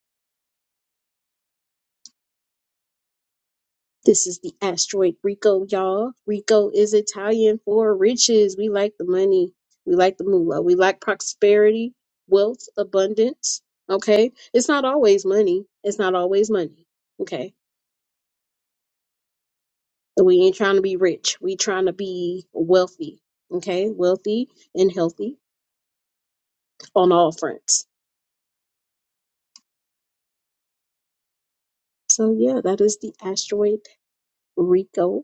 This is the asteroid Rico, y'all. Rico is Italian for riches. We like the money. We like the moolah. We like prosperity, wealth, abundance. Okay? It's not always money. It's not always money. Okay? So We ain't trying to be rich. We trying to be wealthy. Okay, wealthy and healthy on all fronts. So yeah, that is the asteroid Rico.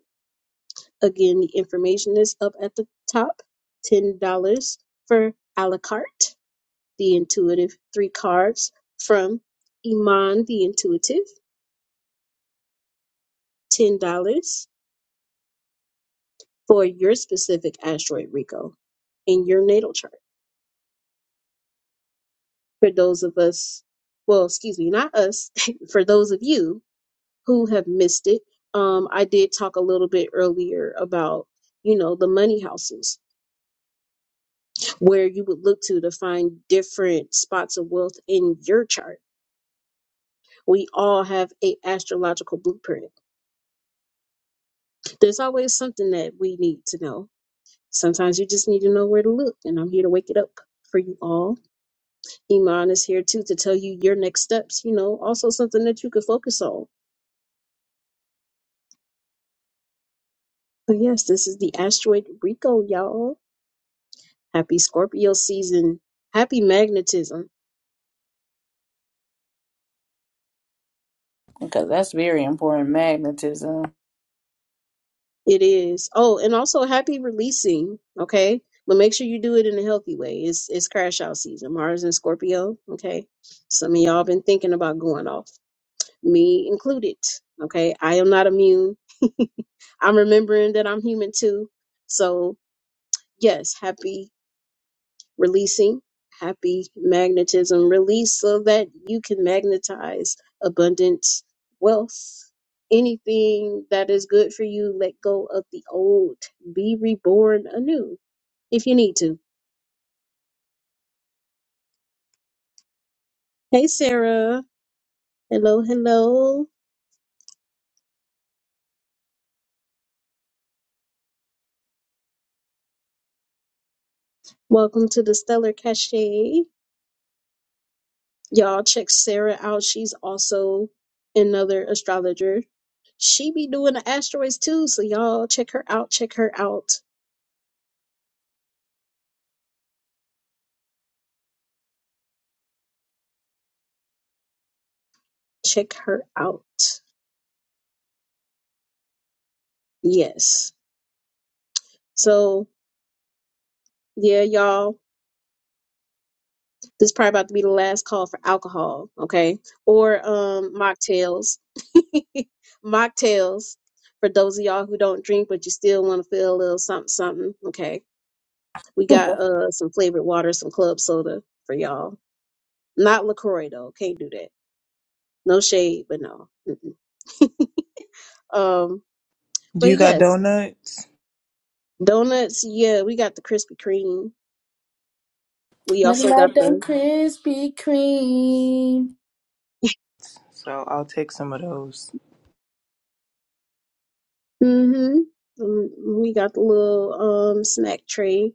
Again, the information is up at the top. Ten dollars for a la carte, the intuitive three cards from Iman the Intuitive. Ten dollars for your specific asteroid Rico in your natal chart. For those of us, well, excuse me, not us, for those of you who have missed it. Um, I did talk a little bit earlier about, you know, the money houses where you would look to to find different spots of wealth in your chart. We all have a astrological blueprint. There's always something that we need to know. Sometimes you just need to know where to look, and I'm here to wake it up for you all. Iman is here too to tell you your next steps, you know, also something that you could focus on. But yes, this is the asteroid Rico, y'all. Happy Scorpio season. Happy magnetism
Because that's very important, magnetism.
It is. Oh, and also happy releasing, okay? But make sure you do it in a healthy way. It's it's crash out season. Mars and Scorpio, okay? Some of y'all been thinking about going off, me included, okay? I am not immune. I'm remembering that I'm human too. So, yes, happy releasing happy magnetism release so that you can magnetize abundance wealth anything that is good for you let go of the old be reborn anew if you need to hey sarah hello hello welcome to the stellar cachet y'all check sarah out she's also another astrologer she be doing the asteroids too so y'all check her out check her out check her out yes So yeah, y'all, this is probably about to be the last call for alcohol, okay? Or um mocktails. mocktails for those of y'all who don't drink but you still want to feel a little something something, okay? We got uh some flavored water, some club soda for y'all. Not LaCroix though, can't do that. No shade, but no. Mm-mm. Um
Do you
but
got
yes,
donuts?
donuts, yeah, we got the Krispy Kreme. We
Nothing
also got
like them
the
Krispy Kreme.
So I'll take some of those.
mm-hmm. Mm, We got the little um snack tray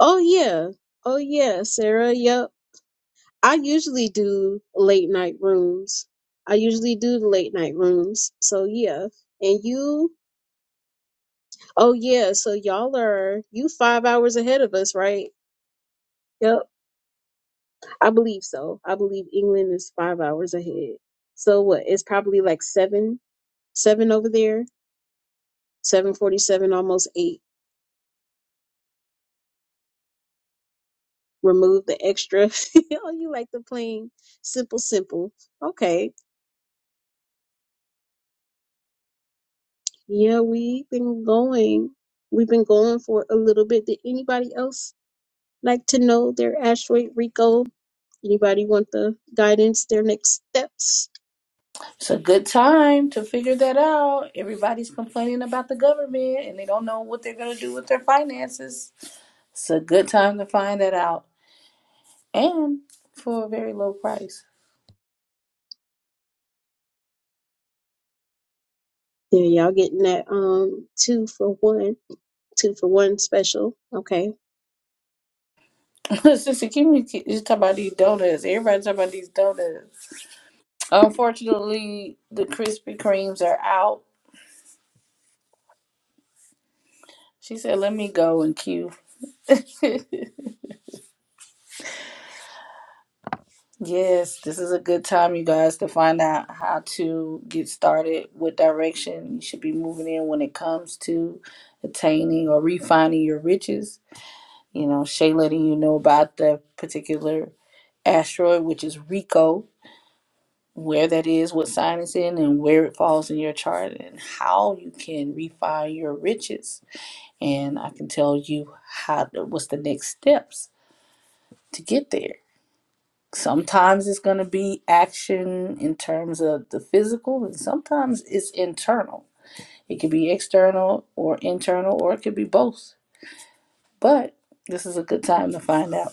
Oh yeah. Oh yeah, Sarah. Yep. I usually do late night rooms. I usually do the late night rooms. So yeah. And you oh yeah, so y'all are you five hours ahead of us, right? Yep. I believe so. I believe England is five hours ahead. So what? It's probably like seven seven over there. Seven forty seven, almost eight. Remove the extra. oh, you like the plain simple simple. Okay. Yeah, we've been going. We've been going for a little bit. Did anybody else like to know their asteroid Rico? Anybody want the guidance, their next steps?
It's a good time to figure that out. Everybody's complaining about the government and they don't know what they're going to do with their finances. It's a good time to find that out and for a very low price.
Yeah, y'all getting that um two for one, two for one special. Okay.
Sister Kimmy, you talk about these donuts. Everybody's talking about these donuts. Unfortunately, the Krispy Kremes are out. She said, let me go and queue Yes, this is a good time, you guys, to find out how to get started, with direction you should be moving in when it comes to attaining or refining your riches. You know, Shay letting you know about the particular asteroid, which is Rico, where that is, what sign it's in, and where it falls in your chart, and how you can refine your riches. And I can tell you how what's the next steps to get there Sometimes it's going to be action in terms of the physical, and sometimes it's internal. It could be external or internal, or it could be both. But this is a good time to find out,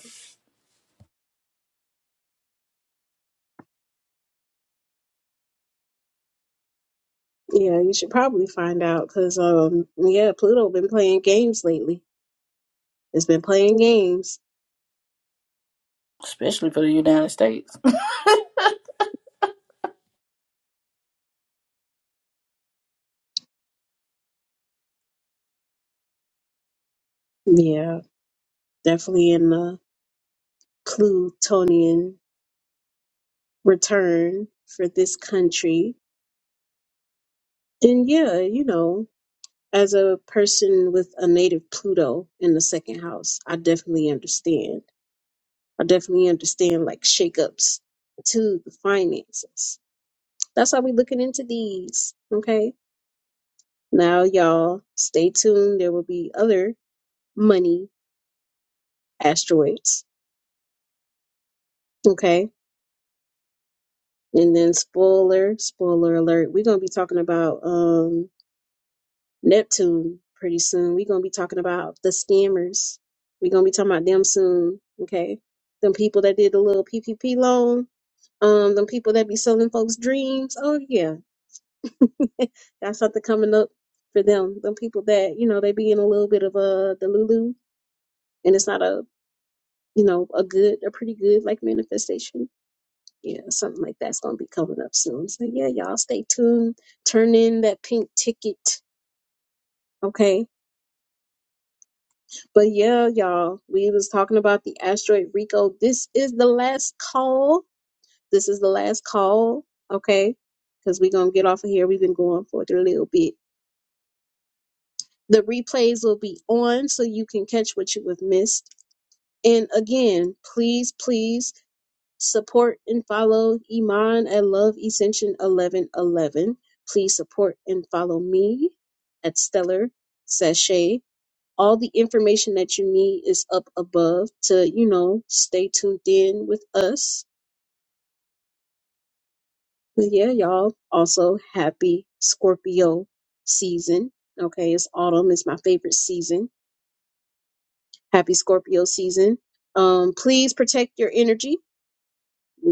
Yeah, you should probably find out because um yeah, Pluto been playing games lately. It's been playing games.
especially for the United States.
Yeah, definitely in the Plutonian return for this country. And yeah, you know. as a person with a native Pluto in the second house, I definitely understand. I definitely understand like shakeups to the finances. That's how we are looking into these. Okay. Now y'all stay tuned. There will be other money asteroids. Okay. And then spoiler, spoiler alert, we're gonna be talking about um Neptune pretty soon. We're gonna be talking about the scammers. We're gonna be talking about them soon. Okay. Them people that did the little PPP loan. Um, them people that be selling folks dreams. Oh yeah. Got something coming up for them. Them people that, you know, they be in a little bit of a the Lulu and it's not a you know, a good a pretty good like manifestation. Yeah, something like that's gonna be coming up soon. So yeah, y'all stay tuned. Turn in that pink ticket. Okay But yeah, y'all, we was talking about the asteroid Rico. This is the last call. This is the last call, okay? Because we're gonna get off of here. We've been going for it a little bit. The replays will be on so you can catch what you have missed. And again, please, please support and follow Iman at Love Ascension 1111. Please support and follow me at Stellar Sachet all the information that you need is up above to you know stay tuned in with us but yeah y'all also happy scorpio season okay it's autumn it's my favorite season happy scorpio season um please protect your energy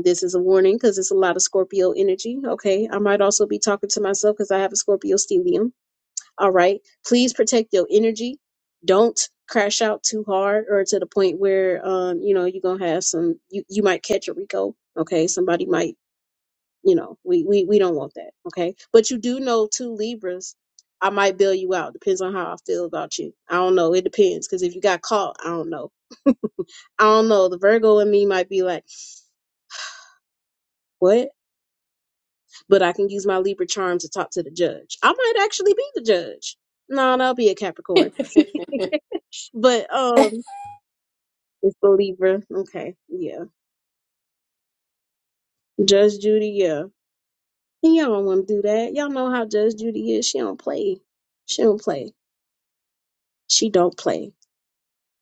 this is a warning because it's a lot of scorpio energy okay i might also be talking to myself because i have a scorpio stellium All right. Please protect your energy. Don't crash out too hard or to the point where um, you know, you're gonna have some you, you might catch a Rico. Okay. Somebody might, you know, we, we we don't want that. Okay. But you do know two Libras, I might bail you out. Depends on how I feel about you. I don't know. It depends. Cause if you got caught, I don't know. I don't know. The Virgo in me might be like, what? But I can use my Libra charm to talk to the judge. I might actually be the judge. No, that'll be a Capricorn. But um It's the Libra. Okay. Yeah. Judge Judy, yeah. And y'all don't want to do that. Y'all know how Judge Judy is. She don't play. She don't play. She don't play.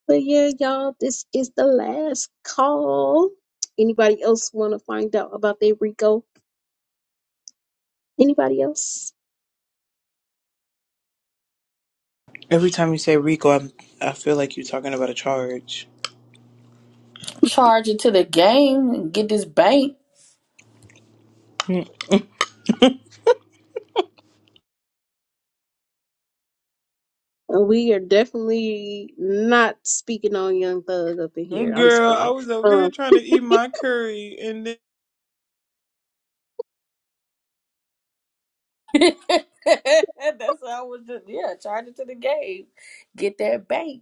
But yeah, y'all, this is the last call. Anybody else want to find out about their Rico? Anybody else?
Every time you say Rico, I'm, I feel like you're talking about a charge.
charge it to the game and get this bank.
Mm.
Uh, We are definitely not speaking on Young Thug up in here. I'm just
Girl, I
playing.
was over here
Um,
trying to eat my curry and then.
That's how I was just, yeah, charge it to the game. Get that bank.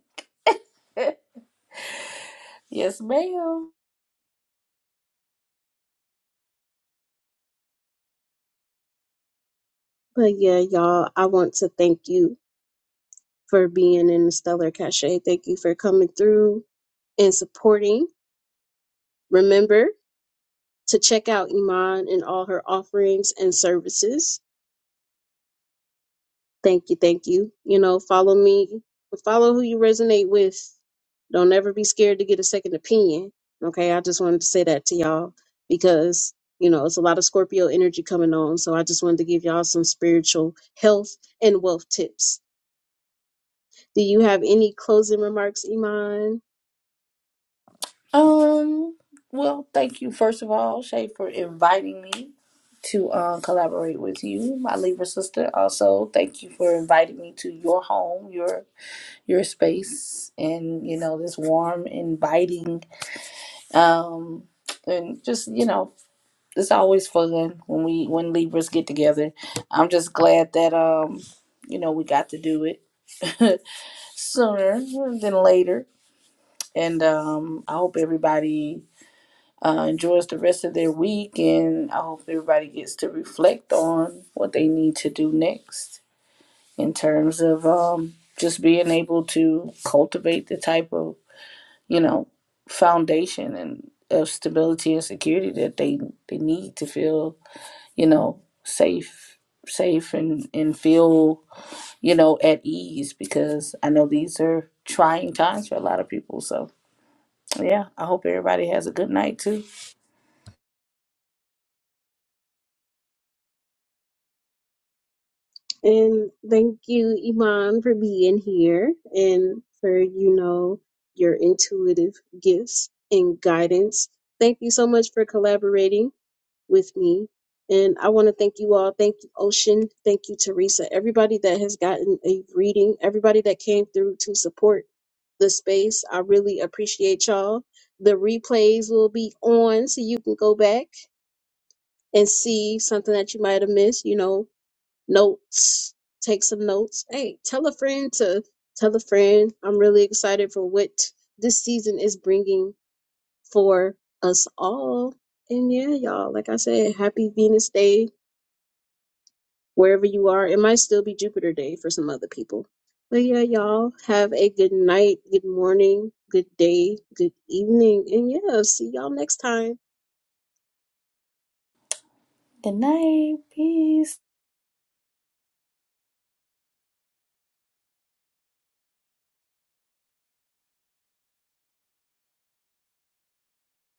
Yes, ma'am.
but yeah, y'all, I want to thank you for being in the Stellar Cache. Thank you for coming through and supporting. Remember to check out Iman and all her offerings and services. Thank you, thank you. You know, follow me, follow who you resonate with. Don't ever be scared to get a second opinion. Okay, I just wanted to say that to y'all because, you know, it's a lot of Scorpio energy coming on. So I just wanted to give y'all some spiritual health and wealth tips. Do you have any closing remarks, Iman?
Um, well, thank you first of all, Shay, for inviting me to um, collaborate with you, my Libra sister. Also, thank you for inviting me to your home, your your space, and you know this warm, inviting, um, and just you know it's always fun when we when Libras get together. I'm just glad that um you know we got to do it sooner than later, and um I hope everybody uh, enjoys the rest of their week, and I hope everybody gets to reflect on what they need to do next in terms of um, just being able to cultivate the type of you know foundation and of stability and security that they they need to feel you know safe safe and and feel you know at ease because I know these are trying times for a lot of people so yeah I hope everybody has a good night too
And thank you, Iman, for being here and for, you know, your intuitive gifts and guidance. Thank you so much for collaborating with me. And I want to thank you all. Thank you, Ocean. Thank you, Teresa. Everybody that has gotten a reading, everybody that came through to support the space. I really appreciate y'all. The replays will be on so you can go back and see something that you might have missed, you know, notes, take some notes. Hey, tell a friend to tell a friend. I'm really excited for what this season is bringing for us all. And yeah, y'all, like I said, happy Venus Day wherever you are. It might still be Jupiter Day for some other people. But yeah, y'all, have a good night, good morning, good day, good evening. And yeah, see y'all next time.
good night peace